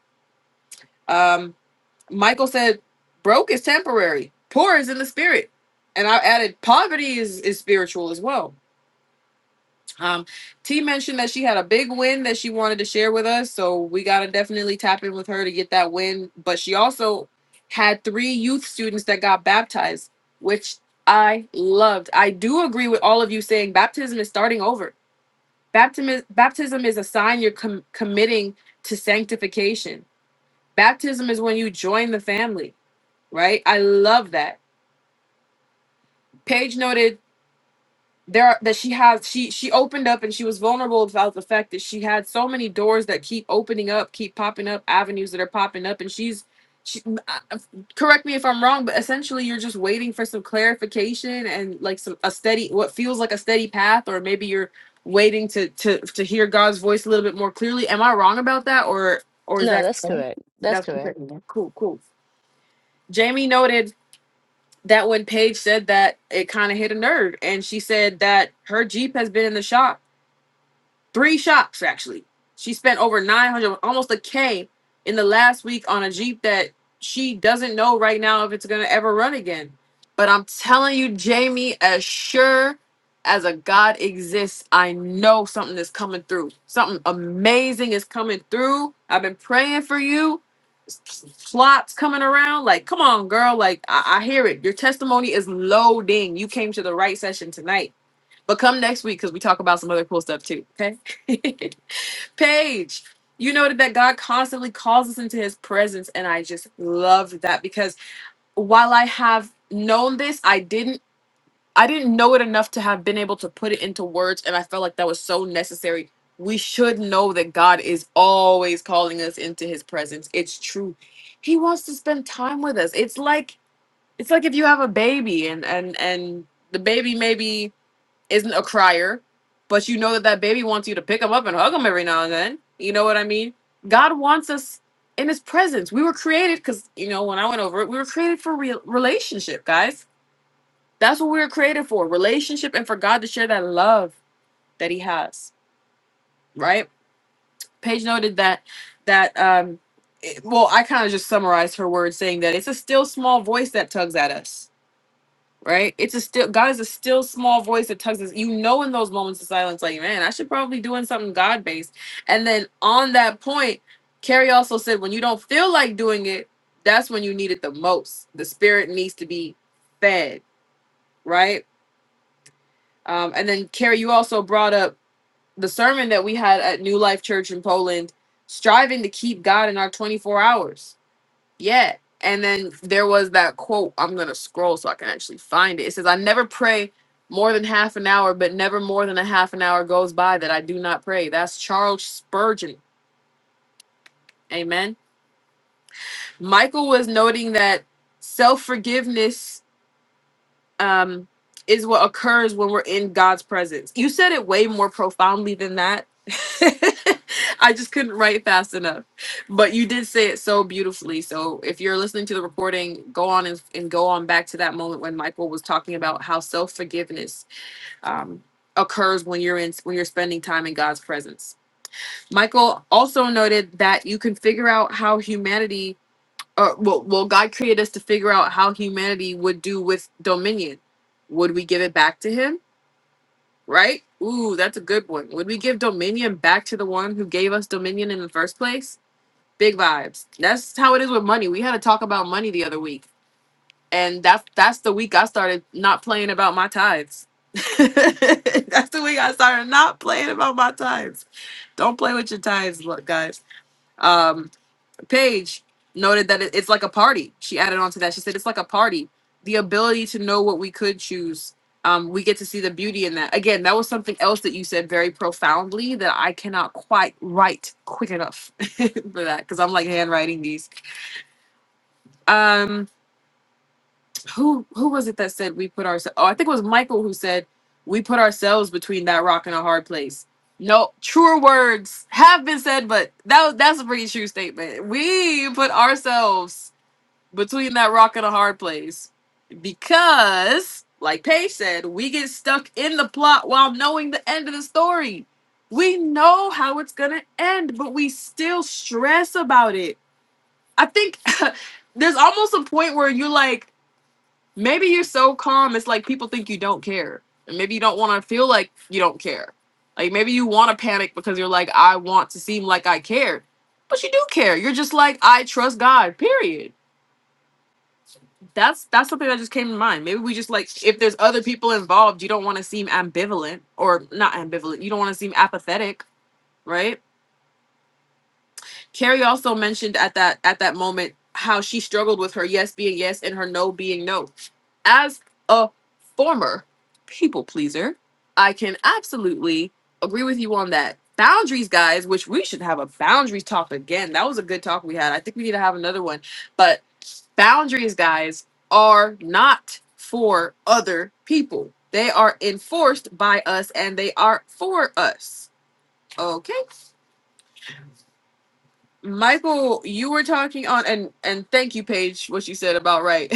[SPEAKER 1] um michael said broke is temporary poor is in the spirit and i added poverty is is spiritual as well Um, T mentioned that she had a big win that she wanted to share with us, so we gotta definitely tap in with her to get that win. But she also had three youth students that got baptized, which I loved. I do agree with all of you saying baptism is starting over. Baptism is, baptism is a sign you're com- committing to sanctification. Baptism is when you join the family, right? I love that. Paige noted there are, that she has she she opened up and she was vulnerable about the fact that she had so many doors that keep opening up keep popping up avenues that are popping up and she's she, uh, correct me if i'm wrong but essentially you're just waiting for some clarification and like some a steady what feels like a steady path or maybe you're waiting to to to hear god's voice a little bit more clearly am i wrong about that or or is
[SPEAKER 5] No,
[SPEAKER 1] that
[SPEAKER 5] that's correct. That's
[SPEAKER 1] that's
[SPEAKER 5] correct.
[SPEAKER 1] cool cool jamie noted that when Paige said that, it kind of hit a nerve. And she said that her Jeep has been in the shop, three shops actually. She spent over 900, almost a K in the last week on a Jeep that she doesn't know right now if it's going to ever run again. But I'm telling you, Jamie, as sure as a God exists, I know something is coming through. Something amazing is coming through. I've been praying for you plots coming around. Like, come on, girl. Like, I, I hear it. Your testimony is loading. You came to the right session tonight. But come next week because we talk about some other cool stuff too. Okay. (laughs) Paige, you noted that God constantly calls us into his presence. And I just love that because while I have known this, I didn't I didn't know it enough to have been able to put it into words, and I felt like that was so necessary. We should know that God is always calling us into His presence. It's true. He wants to spend time with us. It's like it's like if you have a baby and and and the baby maybe isn't a crier, but you know that that baby wants you to pick him up and hug him every now and then. You know what I mean? God wants us in His presence. We were created because you know when I went over it, we were created for real relationship, guys that's what we were created for relationship and for God to share that love that He has, right? Paige noted that, that, um, it- well, I kind of just summarized her words saying that it's a still small voice that tugs at us, right? It's a still, God is a still small voice that tugs us. You know, in those moments of silence, like, man, I should probably doing something God based. And then on that point, Carrie also said, when you don't feel like doing it, that's when you need it the most. The spirit needs to be fed, right? Um, and then, Carrie, you also brought up the sermon that we had at New Life Church in Poland, striving to keep God in our 24 hours. Yeah. And then there was that quote. I'm going to scroll so I can actually find it. It says, I never pray more than half an hour, but never more than a half an hour goes by that I do not pray. That's Charles Spurgeon. Amen. Michael was noting that self forgiveness um, is what occurs when we're in God's presence. You said it way more profoundly than that. (laughs) I just couldn't write fast enough, but you did say it so beautifully. So if you're listening to the recording, go on and, and go on back to that moment when Michael was talking about how self forgiveness um, occurs when you're in when you're spending time in God's presence. Michael also noted that you can figure out how humanity uh, well, well, God created us to figure out how humanity would do with dominion. Would we give it back to Him? Right? Ooh, that's a good one. Would we give dominion back to the one who gave us dominion in the first place? Big vibes. That's how it is with money. We had a talk about money the other week, and that's that's the week I started not playing about my tithes. (laughs) that's the week I started not playing about my tithes. Don't play with your tithes, look, guys. Um, Paige noted that it- it's like a party. She added on to that. She said it's like a party. The ability to know what we could choose. Um, we get to see the beauty in that. Again, that was something else that you said very profoundly that I cannot quite write quick enough (laughs) for that because I'm like handwriting these. Um, who who was it that said we put ourselves? Oh, I think it was Michael who said we put ourselves between that rock and a hard place. No, truer words have been said, but that was, that's a pretty true statement. We put ourselves between that rock and a hard place because like paige said we get stuck in the plot while knowing the end of the story we know how it's gonna end but we still stress about it i think (laughs) there's almost a point where you're like maybe you're so calm it's like people think you don't care and maybe you don't want to feel like you don't care like maybe you want to panic because you're like i want to seem like i care but you do care you're just like i trust god period that's that's something that just came to mind. Maybe we just like if there's other people involved, you don't want to seem ambivalent or not ambivalent. You don't want to seem apathetic, right? Carrie also mentioned at that at that moment how she struggled with her yes being yes and her no being no as a former people pleaser, I can absolutely agree with you on that. Boundaries, guys, which we should have a boundaries talk again. That was a good talk we had. I think we need to have another one. But boundaries, guys, are not for other people, they are enforced by us and they are for us. Okay. Michael, you were talking on and and thank you, Paige, what you said about right.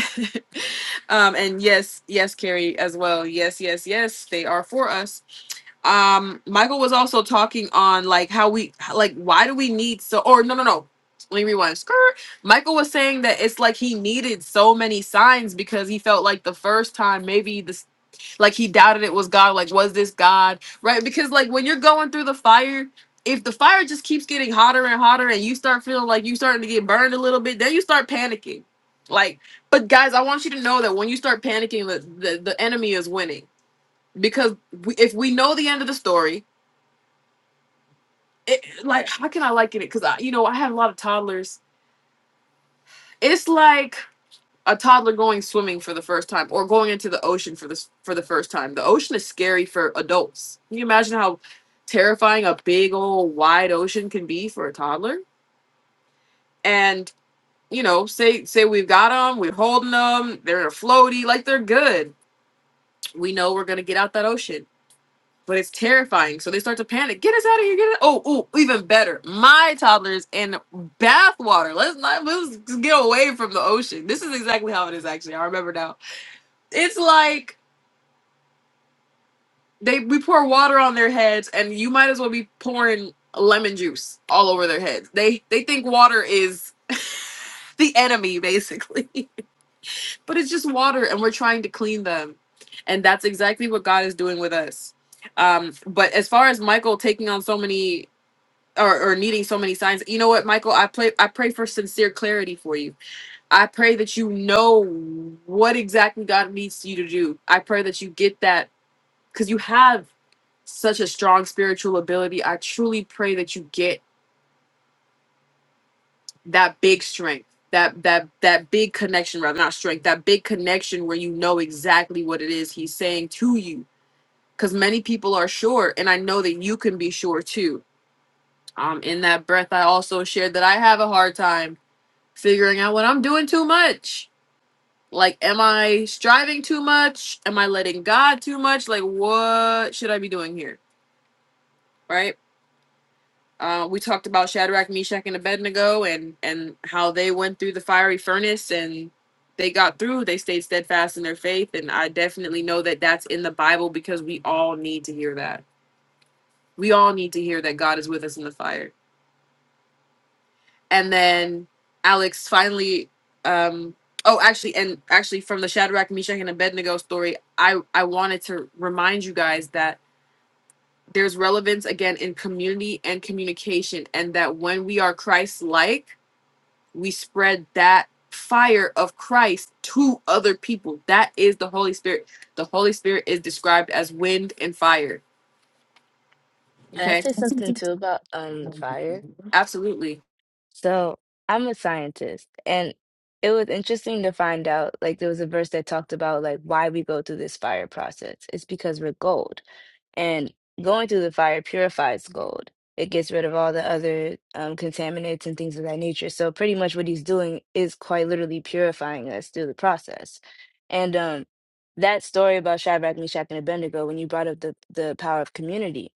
[SPEAKER 1] (laughs) um and yes, yes, Carrie as well. Yes, yes, yes, they are for us. Um Michael was also talking on like how we like why do we need so or no no no. Let me rewind. Skirt. Michael was saying that it's like he needed so many signs because he felt like the first time maybe the. Like he doubted it was God. Like, was this God? Right? Because like when you're going through the fire, if the fire just keeps getting hotter and hotter and you start feeling like you starting to get burned a little bit, then you start panicking. Like, but guys, I want you to know that when you start panicking, the the, the enemy is winning. Because we, if we know the end of the story, it, like how can I liken it? Because I, you know, I had a lot of toddlers. It's like a toddler going swimming for the first time or going into the ocean for this for the first time. The ocean is scary for adults. Can you imagine how terrifying a big old wide ocean can be for a toddler? And you know, say say we've got them, we're holding them, they're in a floaty, like they're good. We know we're gonna get out that ocean, but it's terrifying. So they start to panic. Get us out of here! Get us. Oh, ooh, even better. My toddler's in bathwater. Let's not let's get away from the ocean. This is exactly how it is. Actually, I remember now it's like they we pour water on their heads and you might as well be pouring lemon juice all over their heads they they think water is (laughs) the enemy basically (laughs) but it's just water and we're trying to clean them and that's exactly what god is doing with us um but as far as michael taking on so many or, or needing so many signs you know what michael i play i pray for sincere clarity for you i pray that you know what exactly god needs you to do i pray that you get that because you have such a strong spiritual ability. I truly pray that you get that big strength, that that that big connection, rather not strength, that big connection where you know exactly what it is he's saying to you. Because many people are sure, and I know that you can be sure too. Um, in that breath, I also shared that I have a hard time figuring out when I'm doing too much. Like, am I striving too much? Am I letting God too much? Like, what should I be doing here? Right Uh, we talked about Shadrach, Meshach, and Abednego, and and how they went through the fiery furnace and they got through. They stayed steadfast in their faith, and I definitely know that that's in the Bible because we all need to hear that. We all need to hear that God is with us in the fire. And then Alex finally, um, oh, actually, and actually from the Shadrach, Meshach, and Abednego story, I I wanted to remind you guys that there's relevance again in community and communication, and that when we are Christ-like we spread that fire of Christ to other people. That is the Holy Spirit. The Holy Spirit is described as wind and fire.
[SPEAKER 5] And I
[SPEAKER 1] Okay.
[SPEAKER 5] said something too about um fire.
[SPEAKER 1] Absolutely.
[SPEAKER 5] So I'm a scientist and it was interesting to find out like there was a verse that talked about like why we go through this fire process. It's because we're gold. And going through the fire purifies gold. It gets rid of all the other um, contaminants and things of that nature. So pretty much what he's doing is quite literally purifying us through the process. And um, that story about Shadrach, Meshach, and Abednego, when you brought up the, the power of community,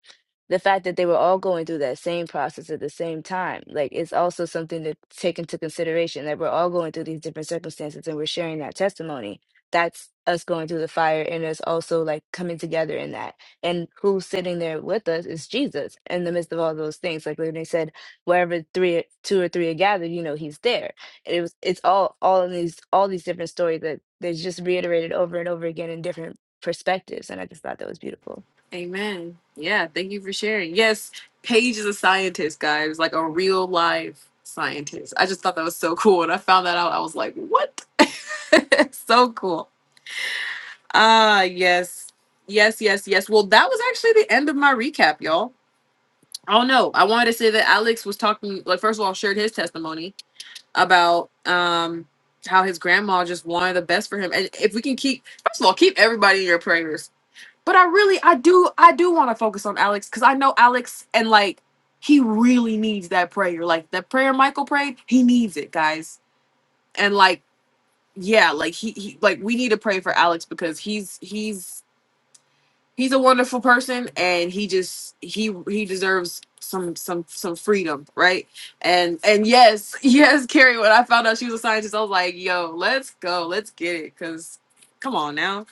[SPEAKER 5] the fact that they were all going through that same process at the same time, like it's also something to take into consideration that we're all going through these different circumstances and we're sharing that testimony. That's us going through the fire and us also like coming together in that and who's sitting there with us is Jesus in the midst of all those things. Like when they said, wherever three, two or three are gathered, you know, He's there. And it was, it's all, all in these, all these different stories that they just reiterated over and over again in different perspectives. And I just thought that was beautiful.
[SPEAKER 1] Amen. Yeah. Thank you for sharing. Yes. Paige is a scientist, guys, like a real live scientist. I just thought that was so cool. And I found that out. I was like, what? (laughs) so cool. Ah, yes. Yes, yes, yes. Well, that was actually the end of my recap, y'all. Oh no, I wanted to say that Alex was talking like first of all shared his testimony about um how his grandma just wanted the best for him. And if we can keep first of all, keep everybody in your prayers. But I really I do I do want to focus on Alex cuz I know Alex and like he really needs that prayer. Like that prayer Michael prayed, he needs it, guys. And like yeah, like he, he like we need to pray for Alex because he's he's he's a wonderful person and he just he he deserves some some some freedom right and and yes (laughs) yes carrie when i found out she was a scientist i was like yo let's go let's get it because come on now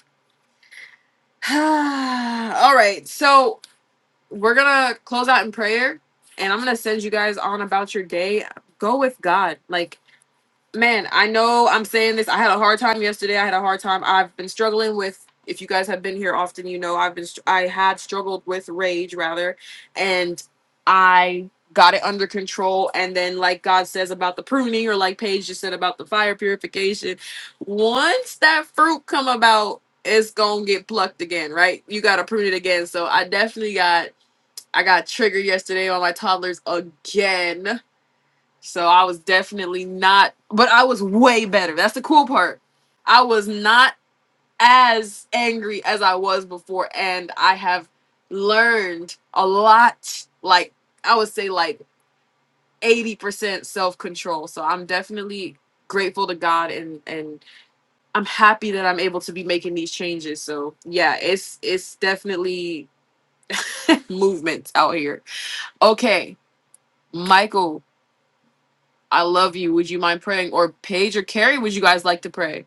[SPEAKER 1] (sighs) all right so we're gonna close out in prayer and i'm gonna send you guys on about your day go with god like man, I know I'm saying this. I had a hard time yesterday. I had a hard time. I've been struggling with. If you guys have been here often, you know I've been. str- I had struggled with rage rather, and I got it under control. And then, like God says about the pruning, or like Paige just said about the fire purification, once that fruit come about, it's gonna get plucked again, right? You gotta prune it again. So I definitely got. I got triggered yesterday on my toddlers again so I was definitely not, but I was way better. That's the cool part. I was not as angry as I was before, and I have learned a lot. Like, I would say, like 80% self control. So I'm definitely grateful to God and and I'm happy that I'm able to be making these changes. So yeah, it's it's definitely (laughs) movement out here. Okay, Michael, I love you. Would you mind praying? Or Paige or Carrie, would you guys like to pray?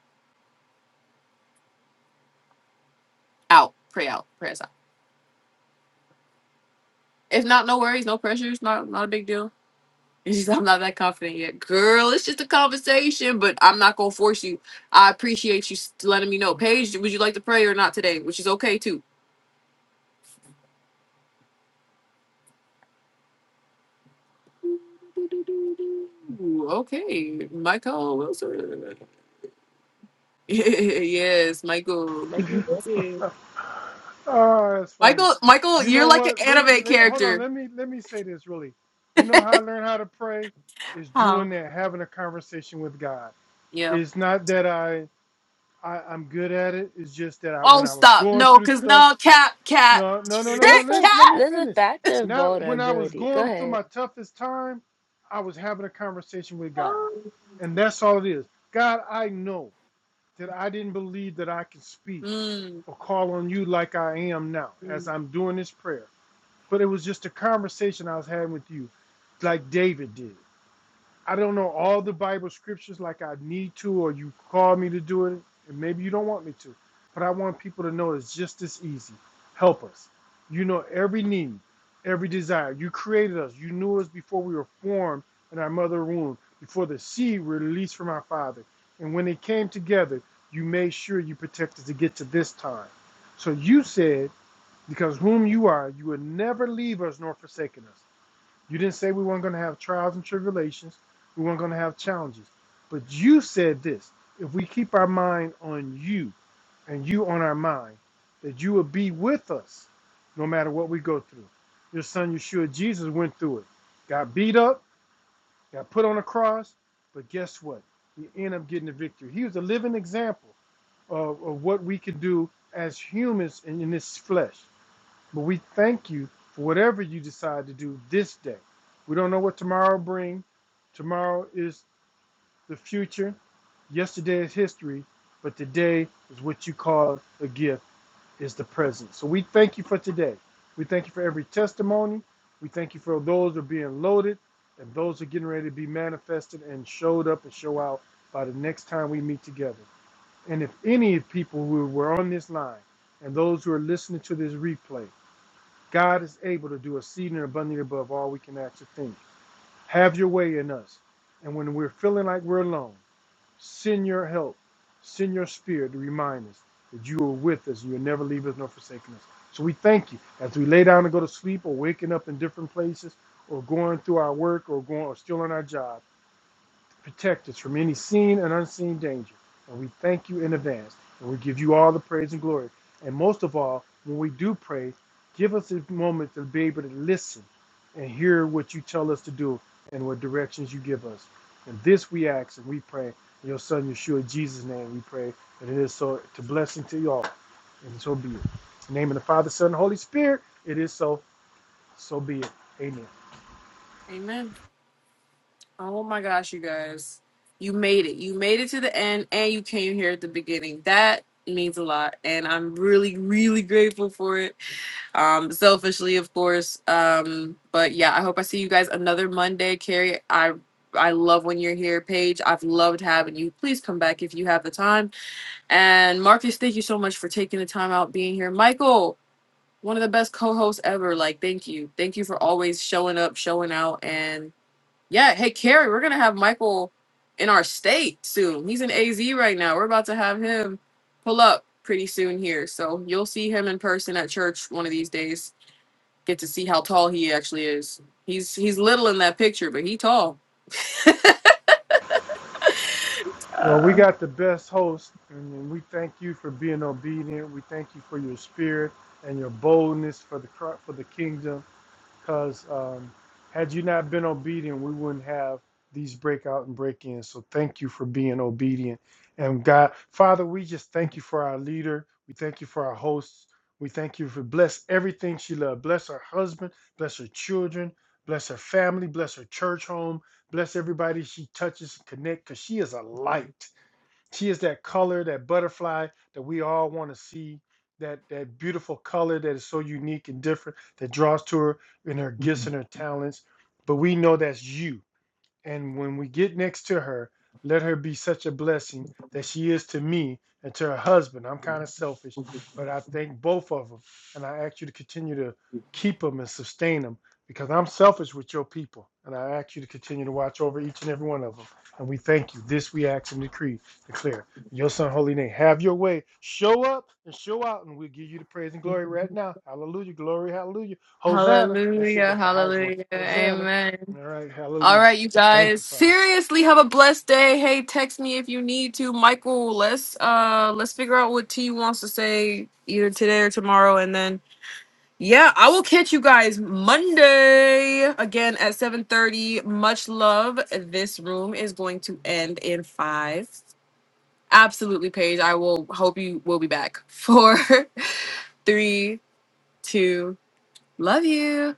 [SPEAKER 1] Out. Pray out. Pray us out. If not, no worries, no pressures, not not a big deal. (laughs) It's just I'm not that confident yet. Girl, it's just a conversation, but I'm not gonna force you. I appreciate you s- letting me know. Paige, would you like to pray or not today? Which is okay too. Okay, Michael Wilson. (laughs) yes, Michael. Michael Wilson.
[SPEAKER 2] Ah, that's funny.
[SPEAKER 1] Michael, Michael,
[SPEAKER 2] You
[SPEAKER 1] you're
[SPEAKER 2] know
[SPEAKER 1] like an
[SPEAKER 2] what? Let me
[SPEAKER 1] anime
[SPEAKER 2] let, hold on.
[SPEAKER 1] character.
[SPEAKER 2] Let me let me say this really. You know how I learned how to pray is doing
[SPEAKER 1] How?
[SPEAKER 2] that, having a conversation with God.
[SPEAKER 1] Yeah.
[SPEAKER 2] It's not that I, I I'm good at it. It's just that I when
[SPEAKER 1] Oh,
[SPEAKER 2] I was
[SPEAKER 1] stop.
[SPEAKER 2] going
[SPEAKER 1] No,
[SPEAKER 2] through
[SPEAKER 1] because
[SPEAKER 2] stuff.
[SPEAKER 1] no, cap, cap.
[SPEAKER 2] No, no,
[SPEAKER 1] (laughs)
[SPEAKER 2] no, no, no.
[SPEAKER 5] This like,
[SPEAKER 2] Listen, let me
[SPEAKER 1] cap.
[SPEAKER 5] there's a
[SPEAKER 2] finish.
[SPEAKER 5] factor of
[SPEAKER 2] Now, when I was
[SPEAKER 5] vulnerability. Go
[SPEAKER 2] going through
[SPEAKER 5] ahead.
[SPEAKER 2] my toughest time, I was having a conversation with God.
[SPEAKER 1] Mm,
[SPEAKER 2] And that's all it is. God, I know that I didn't believe that I could speak or call on you like I am now as
[SPEAKER 1] mm.
[SPEAKER 2] I'm doing this prayer. But it was just a conversation I was having with you, like David did. I don't know all the Bible scriptures like I need to, or you call me to do it, and maybe you don't want me to. But I want people to know it's just as easy. Help us. You know every need, every desire. You created us. You knew us before we were formed in our mother womb, before the seed were released from our father. And when they came together, you made sure you protected to get to this time. So you said, because whom you are, you will never leave us nor forsaken us. You didn't say we weren't going to have trials and tribulations. We weren't going to have challenges. But you said this if we keep our mind on you and you on our mind, that you will be with us no matter what we go through. Your son Yeshua Jesus went through it, got beat up, got put on a cross, but guess what? He ended up getting the victory. He was a living example of, of what we could do as humans in, in this flesh. But we thank you for whatever you decide to do this day. We don't know what tomorrow brings. Tomorrow is the future. Yesterday is history, but today is what you call a gift, is the present. So we thank you for today. We thank you for every testimony. We thank you for those that are being loaded and those that are getting ready to be manifested and showed up and show out by the next time we meet together. And if any people who were on this line and those who are listening to this replay, God is able to do exceeding and abundantly above all we can ask or think. Have your way in us. And when we're feeling like we're alone, send your help, send your spirit to remind us that you are with us. You'll never leave us nor forsake us. So we thank you. As we lay down and go to sleep or waking up in different places or going through our work or going or still on our job, protect us from any seen and unseen danger. And we thank you in advance. And we give you all the praise and glory. And most of all, when we do pray, give us a moment to be able to listen and hear what you tell us to do and what directions you give us. And this we ask and we pray. In your son Yeshua Jesus' name we pray. And it is so to blessing to you all. And so be it. In the name of the Father, Son, and Holy Spirit, it is so. So be it. Amen.
[SPEAKER 1] Amen. Oh my gosh, you guys. You made it. You made it to the end and you came here at the beginning. That means a lot. And I'm really, really grateful for it. Um, selfishly, of course. Um, but yeah, I hope I see you guys another Monday. Carrie, I I love when you're here, Paige. I've loved having you. Please come back if you have the time. And Marcus, thank you so much for taking the time out being here. Michael, one of the best co-hosts ever. Like, thank you, thank you for always showing up, showing out, and yeah. Hey, Carrie, we're gonna have Michael in our state soon. He's in AZ right now. We're about to have him pull up pretty soon here, so you'll see him in person at church one of these days. Get to see how tall he actually is. He's he's little in that picture, but he tall.
[SPEAKER 2] Well, we got the best host, and we thank you for being obedient. We thank you for your spirit and your boldness for the cro- for the kingdom. Because um, had you not been obedient, we wouldn't have these breakout and break-ins. So thank you for being obedient. And God, Father, we just thank you for our leader. We thank you for our hosts. We thank you for bless everything she loves. Bless her husband. Bless her children. Bless her family. Bless her church home. Bless everybody she touches and connect. Because she is a light. She is that color, that butterfly that we all want to see, that that beautiful color that is so unique and different that draws to her in her gifts and her talents. But we know that's you. And when we get next to her, let her be such a blessing that she is to me and to her husband. I'm kind of selfish, but I thank both of them. And I ask you to continue to keep them and sustain them because I'm selfish with your people. And I ask you to continue to watch over each and every one of them. And we thank you. This we ask and decree, declare. In your son, holy name. Have your way. Show up and show out, and we'll give you the praise and glory right now. Hallelujah. Glory. Hallelujah. Hosanna. That's it.
[SPEAKER 1] Hallelujah,
[SPEAKER 2] That's the highest one.
[SPEAKER 1] hallelujah,
[SPEAKER 2] Hosanna.
[SPEAKER 1] amen.
[SPEAKER 2] All right.
[SPEAKER 1] All
[SPEAKER 2] Hallelujah.
[SPEAKER 1] right, you
[SPEAKER 2] Thank
[SPEAKER 1] guys.
[SPEAKER 2] you, Father.
[SPEAKER 1] Seriously, have a blessed day. Hey, text me if you need to, Michael. Let's uh let's figure out what T wants to say either today or tomorrow, and then yeah, I will catch you guys Monday again at seven thirty. Much love. This room is going to end in five. Absolutely, Paige. I will hope you will be back for (laughs) three, two. Love you.